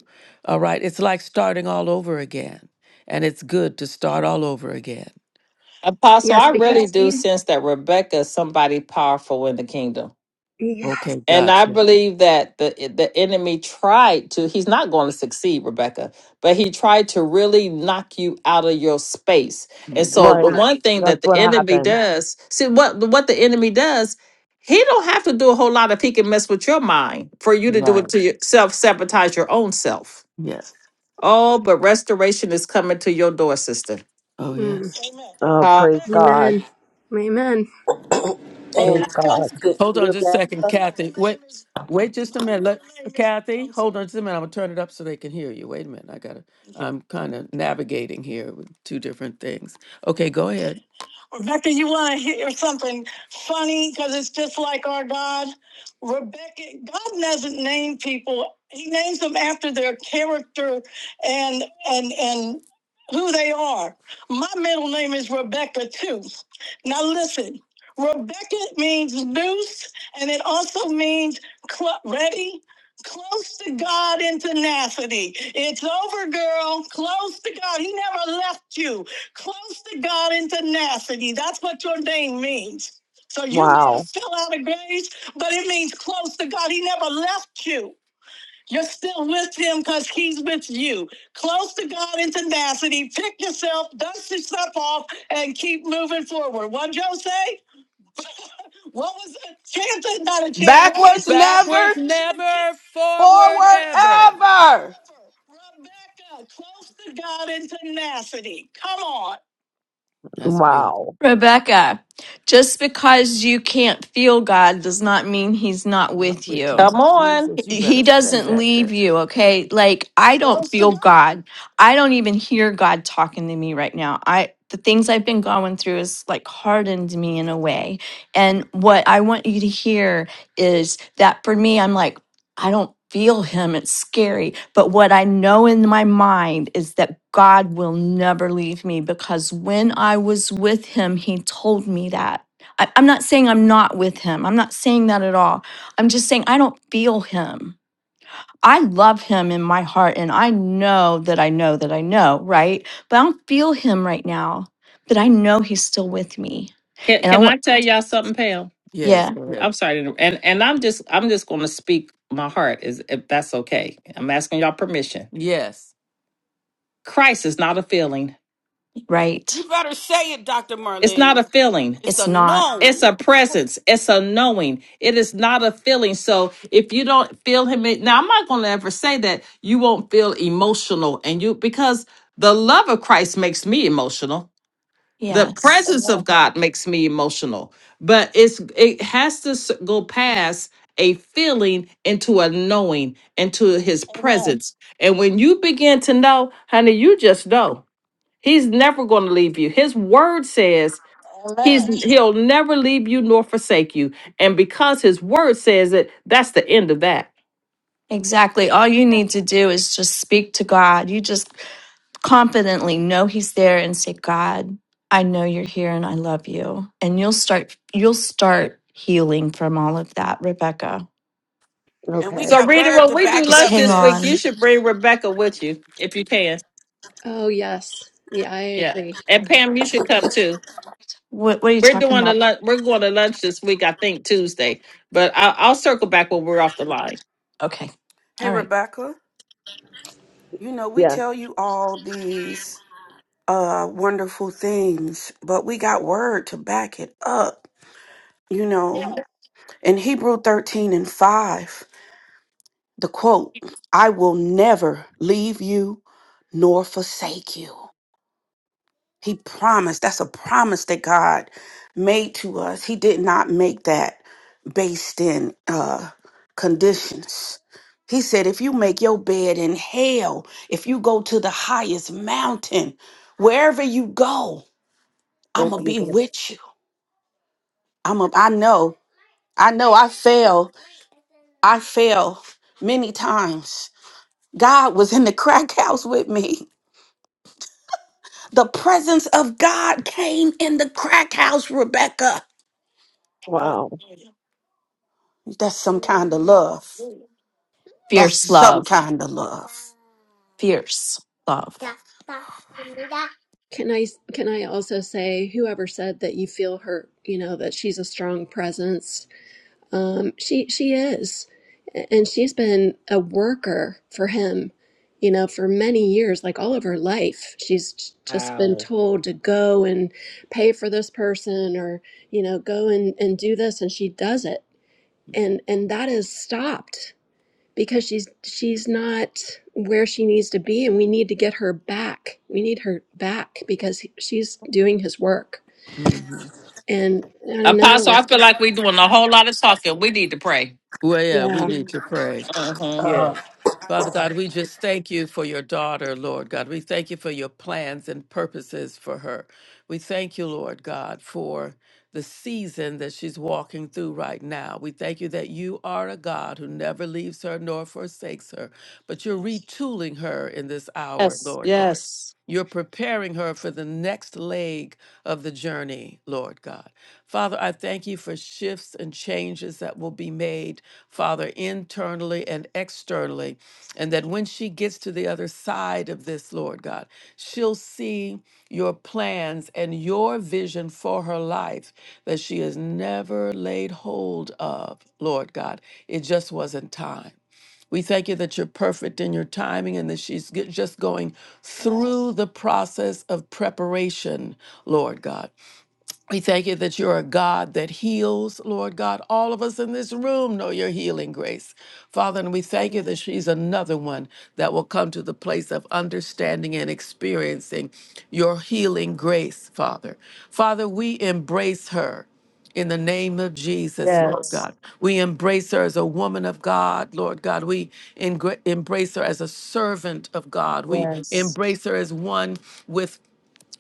All right. It's like starting all over again. And it's good to start all over again.
Apostle,
Yes,
I
because
really do
she's
sense that Rebecca is somebody powerful in the kingdom.
yes.
Okay,
And I
gotcha.
believe that the the enemy tried to, he's not going to succeed, Rebecca, but he tried to really knock you out of your space. And
Mhm.
so the
Right.
one thing
That's
that the
what
enemy
happened.
does, see what what the enemy does, he don't have to do a whole lot if he can mess with your mind for you to do
Right.
it to yourself, sabotage your own self.
Yes.
Oh, but restoration is coming to your door, sister.
Oh,
Mm.
yes. Amen.
Oh,
Come
praise
Rebecca.
God.
Amen. Amen.
And
Praise
Rebecca.
God.
to
Hold on just a second,
Rebecca,
Kathy. Wait. Wait just a minute. Let, Kathy, hold on just a minute. I'm gonna turn it up so they can hear you. Wait a minute. I gotta. I'm kind of navigating here with two different things. Okay, go ahead. Rebecca, you want to hear something funny? Because it's just like our God. Rebecca, God doesn't name people. He names them after their character and and and who they are. My middle name is Rebecca too. Now listen, Rebecca means loose, and it also means cl- ready. Close to God in tenacity. It's over, girl. Close to God. He never left you. Close to God in tenacity. That's what your name means. So you may have
Wow.
fell out of grace, but it means close to God. He never left you. You're still with him because he's with you. Close to God in tenacity. Pick yourself, dust yourself off, and keep moving forward. What did Joe say? What was it? Chant it, not a chant. What
Backwards
was it?
never,
Backwards it? never, forward
forward
ever.
ever.
Rebecca, close to God in tenacity. Come on. That's beautiful.
Wow.
Rebecca, just because you can't feel God does not mean He's not
Not
with
with
you.
you,
on.
Jesus. You better
he
say
doesn't
that then.
leave you okay like i don't
Close to
feel
God.
god i don't even hear god talking to me right now i the things i've been going through has like hardened me in a way and what i want you to hear is that for me i'm like i don't feel him it's scary but what i know in my mind is that god will never leave me because when i was with him he told me that I, i'm not saying i'm not with him i'm not saying that at all I'm just saying I don't feel him. I love him in my heart and I know that I know that I know, right? But I don't feel him right now, but I know he's still with me.
Can
And I
can I
want,
tell y'all something, Pam?
Yes,
yeah,
go ahead.
I'm sorry, to inter- and and I'm just I'm just going to speak my heart is if that's okay. I'm asking y'all permission.
Yes.
Christ is not a feeling.
right.
You better say it, Dr.
It's not
Marlene.
a feeling.
It's
It's
a
not,
It's
known.
a presence. It's a knowing. It is not a feeling. So if you don't feel him, in- now I'm not going to ever say that you won't feel emotional and you because the love of Christ makes me emotional. the
yes,
presence of
Amen.
God makes me emotional, but it's it has to s- go past a feeling into a knowing into his
Amen.
presence. And when you begin to know, honey, you just know. He's never going to leave you. His word says he's
Amen.
Amen. he'll never leave you nor forsake you. And because his word says it, that's the end of that.
exactly. All you need to do is just speak to God. You just confidently know he's there and say, God, I know you're here and I love you. And you'll start, you'll start healing from all of that, Rebecca.
And we
So
Okay.
got word to back it
Just
up,
hang
sis.
on.
you if you can.
Oh yes. Yeah, I
Yeah.
agree.
And Pam, you should come too.
What, what are you
We're
talking
doing the
about?
lunch. We're going to lunch this week, I think Tuesday. But I, I'll circle back when we're off the line.
Okay.
Hey,
All right.
Rebecca, you know, we
Yes.
tell you all these uh wonderful things, but we got word to back it up. You
Yeah.
know, in Hebrew 13 and 5, the quote, I will never leave you nor forsake you. He promised. That's a promise that God made to us. He did not make that based in uh, conditions. He said, if you make your bed in hell, if you go to the highest mountain, wherever you go, I'm
Go
going to
be
be
there.
with you. I'm a, I know, I know I fail I fell many times. God was in the crack house with me. The presence of God came in the crack house, Rebecca.
Wow.
Hallelujah.
That's some kind of love. That's
Fierce
some
love.
kind of love.
Fierce love.
Can I can I also say whoever said that you feel her? you know, that she's a strong presence Um, she she is, and she's been a worker for him, you know, for many years, like all of her life. She's just been
Wow.
told to go and pay for this person, or you know, go and and do this, and she does it, and and that is stopped because she's she's not where she needs to be, and we need to get her back. We need her back because he- she's doing his work,
hmm
and I don't
Apostle,
know.
I feel like we're doing a whole lot of talking. We need to pray.
Well, yeah, we
Yeah.
need to pray.
hmm
Yes. Father God, we just thank you for your daughter, Lord God. We thank you for your plans and purposes for her. We thank you, Lord God, for the season that she's walking through right now. We thank you that you are a God who never leaves her nor forsakes her, but you're retooling her in this hour,
Yes,
Lord God.
yes,
You're preparing her for the next leg of the journey, Lord God. Father, I thank you for shifts and changes that will be made, Father, internally and externally. And that when she gets to the other side of this, Lord God, she'll see your plans and your vision for her life that she has never laid hold of, Lord God. It just wasn't time. We thank you that you're perfect in your timing and that she's g- just going through the process of preparation, Lord God. We thank you that you're a God that heals, Lord God. All of us in this room know your healing grace. Father, and we thank you that she's another one that will come to the place of understanding and experiencing your healing grace, Father. Father, we embrace her. In the name of Jesus, Lord
yes,
God. We embrace her as a woman of God, Lord God. We engra- embrace her as a servant of God. We
yes.
embrace her as one with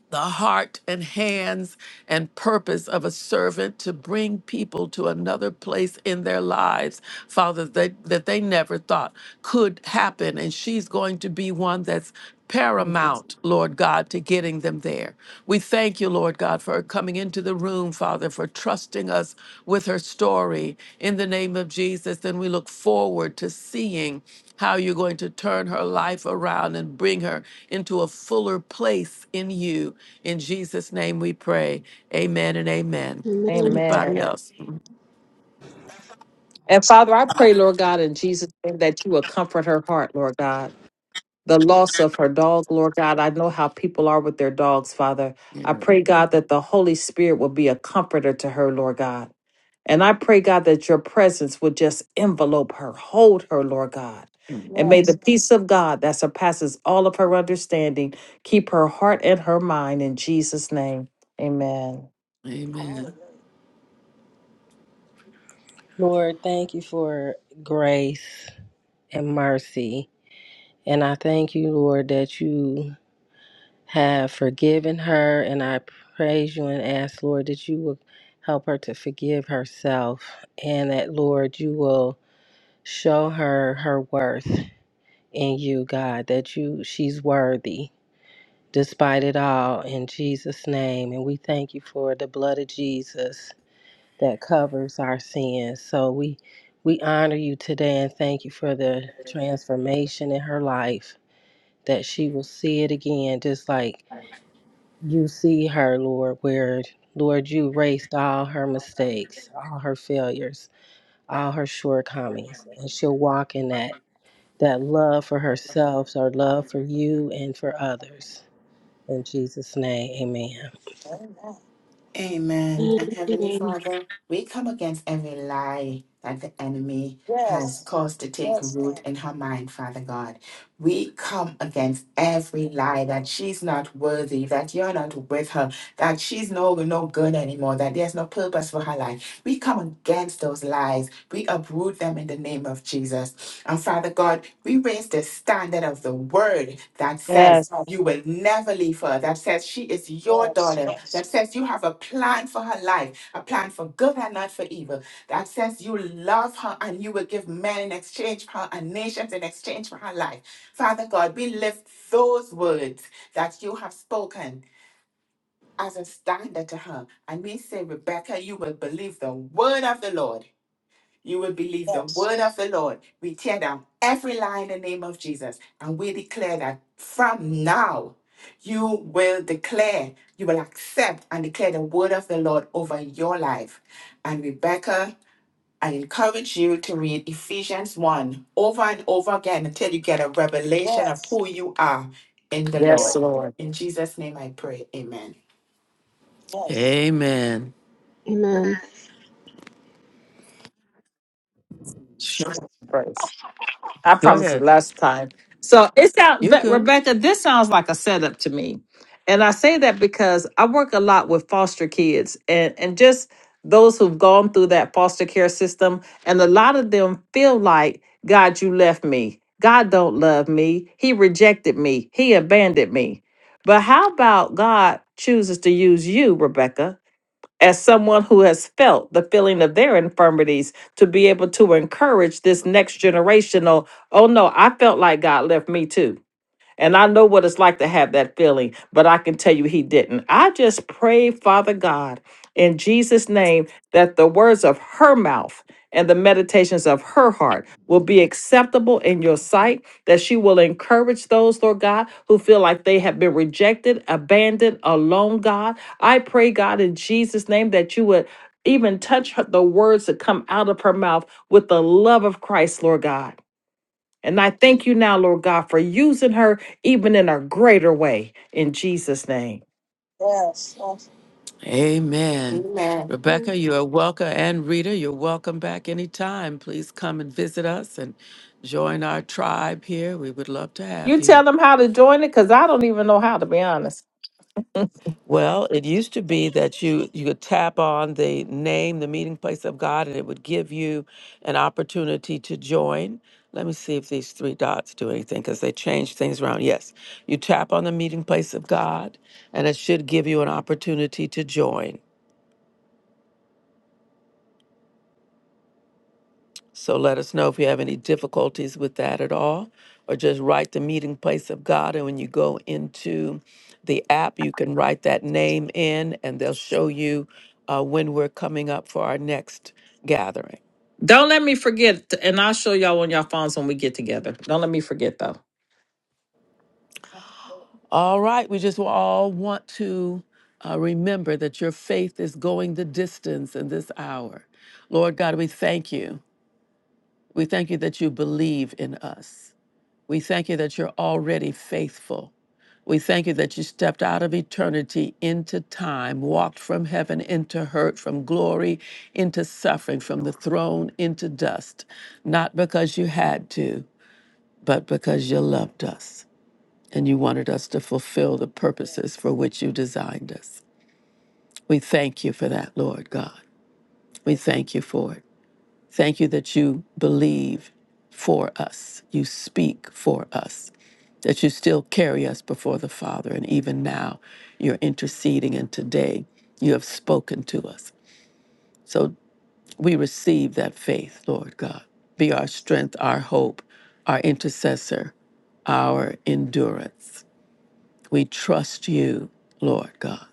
the heart and hands and purpose of a servant to bring people to another place in their lives, Father, that, that they never thought could happen. And she's going to be one that's paramount, Lord God, to getting them there. We thank you, Lord God, for her coming into the room, Father, for trusting us with her story in the name of Jesus. And we look forward to seeing how you're going to turn her life around and bring her into a fuller place in you. In Jesus' name we pray. Amen and amen.
Amen.
Anybody
Amen.
else?
And Father, I pray, Lord God, in Jesus' name, that you will comfort her heart, Lord God. The loss of her dog, Lord God. I know how people are with their dogs, Father. I pray, God, that the Holy Spirit will be a comforter to her, Lord God. And I pray, God, that your presence would just envelope her, hold her, Lord God. And may the peace of God that surpasses all of her understanding keep her heart and her mind in Jesus' name. Amen.
Amen.
Lord, thank you for grace and mercy. And I thank you, Lord, that you have forgiven her. And I praise you and ask, Lord, that you will help her to forgive herself. And that, Lord, you will show her her worth in you, God, that you she's worthy despite it all in Jesus' name. And we thank you for the blood of Jesus that covers our sins. So we we honor you today and thank you for the transformation in her life that she will see it again just like you see her, Lord, where Lord you erased all her mistakes, all her failures, all her shortcomings, and she'll walk in that that love for herself, our love for you and for others. In Jesus' name, amen.
Amen. And Heavenly
Amen.
Father, we come against every lie that the enemy has
Yes,
caused to take root in her mind, Father God. We come against every lie that she's not worthy, that you're not with her, that she's no, no good anymore, that there's no purpose for her life. We come against those lies. We uproot them in the name of Jesus. And Father God, we raise the standard of the word that says,
Yes.
you will never leave her. That says she is your
yes,
daughter.
yes,
That says you have a plan for her life, a plan for good and not for evil that says you love her and you will give men in exchange for her and nations in exchange for her life. Father God, we lift those words that you have spoken as a standard to her. And we say, Rebecca, you will believe the word of the Lord. You will believe the
yes,
word of the Lord. We tear down every lie in the name of Jesus. And we declare that from now, you will declare, you will accept and declare the word of the Lord over your life. And Rebecca, I encourage you to read Ephesians 1 over and over again until you get a revelation of who you are in the
Yes,
Lord.
Lord.
In Jesus' name I pray. Amen.
yes, Amen.
Amen.
praise. I
Go
promised it
ahead.
last time. So it sounds,
You're
but
good.
Rebecca, this sounds like a setup to me. And I say that because I work a lot with foster kids and, and just those who've gone through that foster care system. And a lot of them feel like, God, you left me. God don't love me. He rejected me. He abandoned me. But how about God chooses to use you, Rebecca? as someone who has felt the feeling of their infirmities to be able to encourage this next generational oh no i felt like god left me too and I know what it's like to have that feeling, but I can tell you he didn't. I just pray, Father God, in Jesus' name, that the words of her mouth and the meditations of her heart will be acceptable in your sight, that she will encourage those, Lord God, who feel like they have been rejected, abandoned, alone, God. I pray, God, in Jesus' name, that you would even touch her, the words that come out of her mouth with the love of Christ, Lord God and I thank you now, Lord God, for using her even in a greater way in Jesus' name.
yes. Amen.
Amen.
Amen.
Rebecca, you're welcome, and Rita, you're welcome back anytime. Please come and visit us and join our tribe here. We would love to have
You
you.
tell them how to join it because I don't even know how, to be honest.
Well, it used to be that you you could tap on the name, the meeting place of God, and it would give you an opportunity to join. Let me see if these three dots do anything because they change things around. Yes, you tap on the meeting place of God, and it should give you an opportunity to join. So let us know if you have any difficulties with that at all, or just write the meeting place of God. And when you go into the app, you can write that name in, and they'll show you uh, when we're coming up for our next gathering.
Don't let me forget, and I'll show y'all on your phones when we get together. Don't let me forget, though.
All right, we just will all want to uh, remember that your faith is going the distance in this hour. Lord God, we thank you. We thank you that you believe in us. We thank you that you're already faithful. We thank you that you stepped out of eternity into time, walked from heaven into hurt, from glory into suffering, from the throne into dust, not because you had to, but because you loved us and you wanted us to fulfill the purposes for which you designed us. We thank you for that, Lord God. We thank you for it. Thank you that you believe for us, you speak for us, that you still carry us before the Father. And even now, you're interceding, and today you have spoken to us. So we receive that faith, Lord God. Be our strength, our hope, our intercessor, our endurance. We trust you, Lord God.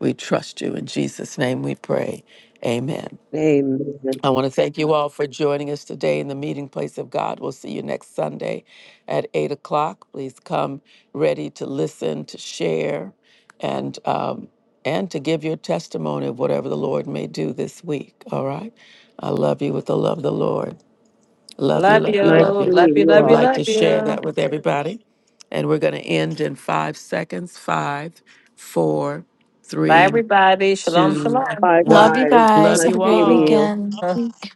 We trust you. In Jesus' name we pray. Amen.
Amen.
I want to thank you all for joining us today in the meeting place of God. We'll see you next Sunday at 8 o'clock. Please come ready to listen, to share, and, um, and to give your testimony of whatever the Lord may do this week. All right? I love you with the love of the Lord. Love you,
Love
love you,
Nice
love
you.
you.
to
If
Love
meet
you,
you
you
love
would
you,
all.
like to
love
share
you.
that with everybody. And we're going to end in five seconds five, four, three, two,
Bye,
Love
one.
you
guys.
Love
guys.
Nice
Have a
you
great
meeting
all.
you.
weekend. Week.